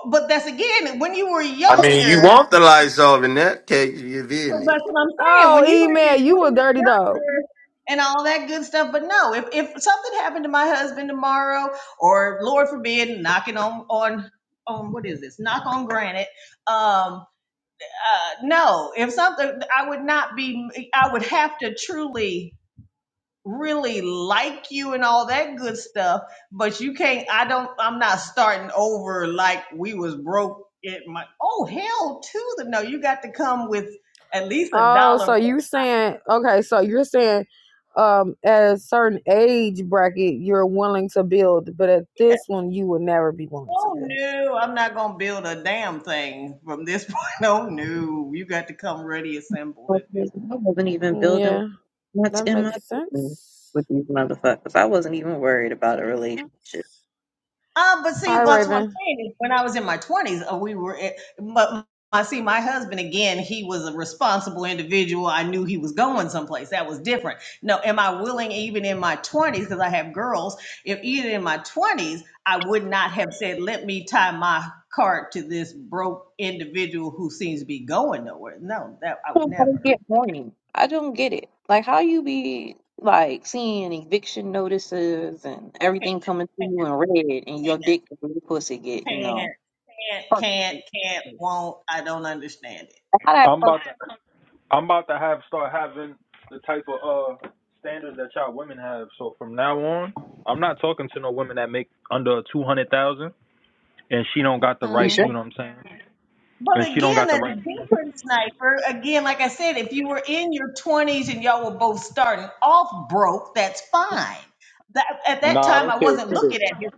O: but that's again, when you were
T: I mean, you
O: younger,
T: want the lights off in that case, you feel
O: But
T: me?
O: that's what I'm saying. When
U: Oh,
O: you were
U: email,
O: when
U: you a dirty
O: you're
U: dog.
O: younger and all that good stuff, but no, if if something happened to my husband tomorrow, or Lord forbid, knocking on on on what is this? Knock on granite. Um, uh, no, if something, I would not be. I would have to truly really like you and all that good stuff, but you can't I don't I'm not starting over like we was broke at my oh hell to the no, you got to come with at least a
U: Oh,
O: dollar
U: so
O: more.
U: you saying okay? So you're saying, um, at a certain age bracket, you're willing to build, but at
O: Yeah.
U: this one, you would never be willing to
O: Oh
U: build.
O: no, I'm not gonna build a damn thing from this point. Oh no, you got to come ready assembled
G: I was
O: at
G: like,
O: this point.
G: I wasn't even building
U: Yeah,
G: what's
U: that
G: in
U: makes
G: my business
U: sense.
G: with these motherfuckers. I wasn't even worried about a
U: Makes sense.
G: relationship.
O: Um, but see,
U: Hi,
O: that's what I'm
U: Raven.
O: saying. is When I was in my 20s, uh, we were, at, but I see my husband again, he was a responsible individual. I knew he was going someplace. That was different. No, am I willing, even in my 20s, because I have girls, if even in my 20s, I would not have said, let me tie my cart to this broke individual who seems to be going nowhere. No, that I would
G: don't let it
O: never.
G: get warning. I don't get it. Like how you be like seeing eviction notices and
O: Can't,
G: everything coming to
O: can't,
G: you in red and your
O: can't,
G: dick and your pussy get, you know,
O: can't, can't,
G: perked.
O: can't, can't, won't. I don't understand
G: How that
P: I'm about
G: perk
P: to, I'm about to have start having the type of uh standards that y'all women have. So from now on, I'm not talking to no women that make under two hundred thousand and she don't got the
O: it.
G: you
P: right.
G: sure?
P: You know what I'm saying?
O: But
P: And she don't
O: again,
P: got the
O: that's
P: right.
O: different, Sniper. Again, like I said, if you were in your 20s and y'all were both starting off broke, that's fine. That, at that
P: Nah, I
O: time, I
P: don't care
O: wasn't
P: what it is.
O: looking at his.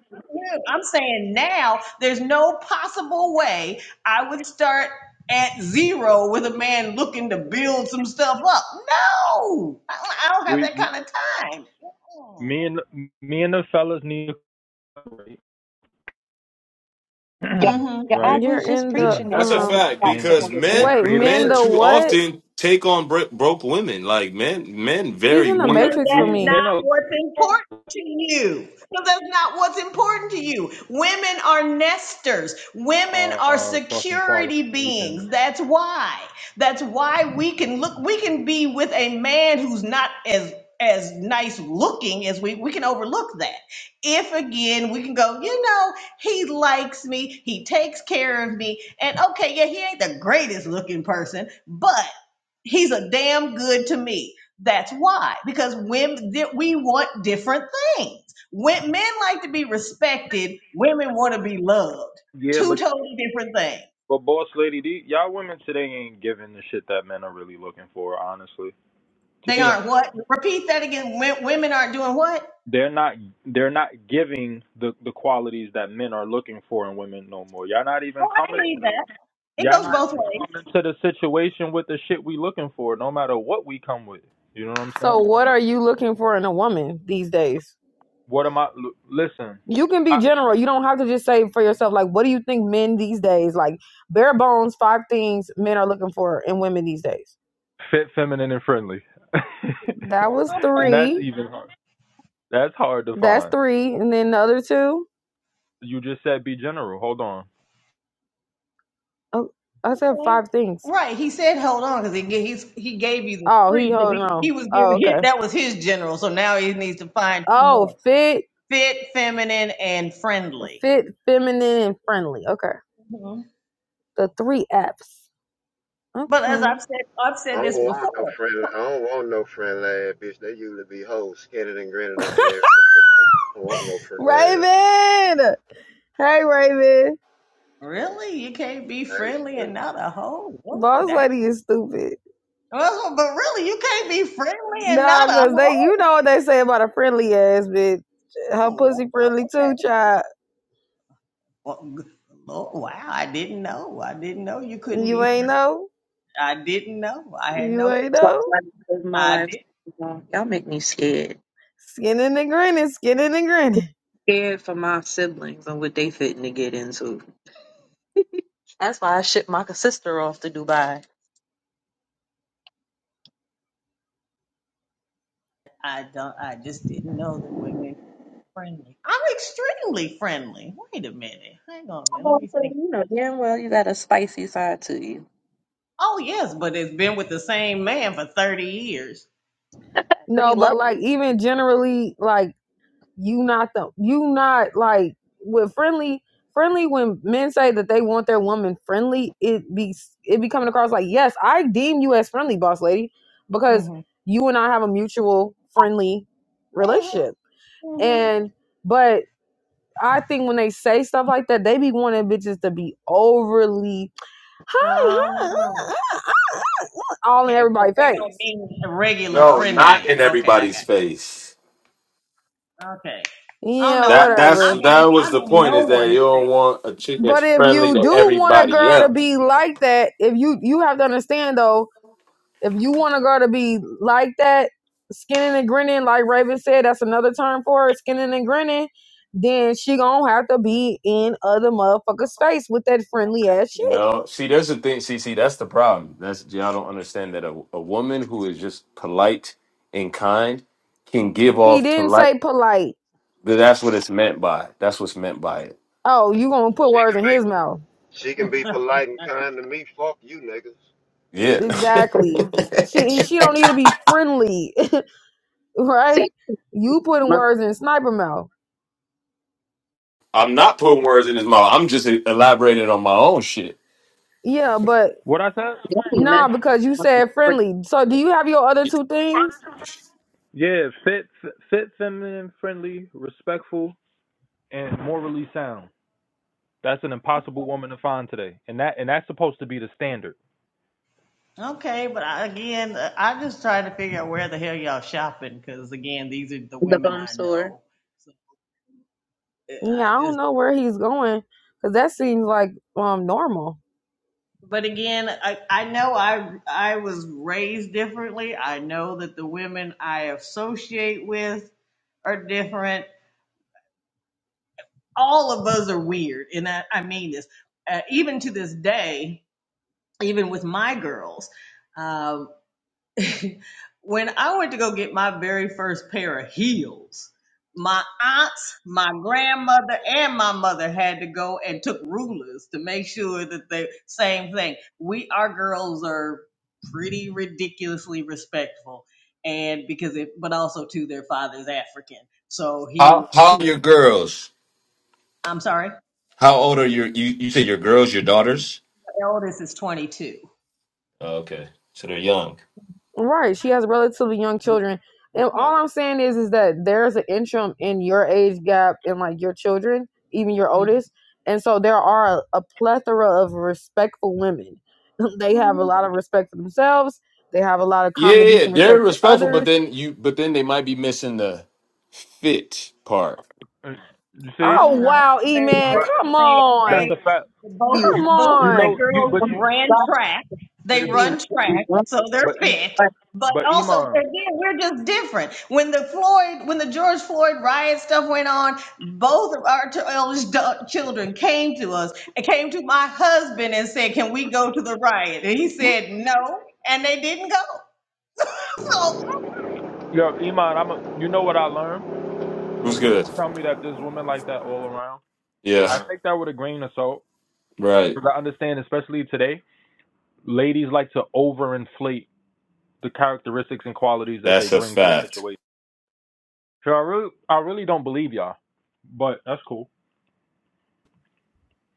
O: I'm saying now there's no possible way I would start at zero with a man looking to build some stuff up. No, I, don't I don't have
P: We
O: that kind of time.
P: me
O: Mm-hmm.
P: and me and the fellas need to collaborate,
G: yeah,
O: Mm-hmm.
G: yeah, I
P: right?
U: You're
G: was just
U: in the
G: preaching
P: and,
G: that
T: That's a
G: when we
U: um.
T: fact
G: stopped
P: and
T: because
G: taking
P: and
G: it
T: men,
U: Wait,
G: down.
P: create a
U: men
T: men
U: the
P: list.
T: too
U: what?
T: often take on bro- broke women. Like men, men
U: He's
T: very
U: in the
T: much.
P: We
O: Because
U: matrix for
P: we
O: that's not
U: me.
P: men are
O: what's important to you. Because that's not what's important to you. Women are nesters. Women
P: our
O: are
P: our fucking
O: security
P: qualifications.
O: beings. That's why. That's why we can look, we can be with a man who's not as as nice looking as we we can overlook that. If again we can go, you know, he likes me, he takes care of me, and okay, yeah, he ain't the greatest looking person, but he's a damn good to me that's why, because women we want different things. When men like to be respected, women want to be loved.
P: Yeah,
O: Two
P: but
O: totally different things.
P: but boss lady, the, y'all women today ain't giving the shit that men are really looking for. Honestly, to
O: They
P: be honest,
O: aren't what? Repeat that again. Wo- Women aren't doing what?
P: they're not they're not giving the the qualities that men are looking for in women no more. Y'all not
O: Oh,
P: even
O: I
P: coming.
O: believe that. It
P: Y'all
O: goes
P: not
O: both ways.
P: coming to the situation with the shit we looking for, no matter what we come with. You know what I'm saying?
U: So, what are you looking for in a woman these days?
P: What am I? l- Listen,
U: You can be
P: I,
U: general. You don't have to just say for yourself, like, what do you think men these days, like, bare bones, five things men are looking for in women these days?
P: fit, feminine, and friendly,
U: That was
P: and
O: Okay,
P: that's
U: three.
P: even hard. That's hard to
U: That's
P: find.
U: three. And then the other two.
P: You just said be general. Hold on.
U: Oh, I said
O: okay.
U: five things.
O: Right. He said, "Hold on," because he ga- he's, he gave you the
U: Oh, he
O: three because
U: holding
O: he, he
U: on.
O: was
U: Oh,
O: giving his,
U: okay.
O: that was his general. So now he needs to find two
U: Oh,
O: more:
U: fit,
O: fit, feminine, and friendly.
U: fit, feminine, and friendly. Okay.
O: Mhm.
U: The three F's.
O: But as
U: Okay.
O: I've said, I've said
W: I don't
O: this
W: want no
O: before.
W: friend. I don't want no friend lad, bitch. They usually be hoes, skinning and grinning up in there. I don't want no friend lad.
U: Raven! Hey, Raven.
O: Really? You can't be
W: Hey,
O: friendly and
W: shit.
O: not a hoe? Really?
U: Boss
O: Dang.
U: lady is stupid.
O: Well, but really, you can't be friendly and not
U: No,
O: a
U: cause they, you
O: hoe?
U: know what they say about a friendly ass bitch. Her
O: Oh,
U: pussy
O: wow.
U: friendly
O: okay.
U: too, child.
O: Well, g- Lord, wow, I didn't know. I didn't know you couldn't
U: You
O: be
U: ain't
O: friendly.
U: know.
O: I didn't know. I had
U: You
O: no clue.
U: ain't
G: So
U: know.
G: like, it's my
O: I
G: life
O: did.
G: you know, y'all make me scared.
U: Skinning and grinning, skinning and grinning.
G: Scared for my siblings and what they fitting to get into. That's why I shipped my sister off to Dubai.
O: I don't. I just didn't know that women could friendly. I'm extremely friendly. Wait a minute. Hang on. a minute.
G: Oh,
O: Let me
G: so
O: think.
G: you know damn well you got a spicy side to you.
O: Oh yes, but it's been with the same man for thirty years.
G: Cause he
U: No, but
G: loves
U: like even generally, like you not the you not like with friendly friendly when men say that they want their woman friendly, it be it be coming across like yes, I deem you as friendly, boss lady, because
O: Mm-hmm.
U: you and I have a mutual friendly
O: Mm-hmm.
U: relationship
O: Mm-hmm.
U: and. But I think when they say stuff like that, they be wanting bitches to be overly hi, hi,
O: Um,
U: uh, uh," all in
O: Okay, so
U: everybody's
O: they don't
U: face.
O: mean regular
T: No, not
O: friendly.
T: in
O: Okay, I
T: everybody's
O: got. It.
T: face.
O: Okay. Oh
U: Yeah,
O: no, I'm
T: That
O: not.
T: that's
O: I'm
U: whatever.
T: that
O: in.
T: was
O: I'm
T: the
O: in
T: point
O: no
T: is that
O: one's
T: you don't
O: space.
T: want a chick that's
U: But if
T: friendly
U: you
T: to
U: do want a
T: everybody
U: girl to
T: else.
U: be like that, if you you have to understand though, if you want a girl to be like that, skinning and grinning, like Raven said, that's another term for it, skinning and grinning. Then she gonna have to be in other motherfuckers' face with that friendly ass shit.
T: No, see, there's the thing. See, see, that's the problem. That's y'all don't understand that a, a woman who is just polite and kind can give
U: He
T: off
U: didn't
T: polite.
U: say polite.
T: that- That's what it's meant by. That's what's meant by it.
U: Oh, you gonna put
W: she
U: words
W: can
U: in
W: be,
U: his mouth.
W: she can be polite and kind to me. Fuck you, niggas.
T: Yeah,
U: Exactly. She she don't need to be friendly, right?
G: see
U: You putting
G: my
U: words in sniper mouth.
T: I'm not putting words in his mouth. I'm just elaborating on my own shit.
U: Yeah, but
P: What I said?
G: daddy mess
U: nah, because you
G: my-
U: said friendly. So do you have your other two things?
P: Yeah, fit, f- fit, feminine, friendly, respectful, and morally sound. That's an impossible
O: Okay.
P: woman to find today, and that and that's supposed to be the standard.
O: Okay, but I, again, uh, I just trying to figure out where the hell y'all shopping because again, these are the
G: the
O: women
G: bum
O: I
G: sore.
O: know. So uh,
U: Yeah, I
O: I
U: don't
O: just.
U: know where he's going because that seems like um normal.
O: But again, I, I know I I was raised differently. I know that the women I associate with are different. All of us are weird, and I, I mean this. Uh, even to this day, even with my girls. Um, when I went to go get my very first pair of heels, my aunts, my grandmother, and my mother had to go and took rulers to make sure that they same thing. We our girls are pretty ridiculously respectful, and because it, but also too, their father's African, so he.
T: How how are
O: he
T: your girls?
O: I'm sorry,
T: How old are your you? You say your girls, your daughters?
O: the eldest is 22.
T: Oh, Okay, so they're young.
U: Right. She has relatively young children. And
O: Yeah.
U: all I'm saying is is that there's an interim in your age gap and like your children, even your
O: Mhm.
U: oldest. And so there are a, a plethora of respectful women. they have a lot of respect for themselves. They have a lot of
T: Yeah,
U: common
T: yeah, yeah.
U: decent
T: they're
U: respect for
T: respectful, but
U: others.
T: then you, but then they might be missing the fit part.
P: Uh, You see?
U: Oh
O: Mhm. I-
U: wow, E
O: They're,
U: man,
P: But
U: come
O: they're- they
P: that's
U: on.
P: a fact.
G: Be
O: Both
U: Come
O: both
P: You
O: of my
P: know,
U: on.
P: you
O: girls
P: but you
O: ran
G: to
O: track. They
G: be
O: run
G: in a
O: track, so they're
P: but you
O: fit. But
P: but
O: also,
P: Iman,
O: again, we're just different. When the Floyd, when the George Floyd riot stuff went on, both of our two eldest da- children came to us and came to my husband and said, "Can we go to the riot?" And he said, "No," and they didn't go. so
P: yo Iman, I'm a, you know what I learned
T: Who's
P: when women
T: good?
P: tell me that there's women like that all around.
T: Yeah,
P: I take that with a grain of salt
T: right.
P: because I understand, especially today, ladies like to overinflate the characteristics and qualities that they
T: That's a
P: bring to a
T: fact.
P: situation. So I really, I really don't believe y'all, but that's cool.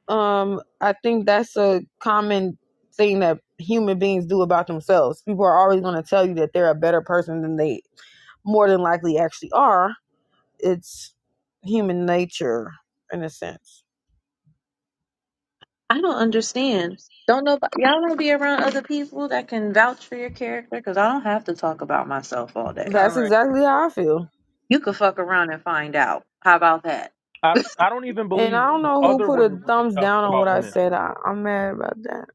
U: Um, I think that's a common thing that human beings do about themselves. People are always gonna tell you that they're a better person than they more than likely actually are. It's human nature in a sense.
G: I don't understand. Don't know y'all want to be around other people that can vouch for your character because I don't have to talk about myself all day.
U: That's
O: correct.
U: exactly how I feel.
G: You could fuck around and find out. How about that?
P: I, I don't even
U: And
P: believe
U: I don't know who
P: other
U: put a
P: women when they
U: thumbs
P: tell us
U: down on what
P: about
U: I
P: women.
U: said. I, I'm mad about that.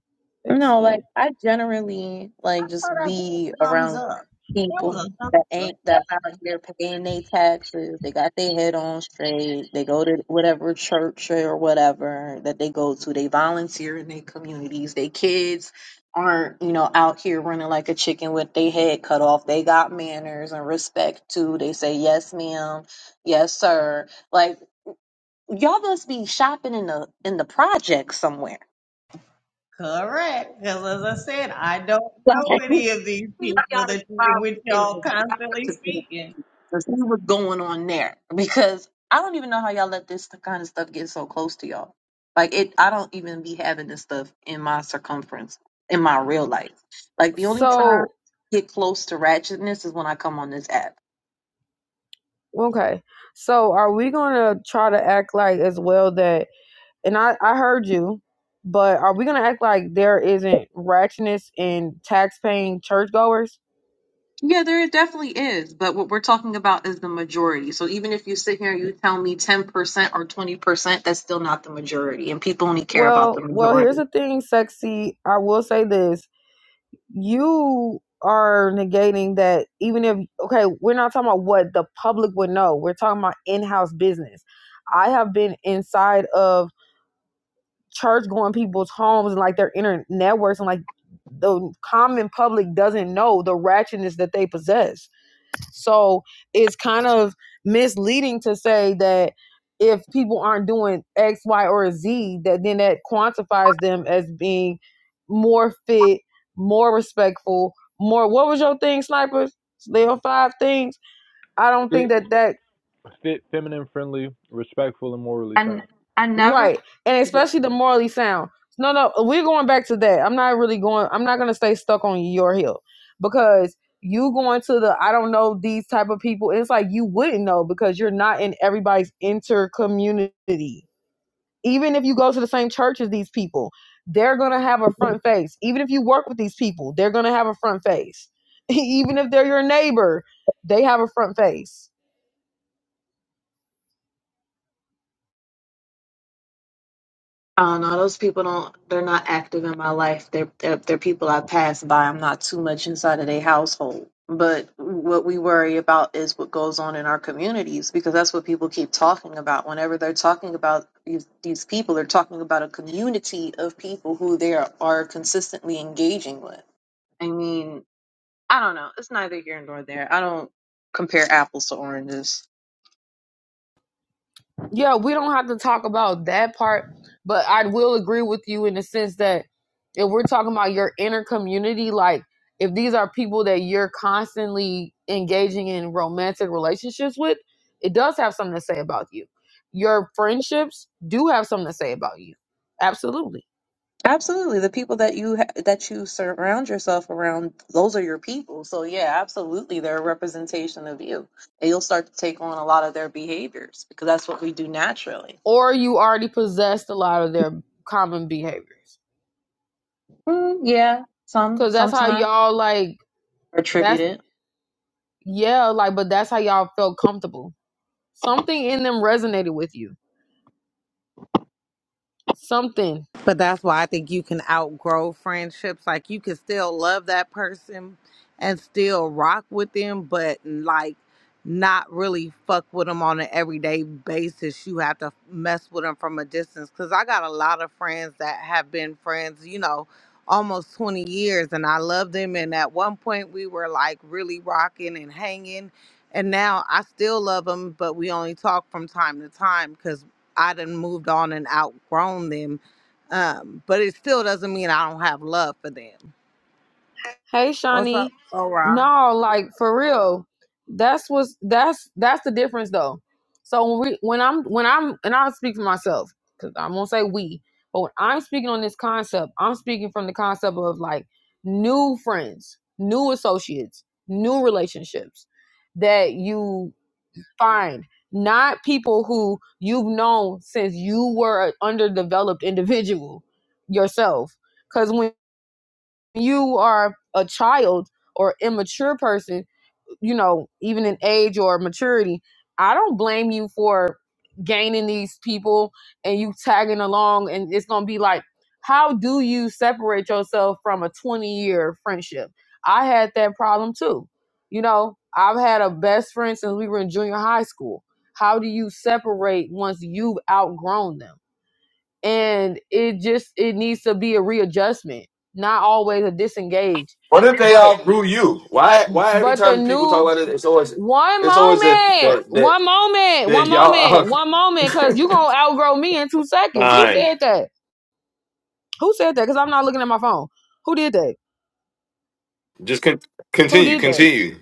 U: That's
G: No, like
U: it.
G: I generally like just
O: Oh, that
G: be
O: thumbs
G: around
O: up. That was
G: people
O: a thumbs
G: that
O: up.
G: ain't that out here paying their taxes. They got their head on straight. They go to whatever church or whatever that they go to. They volunteer in their communities. Their kids aren't, you know, out here running like a chicken with their head cut off. They got manners and respect too. They say yes, ma'am, yes, sir. Like y'all must be shopping in the in the project somewhere.
O: Correct. Because as I said, I don't know any of these
G: me
O: people
G: Tiana
O: that you,
G: smiled
O: with
G: and
O: y'all
G: just grabbed
O: constantly
G: to the
O: speaking.
G: to see what's going on there because I don't even know how y'all let this kind of stuff get so close to y'all. Like it, I don't even be having this stuff in my circumference in my real life. Like the only time
U: So
G: I get close to ratchetness is when I come on this app.
U: okay. So are we gonna try to act like as well that and I, I heard you, but are we gonna act like there isn't ratchetness in tax paying churchgoers?
G: Yeah, there definitely is, but what we're talking about is the majority. So even if you sit here and you tell me 10% or 20%, that's still not the majority, and people only care about
U: Well
G: the
U: well here's
G: majority.
U: the thing, sexy. I will say this. you are negating that even if okay we're not talking about what the public would know we're talking about in-house business i have been inside of church going people's homes and like their inner networks and like the common public doesn't know the ratchetness that they possess so it's kind of misleading to say that if people aren't doing X, Y, or Z, that then that quantifies them as being more fit, more respectful, more. What was your thing, snipers? There are five things. I don't
P: Fit,
U: think that that
P: fit, feminine, friendly, respectful, and morally sound.
G: And I never
U: Right. And especially the morally sound. No, no, we're going back to that. I'm not really going I'm not gonna stay stuck on your hill because you going to the I don't know these type of people, it's like you wouldn't know because you're not in everybody's inter community. Even if you go to the same church as these people, they're gonna have a front face. Even if you work with these people, they're gonna have a front face. Even if they're your neighbor, they have a front face
G: I don't know. Those people don't. They're not active in my life. They're they're, they're people I pass by. I'm not too much inside of their household. But what we worry about is what goes on in our communities because that's what people keep talking about. Whenever they're talking about these, these people, they're talking about a community of people who they are, are consistently engaging with. I mean, I don't know. It's neither here nor there. I don't compare apples to oranges.
U: yeah, we don't have to talk about that part, but I will agree with you in the sense that if we're talking about your inner community, like if these are people that you're constantly engaging in romantic relationships with, it does have something to say about you. Your friendships do have something to say about you. Absolutely.
G: Absolutely. The people that you ha- that you surround yourself around, those are your people. So yeah, absolutely, they're a representation of you, and you'll start to take on a lot of their behaviors because that's what we do naturally.
U: Or you already possessed a lot of their common behaviors.
G: Mm, yeah, some
U: Cause that's how
G: sometimes
U: y'all like that's
G: attributed.
U: yeah, like but that's how y'all felt comfortable. Something in them resonated with you something.
X: But that's why I think you can outgrow friendships. Like you can still love that person and still rock with them, but like not really fuck with them on an everyday basis. You have to mess with them from a distance. Cause I got a lot of friends that have been friends, you know, almost 20 years and I love them. And at one point we were like really rocking and hanging. And now I still love them, but we only talk from time to time because I done moved on and outgrown them um, but it still doesn't mean I don't have love for them.
U: Hey,
X: What's up,
U: Shawnee.
X: Laura?
U: No, like for real. That's what's that's that's the difference though. So when we when I'm when I'm and I'll speak for myself because I won't say we, but when I'm speaking on this concept, I'm speaking from the concept of like new friends, new associates, new relationships that you find, not people who you've known since you were an underdeveloped individual yourself. Because when you are a child or immature person, you know, even in age or maturity, I don't blame you for gaining these people and you tagging along and it's going to be like how do you separate yourself from a 20 year friendship? I had that problem too. You know, I've had a best friend since we were in junior high school. How do you separate once you've outgrown them? and it just it needs to be a readjustment not always a disengage
T: What if they
U: but
T: outgrew you? Why? Why every
U: but the
T: time people talk
U: new
T: about it, it's always,
U: one
T: it's always that
U: moment
T: that that,
U: one moment
T: that
U: one
T: y'all
U: moment
T: out.
U: one moment because you gonna outgrow me in two seconds who
T: Fine.
U: said that who said that because i'm not looking at my phone who did that
T: Just con-
U: who
T: continue.
U: did that
T: Continue.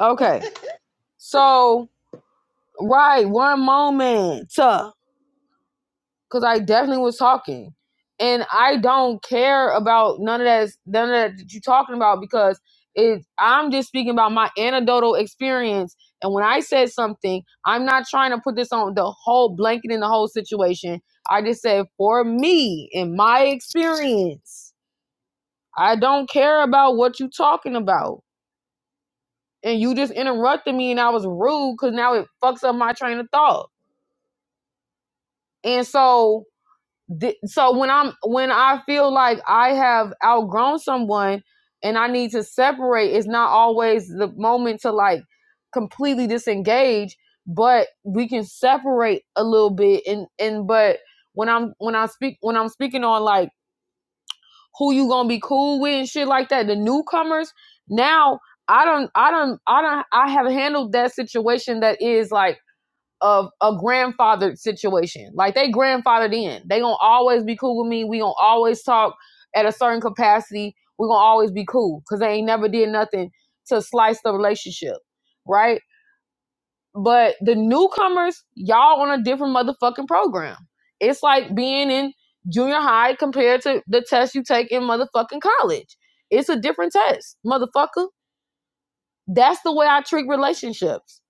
U: okay so right one moment because I definitely was talking, and I don't care about none of that. None of that you're talking about because it. I'm just speaking about my anecdotal experience, and when I said something, I'm not trying to put this on the whole blanket in the whole situation. I just said for me in my experience, I don't care about what you're talking about. And you just interrupted me, and I was rude because now it fucks up my train of thought. And so Th- so when I'm when I feel like I have outgrown someone and I need to separate, it's not always the moment to like completely disengage, but we can separate a little bit and and but when I'm when I speak when I'm speaking on like who you gonna be cool with and shit like that, the newcomers, now I don't I don't I don't I have handled that situation that is like of a grandfathered situation. Like they grandfathered in. They gonna always be cool with me. We gonna always talk at a certain capacity. We gonna always be cool because they ain't never did nothing to slice the relationship, right? But the newcomers, y'all on a different motherfucking program. It's like being in junior high compared to the test you take in motherfucking college. It's a different test, motherfucker. That's the way I treat relationships.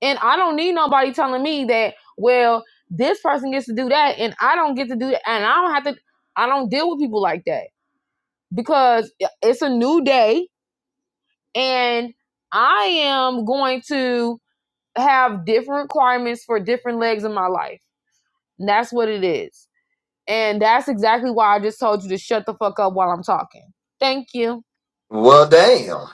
U: And I don't need nobody telling me that, well, this person gets to do that and I don't get to do that. And I don't have to, I don't deal with people like that because it's a new day and I am going to have different requirements for different legs in my life. And that's what it is. And that's exactly why I just told you to shut the fuck up while I'm talking. Thank you.
T: Well, damn.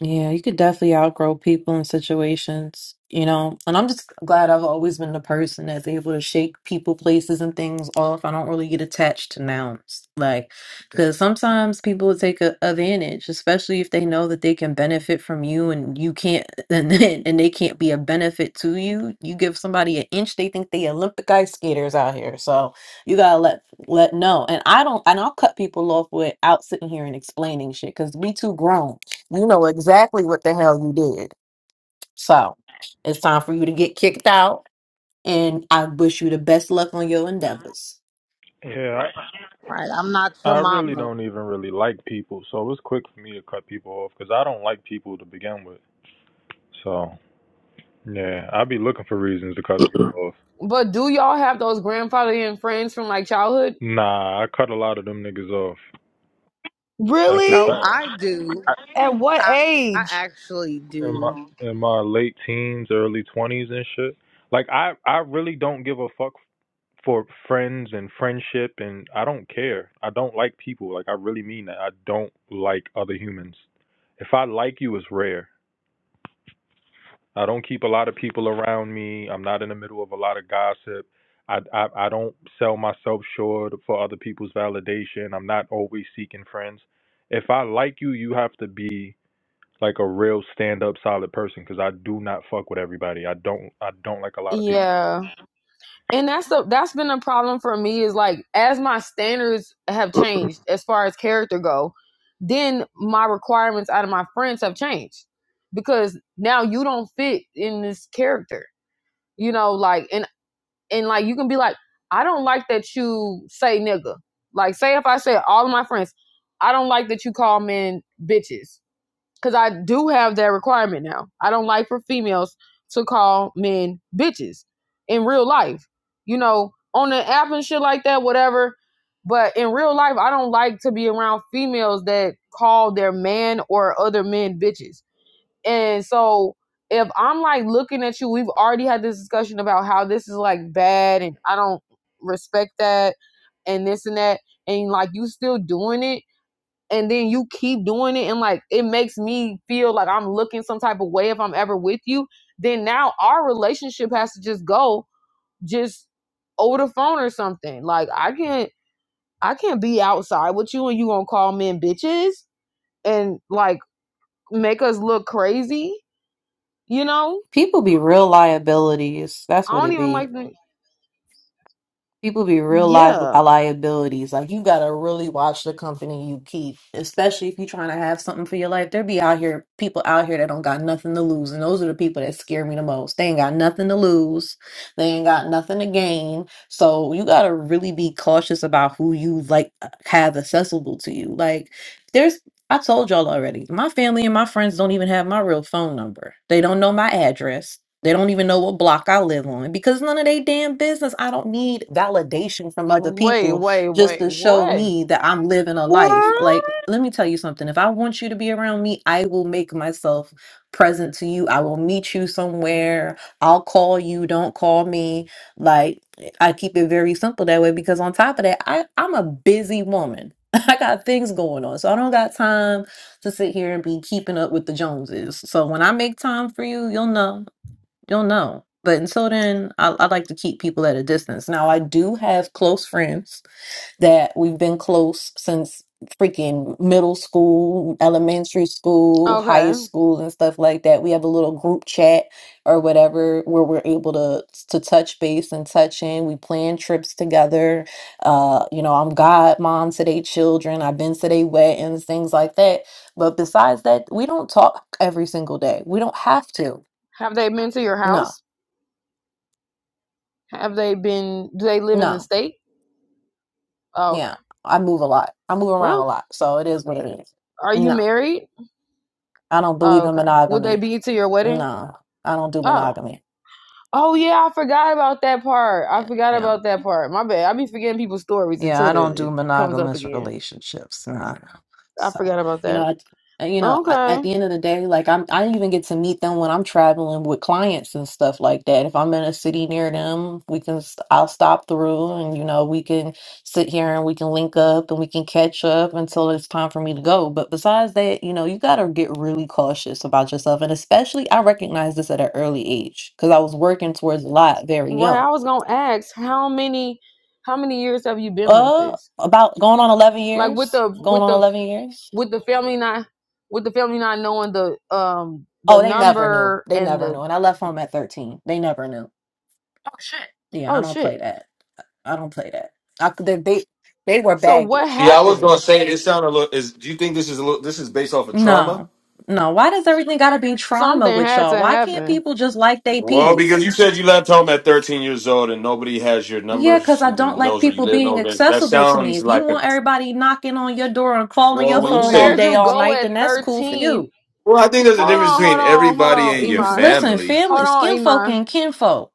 A: Yeah, you could definitely outgrow people and situations, you know. And I'm just glad I've always been the person that's able to shake people, places, and things off. I don't really get attached to nouns, like, because sometimes people will take a advantage, especially if they know that they can benefit from you and you can't, and then, and they can't be a benefit to you. You give somebody an inch, they think they Olympic ice skaters out here. So you gotta let let know. And I don't, and I'll cut people off without sitting here and explaining shit because we too grown. You know exactly what the hell you did. So it's time for you to get kicked out, and I wish you the best luck on your endeavors.
P: Yeah,
X: Right, I'm not
P: I,
X: your
P: I really
X: mama.
P: don't even really like people, so it was quick for me to cut people off because I don't like people to begin with. So yeah, I'd be looking for reasons to cut people off.
U: But do y'all have those grandfather and friends from like childhood?
P: Nah, I cut a lot of them niggas off. That's a
U: Really?
X: So
P: fact.
X: I do.
U: At what
X: I, I
U: age?
X: actually
P: In
X: do
P: my in my late teens, early twenties and shit. Like I I really don't give a fuck for friends and friendship and I don't care. I don't like people. Like I really mean that. I don't like other humans. If I like you, it's rare. I don't keep a lot of people around me. I'm not in the middle of a lot of gossip. I, I I don't sell myself short for other people's validation. I'm not always seeking friends. If I like you, you have to be like a real stand up solid person because I do not fuck with everybody. I don't I don't like a lot of people.
U: Yeah. and that's the that's been a problem for me is like as my standards have changed as far as character go then my requirements out of my friends have changed because now you don't fit in this character you know like and and like you can be like i don't like that you say nigga like say if i say all of my friends i don't like that you call men bitches because I do have that requirement now. I don't like for females to call men bitches in real life, you know, on the app and shit like that, whatever. But in real life, I don't like to be around females that call their man or other men bitches. And so if I'm like looking at you, we've already had this discussion about how this is like bad and I don't respect that and this and that. And like you still doing it, and then you keep doing it and like it makes me feel like I'm looking some type of way if I'm ever with you, then now our relationship has to just go just over the phone or something. Like I can't I can't be outside with you and you gonna call men bitches and like make us look crazy, you know?
A: People be real liabilities. That's
U: I
A: what
U: don't
A: it
U: even
A: be.
U: like the-
A: people be real life
U: yeah.
A: liabilities. Like you gotta really watch the company you keep, especially if you're trying to have something for your life. There be out here people out here that don't got nothing to lose, and those are the people that scare me the most. They ain't got nothing to lose, they ain't got nothing to gain. So you gotta really be cautious about who you like uh, have accessible to you. Like there's. I told y'all already, my family and my friends don't even have my real phone number. They don't know my address they don't even know what block I live on because none of they damn business. I don't need validation from other
U: Wait,
A: people
U: wait,
A: just
U: wait,
A: to show
U: wait.
A: me that I'm living a life.
Y: What?
A: Like, let me tell you something. If I want you to be around me, I will make myself present to you. I will meet you somewhere. I'll call you. Don't call me. Like, I keep it very simple that way because on top of that, I, I'm a busy woman. I got things going on. So I don't got time to sit here and be keeping up with the Joneses. So when I make time for you, you'll know don't know. But until then, I, I like to keep people at a distance. Now, I do have close friends that we've been close since freaking middle school, elementary school, high
U: Okay.
A: school, and stuff like that. We have a little group chat or whatever where we're able to to touch base and touch in. We plan trips together. Uh, you know, I'm godmom to their children. I've been to their weddings, things like that. But besides that, we don't talk every single day. We don't have to.
U: Have they been to your
A: No,
U: house? Have they been do they live in the
A: no.
U: state? Oh,
A: Yeah,
U: Okay.
A: I move a lot. I move around a
U: Well,
A: lot, so it is what it is.
U: are you
A: No,
U: married?
A: I don't believe
U: Oh,
A: in
U: okay. Would they
A: monogamy.
U: be to your wedding?
A: No, I don't do
U: Oh.
A: monogamy.
U: Oh yeah, I forgot about that part. I
A: Yeah,
U: forgot
A: yeah.
U: about that part. My bad. I be forgetting people's stories
A: Yeah,
U: until
A: I don't
U: the,
A: do
U: it comes up
A: monogamous
U: again.
A: relationships. Nah. no.
U: I
A: So,
U: forgot about
A: you know,
U: that.
A: I, and, you know, I, at
U: Okay.
A: the end of the day, like I'm, I even get to meet them when I'm traveling with clients and stuff like that. If I'm in a city near them, we can, s- I'll stop through and, you know, we can sit here and we can link up and we can catch up until it's time for me to go. But besides that, you know, you got to get really cautious about yourself. And especially, I recognize this at an early age because I was working towards a lot very
U: Right.
A: young.
U: I was gonna ask how many how many years have you been like
A: Uh,
U: this?
A: about going on 11
U: Like with
A: years.
U: the
A: Going
U: with
A: on
U: the
A: 11 years.
U: with the family not with the family not knowing the um the
A: Oh, they never knew.
U: number
A: They
U: and
A: never
U: the
A: knew. And I left home at 13. They never knew. Oh, shit. Yeah, I
U: oh
A: don't
U: shit.
A: play that. I don't play that. I, could- they, they, they were
U: So what
A: baggage.
T: See, I was
U: happened?
T: gonna say it sounded a little. Is do you think this is a little? This is based off of trauma.
A: No. No. Why does everything got to be trauma
U: Something
A: with
U: had
A: y'all?
U: to
A: Why can't
U: happen.
A: people just like they
T: Well, because
A: peace?
T: you said you left home at 13 years old and nobody has your
A: Yeah, because
T: numbers
A: I don't
T: and
A: like
T: knows where you
A: people
T: live.
A: being
T: No, that that
A: accessible to me.
T: sounds
A: If you
T: like a.
A: want everybody knocking on your door and calling
T: Well,
A: your
T: when you
U: But
A: phone all
U: where'd
T: say,
A: day,
U: you
A: all
U: go
A: night, then
U: at
A: that's cool for
U: thirteen
A: you.
T: well, I think there's a
U: Hold
T: difference
U: on, hold
T: between
U: on, hold
T: everybody
U: on,
T: and your
U: Iman.
A: Listen,
T: family.
A: family,
U: Hold on,
A: skin folk
U: Iman.
A: and kinfolk.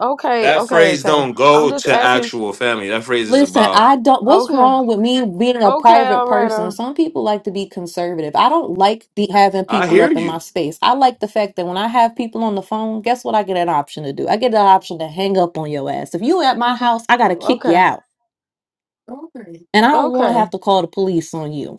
U: Okay,
T: That
U: okay,
T: phrase
U: okay.
T: don't
U: I'm
T: go
U: just
T: to
U: asking.
T: actual family. That phrase is
A: Listen,
T: about,
A: I don't. What's
U: Okay,
A: wrong with me being a
U: okay,
A: private
U: all right.
A: person?
U: Uh,
A: Some people like to be conservative. I don't like be having
T: I
A: people
U: uh,
T: hear
A: up in my
T: you.
A: space. I like the fact that when I have people on the phone, guess what? I get an option to do. I get an option to hang up on your ass. If you at my house, I gotta kick you
U: okay,
A: out, Okay. and I don't want to have
U: okay.
A: to call the police on you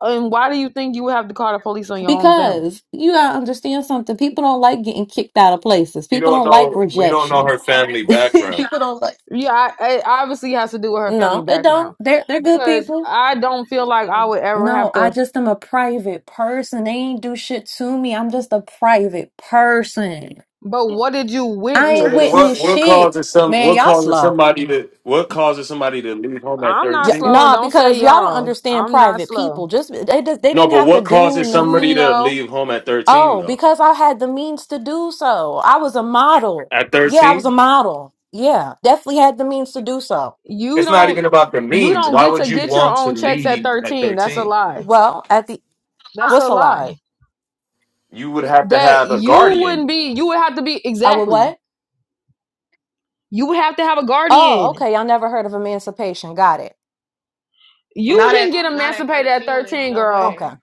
U: And why do you think you would have to call the police on your own family?
A: because you gotta understand something. People don't like getting kicked out of places.
T: We
A: People
T: don't
A: don't like
T: know. We don't know her
A: rejection.
T: family background.
A: people don't like.
U: Yeah, I, it obviously has to do with her family
A: No, it don't.
U: background
A: They're they're good
U: because
A: people.
U: I don't feel like I would ever
A: No,
U: have
A: I
U: to.
A: just am a private person. They ain't do shit to me. I'm just a private person.
U: But what did you
A: I
T: So
A: ain't
T: then
U: witness?
T: what?
A: witness
T: What
A: shit.
T: causes some?
A: Man,
T: What
A: y'all
T: causes
A: slow.
T: somebody to? What causes somebody to leave home at
U: I'm
A: Y-
U: not slow,
T: thirteen?
U: and
A: nah,
U: don't
A: because
U: say
A: y'all don't
U: y'all.
A: understand
U: I'm not
A: private
U: slow.
A: people. Just they just they
T: No,
A: didn't
T: but
A: have to
T: what
A: do
T: causes somebody
A: nothing.
T: to
U: No,
T: leave home at thirteen
A: Oh,
T: though?
A: because I had the means to do so. I was a model.
T: At
A: Yeah, I was
T: thirteen?
A: a model. Yeah, definitely had the means to do so.
U: You
T: It's not
U: don't
T: even about the
U: you
T: means.
U: don't
T: Why
U: get
T: would
U: to
T: you
U: get your
T: want to
U: own checks at
T: leave at
U: 13. That's a
T: 13?
U: lie.
A: Well, at the
U: That's a
A: what's a lie?
U: lie.
T: You would have to
U: That
T: have a
U: you wouldn't
T: guardian.
U: be you would have to be
A: I would
U: exactly.
A: what?
U: You would have to have a
A: Oh,
U: guardian.
A: okay. Y'all never heard of emancipation. Got it.
U: You
I: Not at
U: didn't get
I: not at
U: emancipated at
I: thirteen.
U: 13,
I: No
U: girl.
A: Okay.
I: way.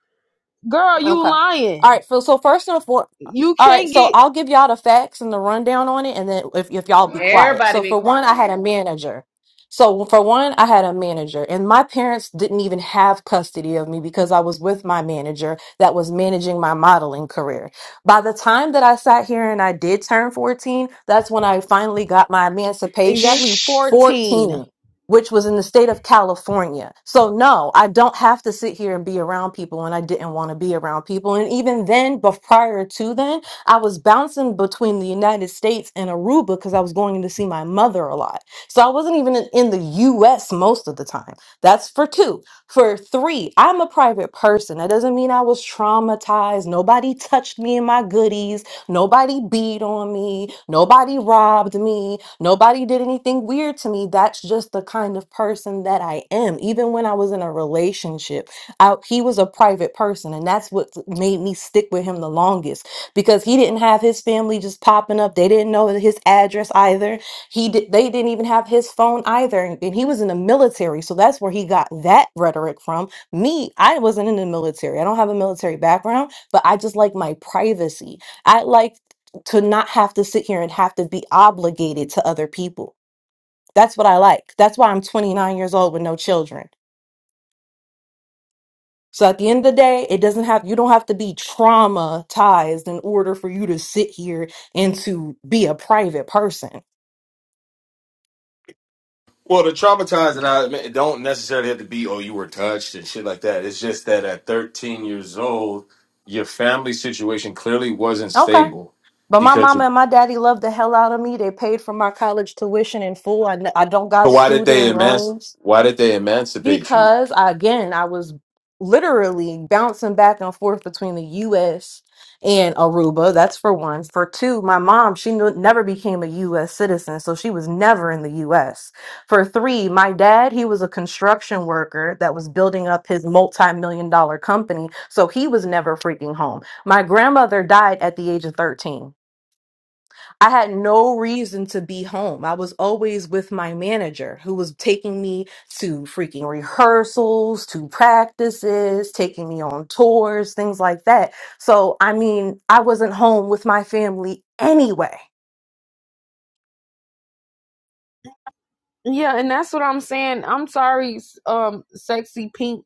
U: Girl, you
A: Okay. All
U: lying.
A: right. So, so first and foremost,
U: You
A: all right.
U: can't
A: So
U: get
A: I'll give y'all the facts and the rundown on it, and then if, if y'all be quiet.
I: Everybody
A: So
I: be
A: for one, I
I: quiet.
A: had a manager. So for one, I had a manager, and my parents didn't even have custody of me because I was with my manager that was managing my modeling career. By the time that I sat here and I did turn 14, that's when I finally got my emancipation.
U: exactly
I: Shh.
A: 14
U: 14.
A: which was in the state of California. So no, I don't have to sit here and be around people when I didn't want to be around people. And even then, but prior to then, I was bouncing between the United States and Aruba because I was going to see my mother a lot. So I wasn't even in in the US most of the time. That's for two. For three, I'm a private person. That doesn't mean I was traumatized. Nobody touched me in my goodies. Nobody beat on me. Nobody robbed me. Nobody did anything weird to me. That's just the kind of person that I am. Even when I was in a relationship, I, he was a private person. And that's what made me stick with him the longest because he didn't have his family just popping up. They didn't know his address either. He did, they didn't even have his phone either. And, and he was in the military. So that's where he got that rhetoric from. Me, I wasn't in the military. I don't have a military background, but I just like my privacy. I like to not have to sit here and have to be obligated to other people. That's what I like. That's why I'm 29 years old with no children. So at the end of the day, it doesn't have you don't have to be traumatized in order for you to sit here and to be a private person.
T: Well, the traumatized and I admit, it don't necessarily have to be, oh, you were touched and shit like that. It's just that at 13 years old, your family situation clearly wasn't
A: Okay.
T: stable
A: But my
T: because
A: mama
T: you,
A: and my daddy loved the hell out of me. They paid for my college tuition in full. I, n- I don't
T: so
A: got
T: why did
A: student
T: they emanc
A: loans.
T: why did they emancipate you?
A: because I, again, I was literally bouncing back and forth between the US and Aruba. That's for one. For two, my mom, she knew, never became a US citizen, so she was never in the US. For three, my dad, he was a construction worker that was building up his multi million dollar company, so he was never freaking home. My grandmother died at the age of 13. I had no reason to be home. I was always with my manager who was taking me to freaking rehearsals, to practices, taking me on tours, things like that. So, I mean, I wasn't home with my family anyway.
U: Yeah, and that's what I'm saying. I'm sorry, um, sexy pink.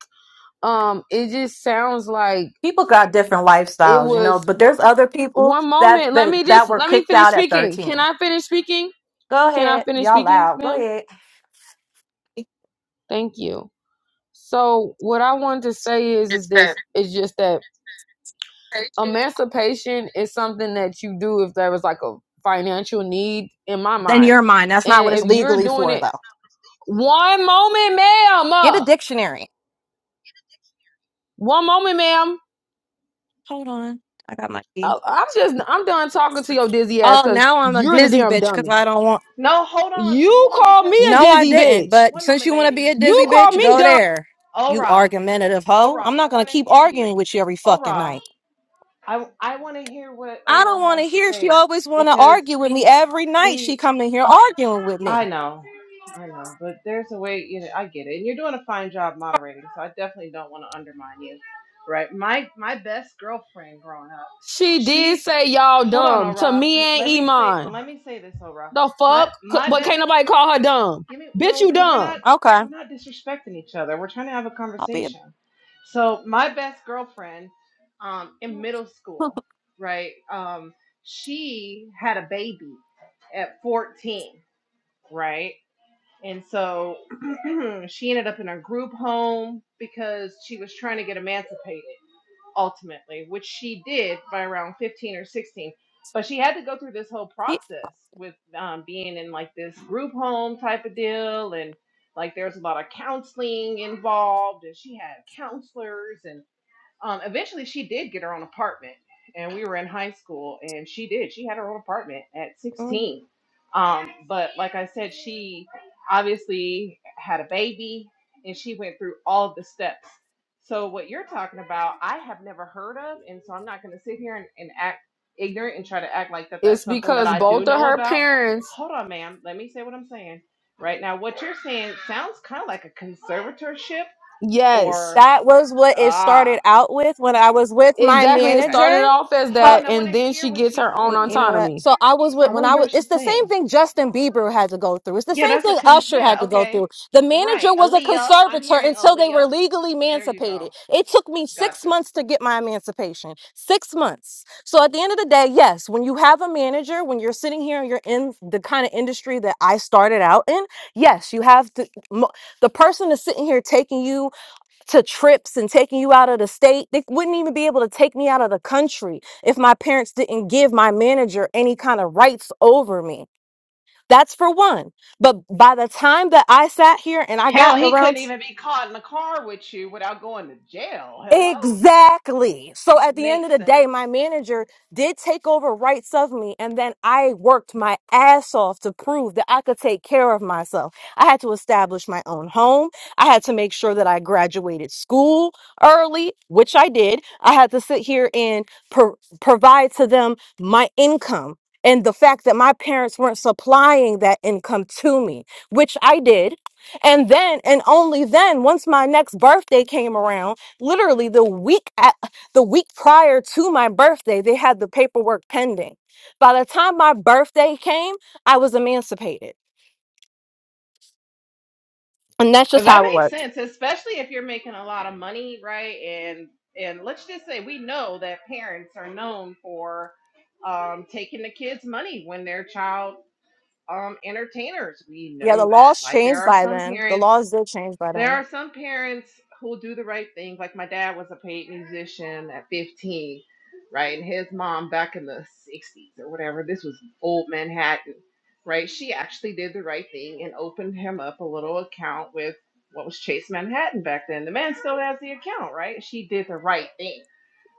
U: Um, it just sounds like
A: People got different
U: it
A: lifestyles, you know,
U: was
A: but there's other people
U: one
A: that
U: moment. Let
A: that,
U: me
A: that
U: just
A: were
U: let me
A: kicked
U: finish
A: out at
U: speaking. Can
A: 13.
U: I finish speaking?
A: Go
U: Can I
A: ahead.
U: finish
A: Y'all
U: speaking,
A: loud. Go
U: ma'am?
A: ahead.
U: Thank you. So what I wanted to say is is
A: It's that.
U: this is just that
A: patience.
U: emancipation is something that you do if there was like a financial need in my
A: Then
U: mind.
A: you're mine. That's not what
U: And
A: it's
U: if you're
A: legally
U: doing
A: for
U: it
A: though.
U: one moment, ma'am.
A: Get a
U: uh,
A: dictionary.
U: One moment, ma'am.
A: Hold on. I got my key.
U: I- I'm just I'm done talking to your dizzy ass
A: Oh,
U: because
A: now I'm a
U: you're the
A: dizzy
U: damn
A: bitch because
U: dummy.
A: I don't want.
I: No, hold on,
U: You
I: hold on,
U: call
I: because
U: me a
A: No, I
U: dizzy
A: didn't.
U: bitch.
A: But
I: one
A: since
I: moment,
A: you want to be a
I: ladies,
A: dizzy
U: You call
A: bitch,
U: me
I: ladies.
A: go
U: dumb.
A: there. You
I: Ora,
A: argumentative hoe.
I: Ora,
A: I'm not
I: I
A: gonna
I: want to
A: keep
I: hear you.
A: arguing with you every fucking
I: Ora,
A: night.
I: I I want to hear what
A: I don't
I: Ora
A: want
I: has
A: to
I: to
A: hear. She
I: say
A: always want to
I: because
A: argue with me every night. She
I: be.
A: come in here arguing with
I: I
A: me.
I: know. I know. But there's a way, you know, I get it. And you're doing a fine job moderating, so I definitely don't want to undermine you. Right? My my best girlfriend growing up,
U: She did
I: she
U: say y'all
I: hold on,
U: dumb to
I: Ora.
U: me
I: Let
U: and
I: me say
U: Iman.
I: let me say this, Ora.
U: The
I: My
U: fuck?
I: my
U: But
I: best
U: can't nobody call her dumb.
I: give me
U: Bitch,
I: no,
U: you
I: because we're not
U: dumb.
A: Okay,
I: we're not disrespecting each other. We're trying to have a
A: I'll be a.
I: conversation. So my best girlfriend, um, in middle school, right? Um, she had a baby at 14, right? And so she ended up in a group home because she was trying to get emancipated ultimately, which she did by around 15 or 16. But she had to go through this whole
A: yeah,
I: process with um, being in like this group home type of deal. And like there's a lot of counseling involved, and she had counselors. and. Um, eventually, she did get her own apartment, and we were in high school, and she did. She had her own apartment at
A: mm.
I: 16. Um, but like I said, she obviously had a baby, and she went through all of the steps. So what you're talking about, I have never heard of, and so I'm not going to sit here and, and act ignorant and try to act like that
U: It's
I: that's something that
U: because
I: I do
U: both of
I: know
U: her
I: about.
U: parents,
I: Hold on, ma'am. Let me say what I'm saying. Right now, what you're saying sounds kind of like a conservatorship
U: yes,
I: or
A: That was what it started
I: ah,
A: out with when I was with my
U: exactly. It
I: okay
A: manager.
U: started off as
I: Hold
U: that,
I: on, I want
U: and
I: to
U: then she
I: hear what
U: gets
I: she's
U: her own
A: Mm, You know
I: saying.
A: what?
U: autonomy.
A: So I was with
I: I
A: when
I: want to
A: I
I: hear
A: was.
I: what
A: It's
I: she's
A: the same
I: saying.
A: thing Justin Bieber had to go through. It's the
I: Yeah,
A: same
I: that's a
A: thing
I: con.
A: Usher had
I: Yeah,
A: to go
I: okay.
A: through. The manager
I: Right,
A: was a
I: Aaliyah. I'm
A: conservator
I: hearing
A: until they
I: Aaliyah.
A: were legally
I: There you
A: emancipated.
I: go.
A: It took me six
I: Gotcha.
A: months to get my emancipation. Six months. So at the end of the day, yes, when you have a manager, when you're sitting here and you're in the kind of industry that I started out in, yes, you have to. mo- The person is sitting here taking you to trips and taking you out of the state. They wouldn't even be able to take me out of the country if my parents didn't give my manager any kind of rights over me. That's for one. But by the time that I sat here and I got
I: Hell, he couldn't
A: around
I: even be caught in the car with you without going to jail. Hello?
A: Exactly. So at the end
I: Makes
A: of the day,
I: sense.
A: my manager did take over rights of me, and then I worked my ass off to prove that I could take care of myself. I had to establish my own home. I had to make sure that I graduated school early, which I did. I had to sit here and pro- provide to them my income. And the fact that my parents weren't supplying that income to me, which I did. And then, and only then, once my next birthday came around, literally the week at, the week prior to my birthday they had the paperwork pending by the time my birthday came i was emancipated and that's
I: Uh,
A: just
I: That
A: how it
I: makes
A: works
I: sense, especially if you're making a lot of money, right? And and let's just say we know that parents are known for um, taking the kids' money when their child um, entertainers. We
A: yeah
I: know
A: the
I: that.
A: laws
I: Like there
A: changed
I: are
A: by
I: some
A: then the
I: parents,
A: laws did change by
I: there
A: then
I: are some parents who do the right thing. Like my dad was a paid musician at 15, right? And his mom back in the 60s or whatever. This was old Manhattan, right? She actually did the right thing and opened him up a little account with what was Chase Manhattan back then. The man still has the account, right? She did the right thing.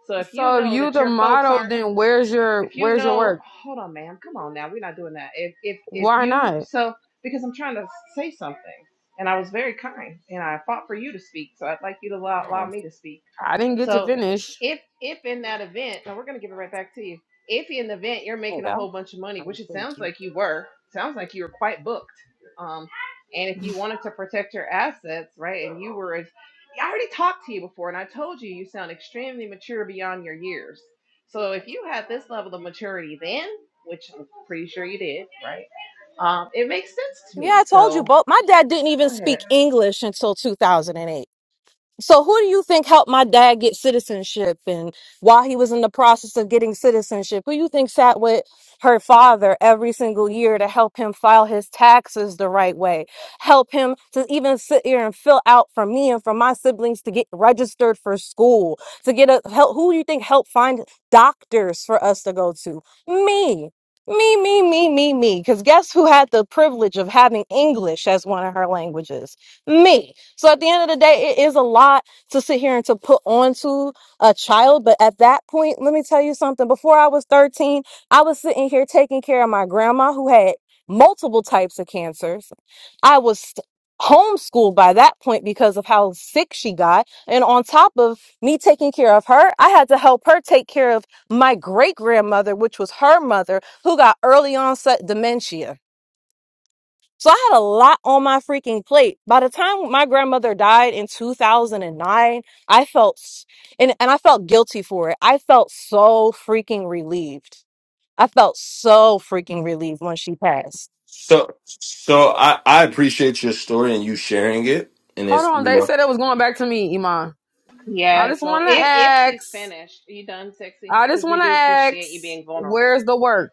I: So if you
U: So if
I: know
U: you
I: that
U: the
I: your folks aren't
U: model, then where's your
I: if you
U: where's your
I: know
U: work?
I: hold on ma'am come on now we're not doing that if if if
U: Why
I: you
U: not?
I: so because i'm trying to say something and i was very kind and i fought for you to speak so i'd like you to allow, allow
A: oh
I: me to speak
U: I didn't get to
I: so
U: finish.
I: if if in that event, now we're gonna give it right back to you. If in the event you're
A: there you
I: making a
A: go
I: whole bunch of money, which it sounds like you were, sounds like you were quite booked. Um, and if you wanted to protect your assets, right, and you were as I already talked to you before, and I told you you sound extremely mature beyond your years. So if you had this level of maturity then, which I'm pretty sure you did, right? Um, it makes sense to
A: yeah
I: me.
A: i told you
I: So
A: both my dad didn't even
I: go ahead.
A: speak english until 2008 So who do you think helped my dad get citizenship and while he was in the process of getting citizenship, who you think sat with her father every single year to help him file his taxes the right way, help him to even sit here and fill out for me and for my siblings to get registered for school, to get a help who do you think helped find doctors for us to go to? Me. Me, me, me, me, me. Because guess who had the privilege of having English as one of her languages? me. So at the end of the day, it is a lot to sit here and to put onto a child. But at that point, let me tell you something. Before I was 13, I was sitting here taking care of my grandma who had multiple types of cancers. I was homeschooled by that point because of how sick she got. And on top of me taking care of her, I had to help her take care of my great grandmother, which was her mother, who got early onset dementia. So I had a lot on my freaking plate. By the time my grandmother died in 2009, I felt s- and and I felt guilty for it. I felt so freaking relieved. I felt so freaking relieved when she passed.
T: So so I, I appreciate your story and you sharing it and
U: Hold
T: it's
U: on,
T: you
U: they
T: know
U: said it was going back to me, Iman. I
I: Yeah,
U: just
I: so
U: want to
I: if if she's
U: ask.
I: finished, you done, sexy?
U: I just
I: Because we
U: want to
I: do appreciate you
U: ask.
I: being vulnerable.
U: Where's the work?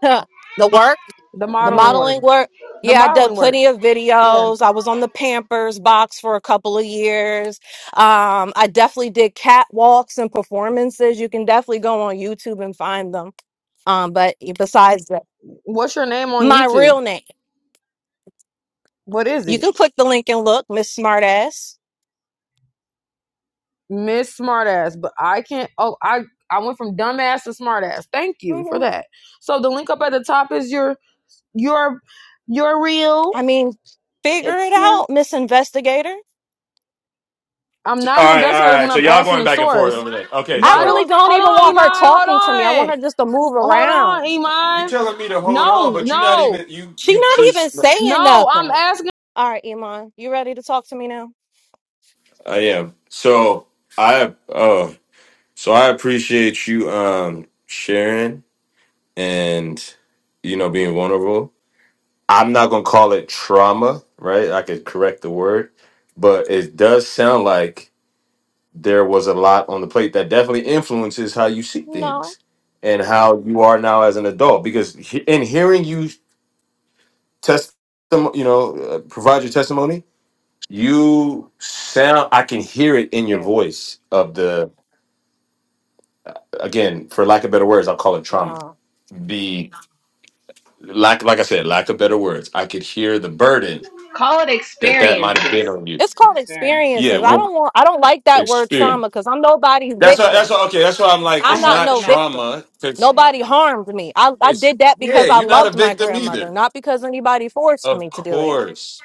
A: the work,
U: The
A: the
U: modeling work.
A: modeling
I: Mhm.
A: work.
U: The
A: Yeah, I did
U: modeling work.
A: plenty of
U: Yeah.
A: videos. I was on the Pampers box for a couple of years. Um, I definitely did catwalks and performances. You can definitely go on YouTube and find them. Um, but besides that,
U: What's your name on
A: my
U: YouTube?
A: real name.
U: What is
A: You
U: it?
A: can click the link and look, Miss Smartass.
U: Miss Smartass, but I can't. Oh, I I went from dumbass to smartass. Thank you for
A: hmm
U: that. So the link up at the top is your your your real.
A: I mean, figure
U: It's
A: it
U: your.
A: out, Miss Investigator.
U: I'm not
T: all
U: an
T: right, all
U: investigator when
T: right. So
U: I'm
T: y'all
U: asking
T: going
U: the
T: back and forth
U: source.
T: over there. Okay,
A: I
U: Why
T: so
U: do?
A: really
U: I,
A: don't
U: Hold
A: even
U: on, Iman.
A: want her talking to me. I
U: Hold
A: want
U: on.
A: her just to move
U: Hold
A: around.
U: on,
T: You
U: Iman.
T: telling me to hold on,
U: No,
T: but you're not
U: no,
T: even you.
A: She
T: You
A: not even
T: just
A: saying
U: no. I'm
A: nothing.
U: asking.
A: All right, Iman, you ready to talk to me now?
T: I am. So I uh so I appreciate you um sharing and you know being vulnerable. I'm not gonna call it trauma, right? I could correct the word, but it does sound like there was a lot on the plate that definitely influences how you see
A: No.
T: things and how you are now as an adult. Because he- in hearing you test, you know, uh, provide your testimony you sound i can hear it in your
A: Yeah, we're-
T: voice of the again for lack of better words i'll call it trauma
A: No.
T: the lack like i said lack of better words i could hear the burden
I: Call it
T: that that might have
I: experiences.
T: been on you
A: It's called
I: Experience.
T: yeah
A: experiences. I
T: well
A: don't want. I don't like that word
T: experience
A: trauma because I'm nobody's
T: that's why
A: victim.
T: that's why okay that's why i'm like
I: I
A: I'm
T: it's
A: not
I: helped
T: not
A: no
I: him out.
A: victim.
T: trauma because
I: I
A: Nobody
I: helped him out.
A: harmed me. I, I
T: it's
A: did that
T: yeah
A: because I
T: you're not a
A: loved my
T: victim
A: grandmother,
T: either
A: not because anybody forced me
T: of
A: to do it.
T: course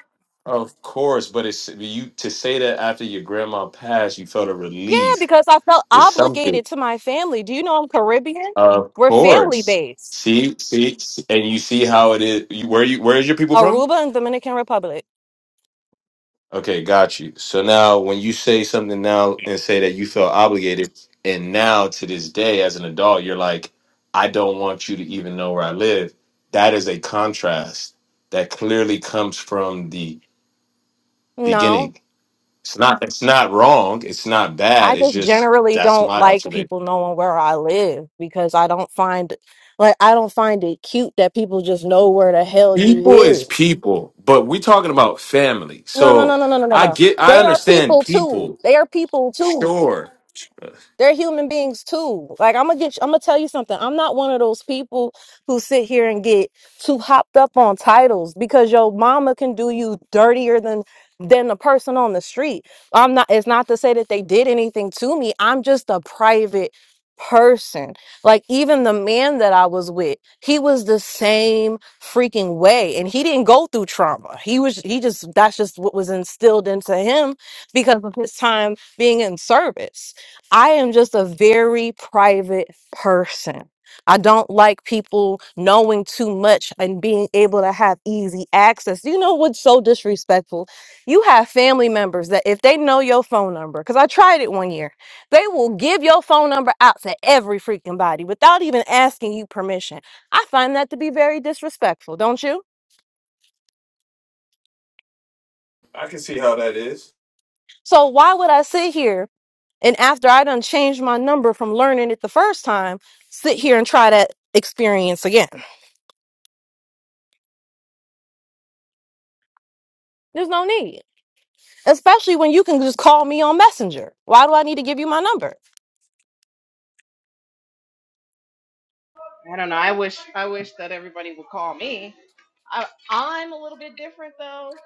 T: of course but it's you to say that after your grandma passed you felt a
A: Yeah,
T: relief
A: because I felt
T: is something
A: obligated to my family. Do you know I'm Caribbean?
T: Of
A: We're family
T: course.
A: based.
T: See, see, see- and you see how it is. You, where you? Where is your people from?
A: Aruba and Dominican Republic.
T: Okay, got you. So now, when you say something now and say that you felt obligated, and now to this day, as an adult, you're like, I don't want you to even know where I live. That is a contrast that clearly comes from the
A: No,
T: beginning. It's not. It's not wrong. It's not
A: I
T: bad. It's
A: just
T: just
A: generally
T: that's
A: don't
T: my
A: like
T: observation.
A: people knowing where I live because I don't find like I don't find it cute that people just know where the hell you
T: people is
A: live.
T: people, but we're talking about family.
A: No, no, no,
T: So
A: no, no, no, no,
T: I
A: no.
T: get, I
A: They are
T: understand
A: people too.
T: people.
A: They are people too.
T: Sure,
A: They're human beings too. Like I'm gonna get, I'm gonna tell you something. I'm not one of those people who sit here and get too hopped up on titles because your mama can do you dirtier than than the person on the street. I'm not. It's not to say that they did anything to me. I'm just a private person. Like even the man that I was with, he was the same freaking way, and he didn't go through trauma. He was. He just. That's just what was instilled into him because of his time being in service. I am just a very private person. I don't like people knowing too much and being able to have easy access. You know what's so disrespectful? You have family members that if they know your phone number, because I tried it one year, they will give your phone number out to every freaking body without even asking you permission. I find that to be very disrespectful, don't you?
T: I can see how that is.
A: So why would I sit here and after I done changed my number from learning it the first time, sit here and try that experience again? There's no need. Especially when you can just call me on Messenger. Why do I need to give you my number?
I: I don't know. I wish I wish that everybody would call me. I I'm a little bit different though,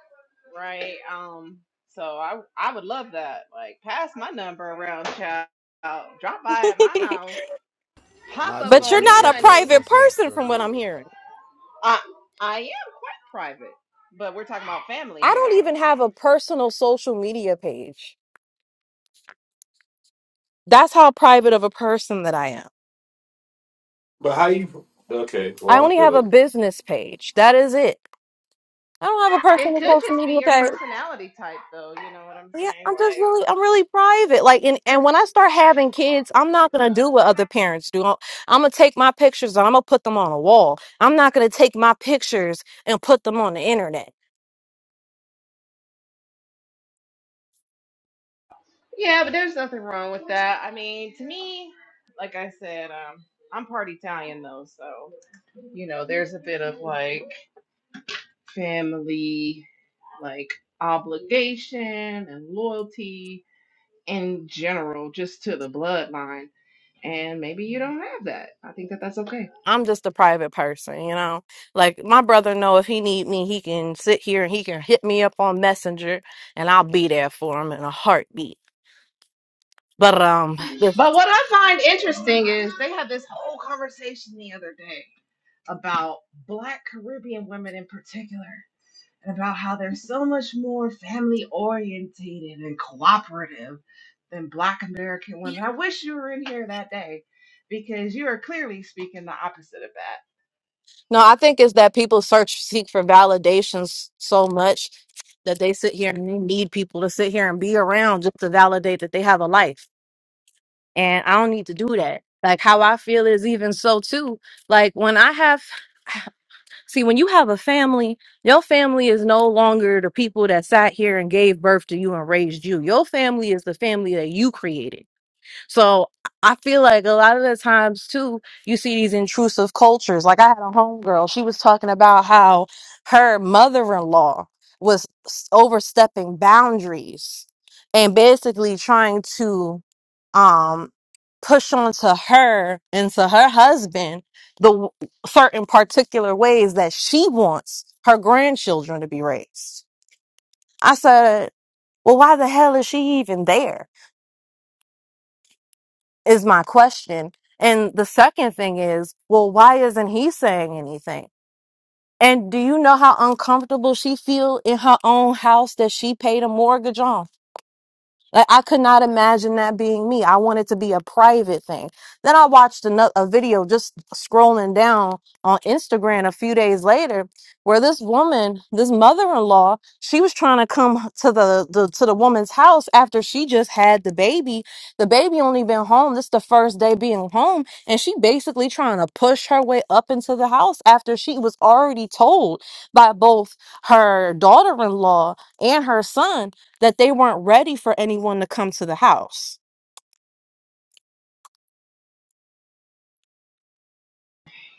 I: right? Um, so I I would love that. Like pass my number around, child. Drop by at my house. Pop up
W: Nacho,
A: but you're
I: on
W: baby,
I: me,
A: not a
W: what's up?
I: honey.
A: private
W: What's up,
A: person
W: sugar?
A: from what I'm hearing.
I: I I am quite private, but we're talking about family
A: I don't
I: here
A: even have a personal social media page. That's how private of a person that I am.
T: But how you? Okay,
A: I
T: well I
A: only
T: feel
A: have a
T: it.
A: business page. That is it. I don't have a
I: It
A: personal
I: could
A: social
I: just be
A: media
I: your
A: page.
I: personality type, though. You know what I'm
A: Yeah,
I: saying?
A: I'm just
I: Like,
A: really, I'm really private. Like, and, and when I start having kids, I'm not gonna do what other parents do. I'm, I'm gonna take my pictures and I'm gonna put them on a wall. I'm not gonna take my pictures and put them on the internet.
I: yeah, but there's nothing wrong with that. I mean, to me, like I said, um, I'm part Italian though, so you know, there's a bit of like family, like obligation and loyalty in general, just to the bloodline. And maybe you don't have that. I think that that's okay.
A: I'm just a private person, you know. Like my brother know if he need me, he can sit here and he can hit me up on Messenger, and I'll be there for him in a heartbeat. But um,
I: But what I find interesting is they had this whole conversation the other day. about Black Caribbean women in particular and about how they're so much more family orientated and cooperative than Black American women. I wish you were in here that day because you are clearly speaking the opposite of that.
A: No, I think it's that people search seek for validations so much that they sit here and they need people to sit here and be around just to validate that they have a life. And I don't need to do that. Like how I feel is even so too. Like when I have see when you have a family, your family is no longer the people that sat here and gave birth to you and raised you. Your family is the family that you created. So I feel like a lot of the times too, you see these intrusive cultures. Like I had a homegirl, she was talking about how her mother-in-law was s- overstepping boundaries and basically trying to um push onto her and to her husband the w- certain particular ways that she wants her grandchildren to be raised. I said, "Well, why the hell is she even there?" is my question. And the second thing is, well, why isn't he saying anything? And do you know how uncomfortable she feel in her own house that she paid a mortgage on? Like I could not imagine that being me. I want it to be a private thing. Then I watched another a video just scrolling down on Instagram a few days later where this woman, this mother-in-law, she was trying to come to the, the to the woman's house after she just had the baby. The baby only been home. This the first day being home. And she basically trying to push her way up into the house after she was already told by both her daughter-in-law and her son that they weren't ready for anyone to come to the house.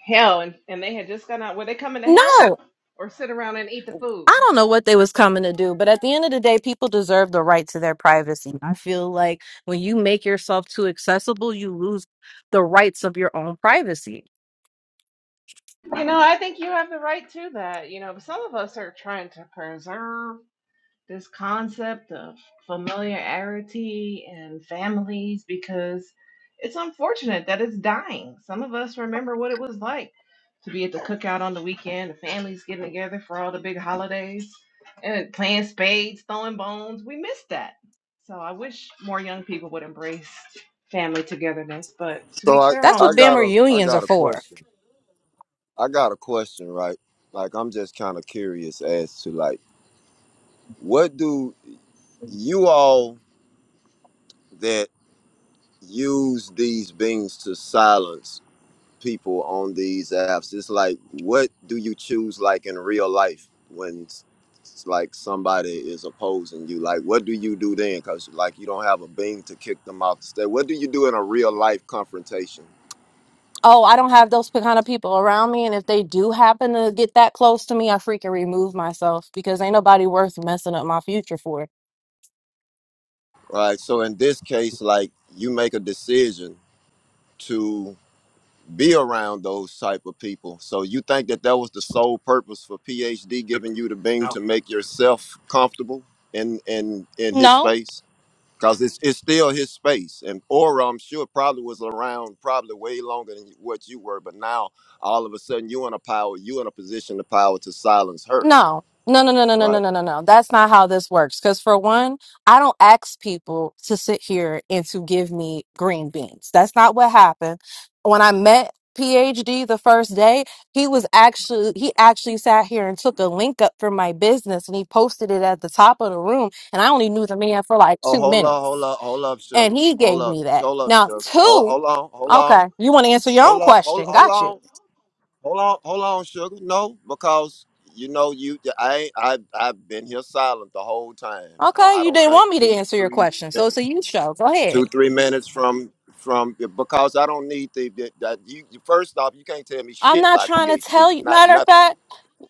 I: Hell, and, and they had just gone out. Were they coming to
A: No,
I: help or sit around and eat the food?
A: I don't know what they was coming to do, but at the end of the day, people deserve the right to their privacy. I feel like when you make yourself too accessible, you lose the rights of your own privacy.
I: You know, I think you have the right to that. You know, some of us are trying to preserve this concept of familiarity and families because it's unfortunate that it's dying. Some of us remember what it was like to be at the cookout on the weekend, the families getting together for all the big holidays and playing spades, throwing bones. We miss that. So I wish more young people would embrace family togetherness, but to
W: So
I: each
W: I,
I: their
A: That's
W: I
A: what
I: own.
W: got
A: family
W: a I
A: reunions are
W: got a
A: for.
W: question. I got a question, right? Like I'm just kind of curious as to like what do you all that use these beings to silence? people on these apps it's like what do you choose like in real life when s- s- like somebody is opposing you like what do you do then because like you don't have a bean to kick them off the stage what do you do in a real life confrontation
A: Oh, I don't have those kind of people around me. And if they do happen to get that close to me, I freaking remove myself because ain't nobody worth messing up my future for.
W: right so in this case like you make a decision to be around those type of people so you think that that was the sole purpose for phd giving you the bean to make yourself comfortable in in in his
A: No,
W: space because it's, it's still his space and aura i'm sure probably was around probably way longer than what you were but now all of a sudden you in a power you in a position of power to silence her
A: no, no, no, no, no, no, no,
W: right
A: no, no. no. That's not how this works. Because for one, I don't ask people to sit here and to give me green beans. That's not what happened. When I met PhD the first day, he was actually, he actually sat here and took a link up for my business and he posted it at the top of the room. And I only knew the man for like
W: oh
A: two
W: hold up
A: minutes.
W: hold up hold up
A: and
W: sugar
A: he
W: hold
A: gave
W: up
A: me that.
W: hold up
A: Now,
W: sugar hold,
A: two,
W: hold on hold on
A: okay, you want to answer your own
W: hold on hold,
A: question.
W: hold
A: Got you.
W: on hold on hold on sugar no because you know you i ain't- i i've been here silent the whole time
A: Okay,
W: i, I
A: you
W: don't
A: didn't
W: think
A: want me to
W: two
A: answer your
W: three
A: question, so it's a
W: minutes
A: you show. Go ahead.
W: two three minutes from from yeah, because I don't need the, the, the you, you- first off you can't tell me
A: I'm
W: shit
A: not
W: by
A: trying to
W: PhD
A: tell you.
W: not
A: Matter of
W: nothing
A: fact,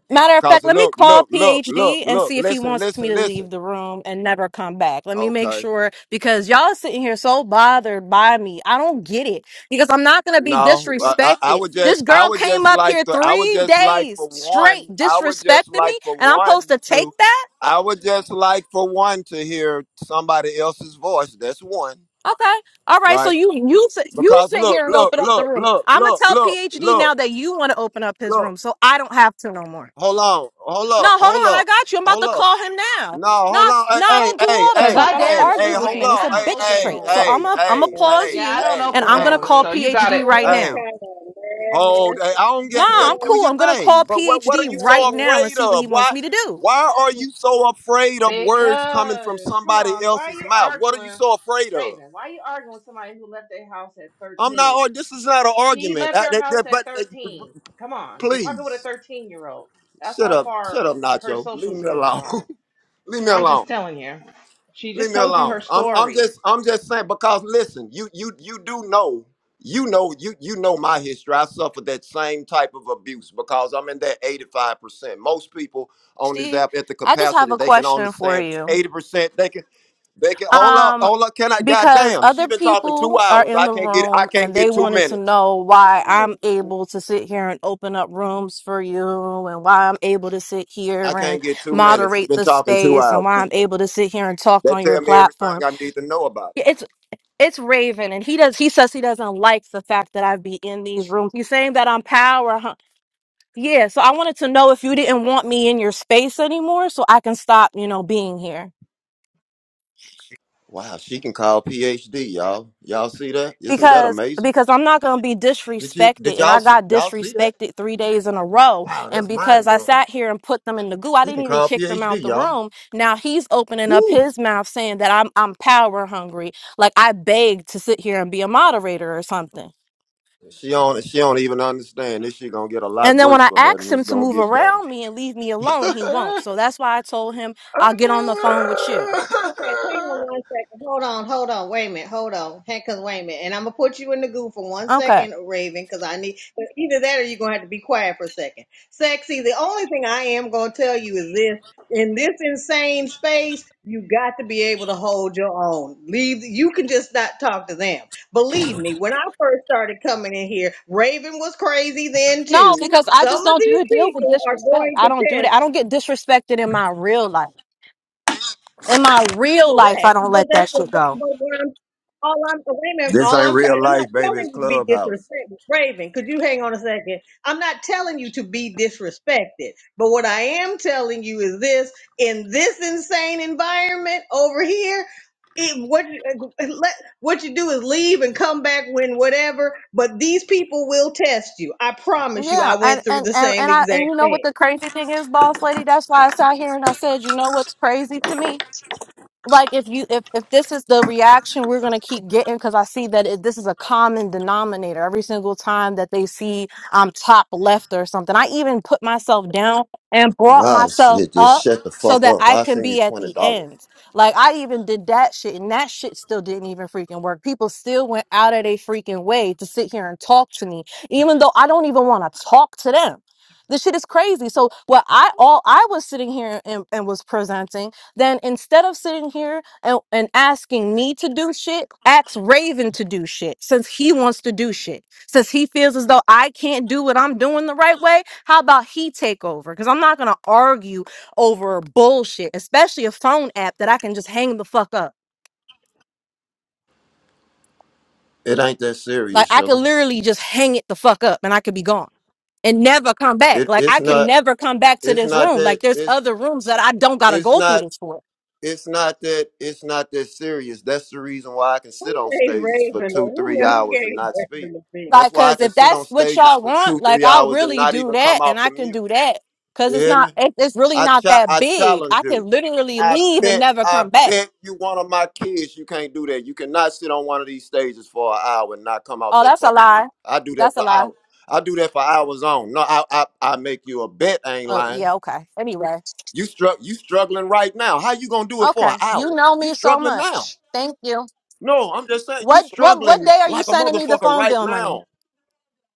A: matter of
W: because
A: fact, let me
W: look
A: call
W: look look look
A: PhD and
W: look
A: see if he
W: listen
A: wants me
W: listen
A: to
W: listen
A: leave the room and never come back. Let me make
W: okay
A: sure because y'all sitting here so bothered by me. I don't get it because I'm not gonna be
W: no I, I, I
A: disrespected.
W: would
A: This
W: just I
A: girl
W: would
A: came
W: just
A: up here
W: like to I would
A: three
W: just like for
A: days straight
W: one I would just
A: disrespecting
W: like
A: me,
W: for
A: and I'm supposed
W: one
A: to take
W: to
A: that.
W: I would just like for one to hear somebody else's voice that's one
A: Okay. All right. So
W: right
A: you you sit you
W: because
A: sit
W: look
A: here and
W: look
A: open up the
W: look
A: room.
W: look
A: I'm gonna
W: look
A: tell
W: look
A: PhD
W: look
A: now that you want to open up his
W: look
A: room, so I don't have to no more.
W: Hold on, hold
A: No,
W: up,
A: hold
W: hold
A: on. I
W: up,
A: got you. I'm about
W: hold
A: to
W: up.
A: call him now.
W: No,
A: No,
W: hold
A: I
W: on.
A: f- no, I
W: Hey,
A: don't
W: hey,
A: do
W: hey,
A: all the
I: Cause
W: hey,
A: talk.
I: I
A: I don't
W: hey,
I: damn
W: hey,
A: argue
I: sure
A: with
W: hold
A: men.
I: ain't.
A: It's
I: I
W: on.
A: a
I: don't
W: Hey,
A: bitch
I: open
W: hey,
A: trait. So
I: rooms.
O: Oh,
A: I'm
W: hey,
A: a I'm gonna
W: hey,
O: Lord,
A: pause
W: hey,
I: Yeah, I
A: you,
I: don't
W: hey,
A: and
I: open
A: I'm gonna
W: hey,
I: rooms.
A: call
O: mercy.
I: So you got
A: PhD
I: it.
A: right
O: What
W: hey.
A: now.
O: kind of
W: Hold. Hey, I don't
A: Nah,
O: madness?
W: get the,
A: I'm
W: do
A: cool.
W: your
A: I'm gonna
W: thing.
A: call
W: But what what are
A: PhD
W: you so
A: right
O: Hello,
A: now and
W: afraid
A: see what
W: of?
A: he wants
W: Why
A: me to do.
W: why are you so afraid of words coming
I: Because
W: from
I: come
W: somebody
I: on, why are
W: else's
I: you
W: mouth? What are you
I: arguing,
W: so afraid of?
I: Raven? Why are you arguing with somebody who left their house at
W: I'm not.
I: thirteen?
W: ar- This is not an
I: She
W: argument.
I: left
W: I,
I: her
W: that,
I: house
W: that,
I: at
W: but uh,
I: thirteen. Come on, you're talking with a
W: please,
I: thirteen-year-old. That's
W: shut
I: how
W: up,
I: far
W: shut up,
I: her
W: Nacho.
I: social
W: Leave me
I: skills
W: alone.
I: are.
W: Leave me
I: I'm
W: alone.
I: just telling you. She
W: Leave
I: just
W: me
I: told you her
W: alone. I'm I'm
I: story.
W: just I'm just saying because listen, you you you do know you know you you know my history. I suffered that same type of abuse because I'm in that 85 percent. Most people on this
A: PhD,
W: app at the
A: I just have
W: capacity
A: a
W: they can
A: question for
W: understand
A: you.
W: 80 percent. They can they can hold up
A: Um,
W: hold up. Can I?
A: because
W: Goddamn, she
A: other
W: been talking two
A: people are
W: hours.
A: in
W: I
A: the
W: can't get I
A: room
W: can't
A: and they
W: get two
A: wanted to
W: minutes.
A: know why I'm
O: hello.
A: able to sit here and open up rooms for you and why I'm able to sit
W: I
A: here and
W: can't get two minutes. She
A: moderate
W: been
A: the
W: talking two
A: space and
W: hours.
A: why I'm able to sit here and talk
W: That
A: on your
W: tell me
A: platform.
W: everything I need to know about her.
A: It's it's Raven and he does he says he doesn't like the fact that I be in these rooms. He's saying that I'm power huh? Yeah, so I wanted to know if you didn't want me in your space anymore so I can stop, you know, being here.
W: Wow, she can call PhD, y'all. Y'all see that? Isn't that
A: because
W: amazing?
A: because I'm not going to be
W: Did you
A: disrespected
W: did
A: and I
W: y'all see,
A: got
W: y'all see that?
A: disrespected 3 days in a row
W: Wow,
A: and
W: that's
A: because
W: mind
A: I
W: blowing.
A: sat here and put them in the goo I
W: She can
A: didn't even
W: call
A: kick them out
W: PhD,
A: the
W: y'all.
A: room now he's opening up
W: Woo!
A: his mouth saying that I'm I'm power hungry like I begged to sit here and be a moderator or something
W: She don't she don't even understand. This shit gonna get a lot
A: and then when
W: worse
A: I
W: for her than
A: ask him
W: it's
A: to
W: gonna
A: move
W: get better.
A: around me and leave me alone he won't so that's why I told him I'll get on the phone with you
O: Okay, hang on one second. Hold on, hold on. Wait a minute. Hold on. Hang, cause wait a minute. And I'm gonna put you in the goo for one
A: okay
O: second, Raven, cause I need. But either that, or you're gonna have to be quiet for a second. Sexy. The only thing I am gonna tell you is this: in this insane space, you got to be able to hold your own. Leave. You can just not talk to them. Believe me. When I first started coming in here, Raven was crazy then
A: no
O: too.
A: because I
O: Some
A: just
O: of
A: don't do
O: these
A: a deal with
O: people are
A: disrespect
O: going
A: I
O: to
A: don't do
O: test.
A: that I don't get disrespected in my real life In my real life, I
O: correct.
A: don't
O: But
A: let
O: that's
A: that
O: what.
A: shit
O: But,
A: go.
O: but what I'm, all I'm wait a minute.
W: This
O: All
W: ain't
O: I'm
W: real
O: trying. I'm not
W: life, baby. It's
O: telling you to be
W: clubhouse.
O: disrespectful, Raven. Could you hang on a second? I'm not telling you to be disrespected. But what I am telling you is this: in this insane environment over here. It, what you- uh, let, what you do is leave and come back when whatever, but these people will test you. I promise you,
A: Yeah,
O: I
A: and
O: went through
A: and
O: the
A: and
O: same
A: and I
O: exact
A: and you know what
O: thing.
A: the crazy thing is, boss lady. That's why I sat here and I said, you know what's crazy to me? like if you if, if this is the reaction we're going to keep getting because i see that it, this is a common denominator every single time that they see i'm top left or something i even put myself down and brought
W: Wow,
A: myself
W: shit, just
A: up
W: shut the
A: so
W: fuck
A: that
W: up.
A: i
W: I
A: can
W: send you
A: be at
W: twenty
A: the
W: dollars.
A: end like i even did that shit and that shit still didn't even freaking work people still went out of their freaking way to sit here and talk to me even though i don't even want to talk to them this shit is crazy so what i all i was sitting here and, and was presenting then instead of sitting here and, and asking me to do shit, ask Raven to do shit since he wants to do shit. Since he feels as though I can't do what I'm doing the right way, how about he take over? Because I'm not going to argue over bullshit, especially a phone app that I can just hang the fuck up.
W: It ain't that
A: Like
W: serious,
A: I could
W: sugar.
A: literally just hang it the fuck up and I could be gone and never come back.
W: It
A: Like
W: it's
A: I can
W: not
A: never come back to
W: it's
A: this
W: not
A: room. Like
W: that
A: there's
W: it's
A: other rooms that I don't got to
W: it's
A: go through
W: not
A: this for.
W: it's not that it's not that serious. That's the reason why I can sit
O: Who
W: on
O: gave
W: stages for
O: Raven? a-
W: two,
O: Who
W: three
O: who gave
W: hours and not speak.
O: Raven?
W: That's
A: Like,
W: why I
A: cause
W: can
A: if
W: sit on
A: that's what
W: stages
A: y'all
W: for two,
A: want, like
W: three
A: I'll
W: hours and
A: really
W: not
A: do
W: even
A: that
W: come
A: and
W: off
A: I
W: the
A: can
W: mute.
A: do that. Cause
W: You
A: it's
W: hear
A: not,
W: me?
A: it, it's really
W: I
A: not
W: cha-
A: that
W: I
A: big.
W: challenge
A: I can
W: you.
A: literally
W: I
A: leave and
W: bet
A: never come
W: I
A: back.
W: bet you one of my kids you can't do that. You cannot sit on one of these stages for an hour and not come off
A: Oh,
W: that
A: that's a
W: fucking
A: lie.
W: mute. I do that
A: That's a
W: for
A: lie.
W: hours. I do that for hours on. No, I I, I make you a bet. I ain't
A: Oh,
W: lying.
A: yeah. Okay. Anyway.
W: You struck you struggling right now. How you gonna do it for
A: Okay.
W: an
A: You
W: hour?
A: know
W: You
A: me so
W: struggling now.
A: much. Thank you.
W: No, I'm just saying you
A: What, what, what
W: struggling
A: day are you
W: like a
A: sending me the
W: motherfucker
A: phone
W: right
A: bill money?
W: now.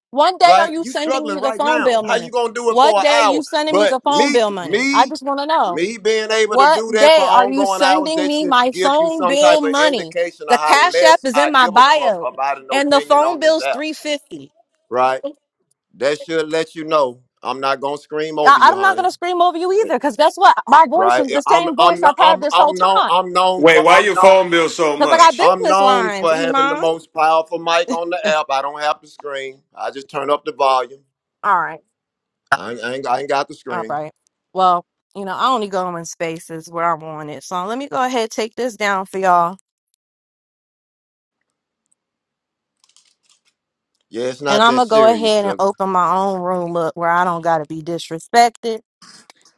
A: One day are
W: Right?
A: you
W: You
A: sending me
W: struggling
A: the
W: right
A: phone
W: now.
A: bill
W: How you
A: money?
W: gonna do it
A: What
W: for an
A: day are
W: hour?
A: you sending me
W: But
A: the phone
W: me,
A: bill money? I
W: me,
A: just want to know.
W: me being able to
A: What
W: do that for
A: day are you
W: ongoing hours,
A: sending
W: that
A: me
W: should
A: my
W: give you
A: phone
W: some
A: bill
W: type of
A: money?
W: indication of
A: The
W: how
A: Cash App
W: less
A: is
W: I
A: in my
W: give a fuck
A: bio,
W: about an
A: and the
W: opinion
A: phone
W: on this
A: bill's
W: app.
A: three fifty.
W: Right?
A: I-
W: That should let you know I'm not gonna scream over you,
A: I'm not
W: honey.
A: gonna scream over you either, because guess what? My voice
W: right?
A: is the
W: I'm
A: same voice
W: I'm no-
A: I've had
W: I'm
A: this whole
W: I'm known
A: time.
W: I'm known
T: Wait,
W: for
T: why
W: I'm
T: your
W: known
T: phone bill so
A: Because I got
T: much?
W: I'm
A: business
W: known
A: lines,
W: for having the
A: Iman.
W: most powerful mic on the app. I don't have the screen. I just turn up the volume.
A: All right,
W: I ain't, I ain't, I ain't got the
A: all
W: screen.
A: right. Well, you know, I only go in spaces where I want it. So let me go ahead take this down for y'all.
W: Yeah, it's
A: And
W: not
A: I'm
W: that
A: gonna go
W: serious,
A: ahead and
W: sugar.
A: open my own room up where I don't gotta be disrespected.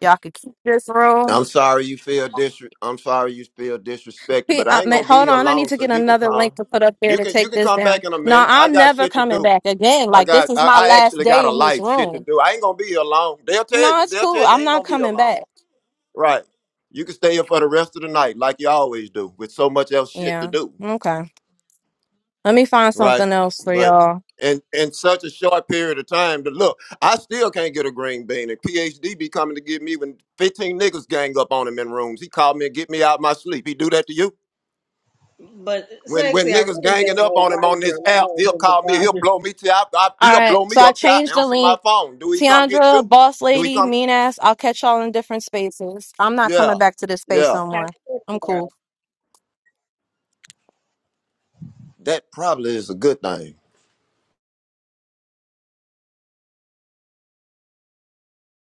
A: Y'all could keep this room.
W: I'm sorry you feel dis. I'm sorry you feel disrespected,
A: P-
W: but I
A: I
W: ain't
A: mean,
W: gonna be
A: hold
W: here
A: on, I need
W: long,
A: to
W: so
A: get
W: you can
A: another link
W: come.
A: to put up there
W: You
A: to
W: can you
A: take
W: can
A: this
W: come
A: down.
W: back in a
A: No,
W: minute. I
A: I'm
W: got
A: never
W: shit to
A: coming
W: do.
A: back again.
W: I
A: Like this
W: got
A: is
W: I,
A: my
W: I
A: last
W: actually got
A: day
W: a
A: in this
W: life shit to
A: room.
W: do. I ain't gonna be here long. They'll tell
A: No,
W: you.
A: it's
W: They'll
A: cool.
W: tell you I
A: I'm
W: ain't
A: not
W: gonna be here
A: coming
W: long.
A: back.
W: Right. You can stay here for the rest of the night, like you always do, with so much else shit to
A: Yeah.
W: do.
A: Okay. Let me find
W: Right.
A: something else for
W: But
A: y'all.
W: in in such a short period of time to look, I still can't get a green bean. And PhD be coming to get me when 15 niggas gang up on him in rooms. He called me and get me out my sleep. He do that to you?
O: But
W: When when
O: sexy, I
W: niggas
O: really
W: ganging
O: don't
W: up
O: know
W: on
O: why
W: him on
O: you're
W: this app,
O: allowing
W: he'll
O: him to
W: call me, he'll
O: bother.
W: blow me till I, I
A: All
W: he'll
A: right.
W: blow
A: So
W: me
A: I
W: up till I
A: changed the
W: answer my
A: link.
W: phone. Do he come get
A: Tiandra,
W: you?
A: boss
W: Do he
A: lady,
W: come?
A: mean ass. I'll catch y'all in different spaces. I'm not coming
W: Yeah.
A: back to this space
W: Yeah.
A: no more.
O: Have sex with
A: I'm
O: her.
A: cool.
W: That probably is a good thing.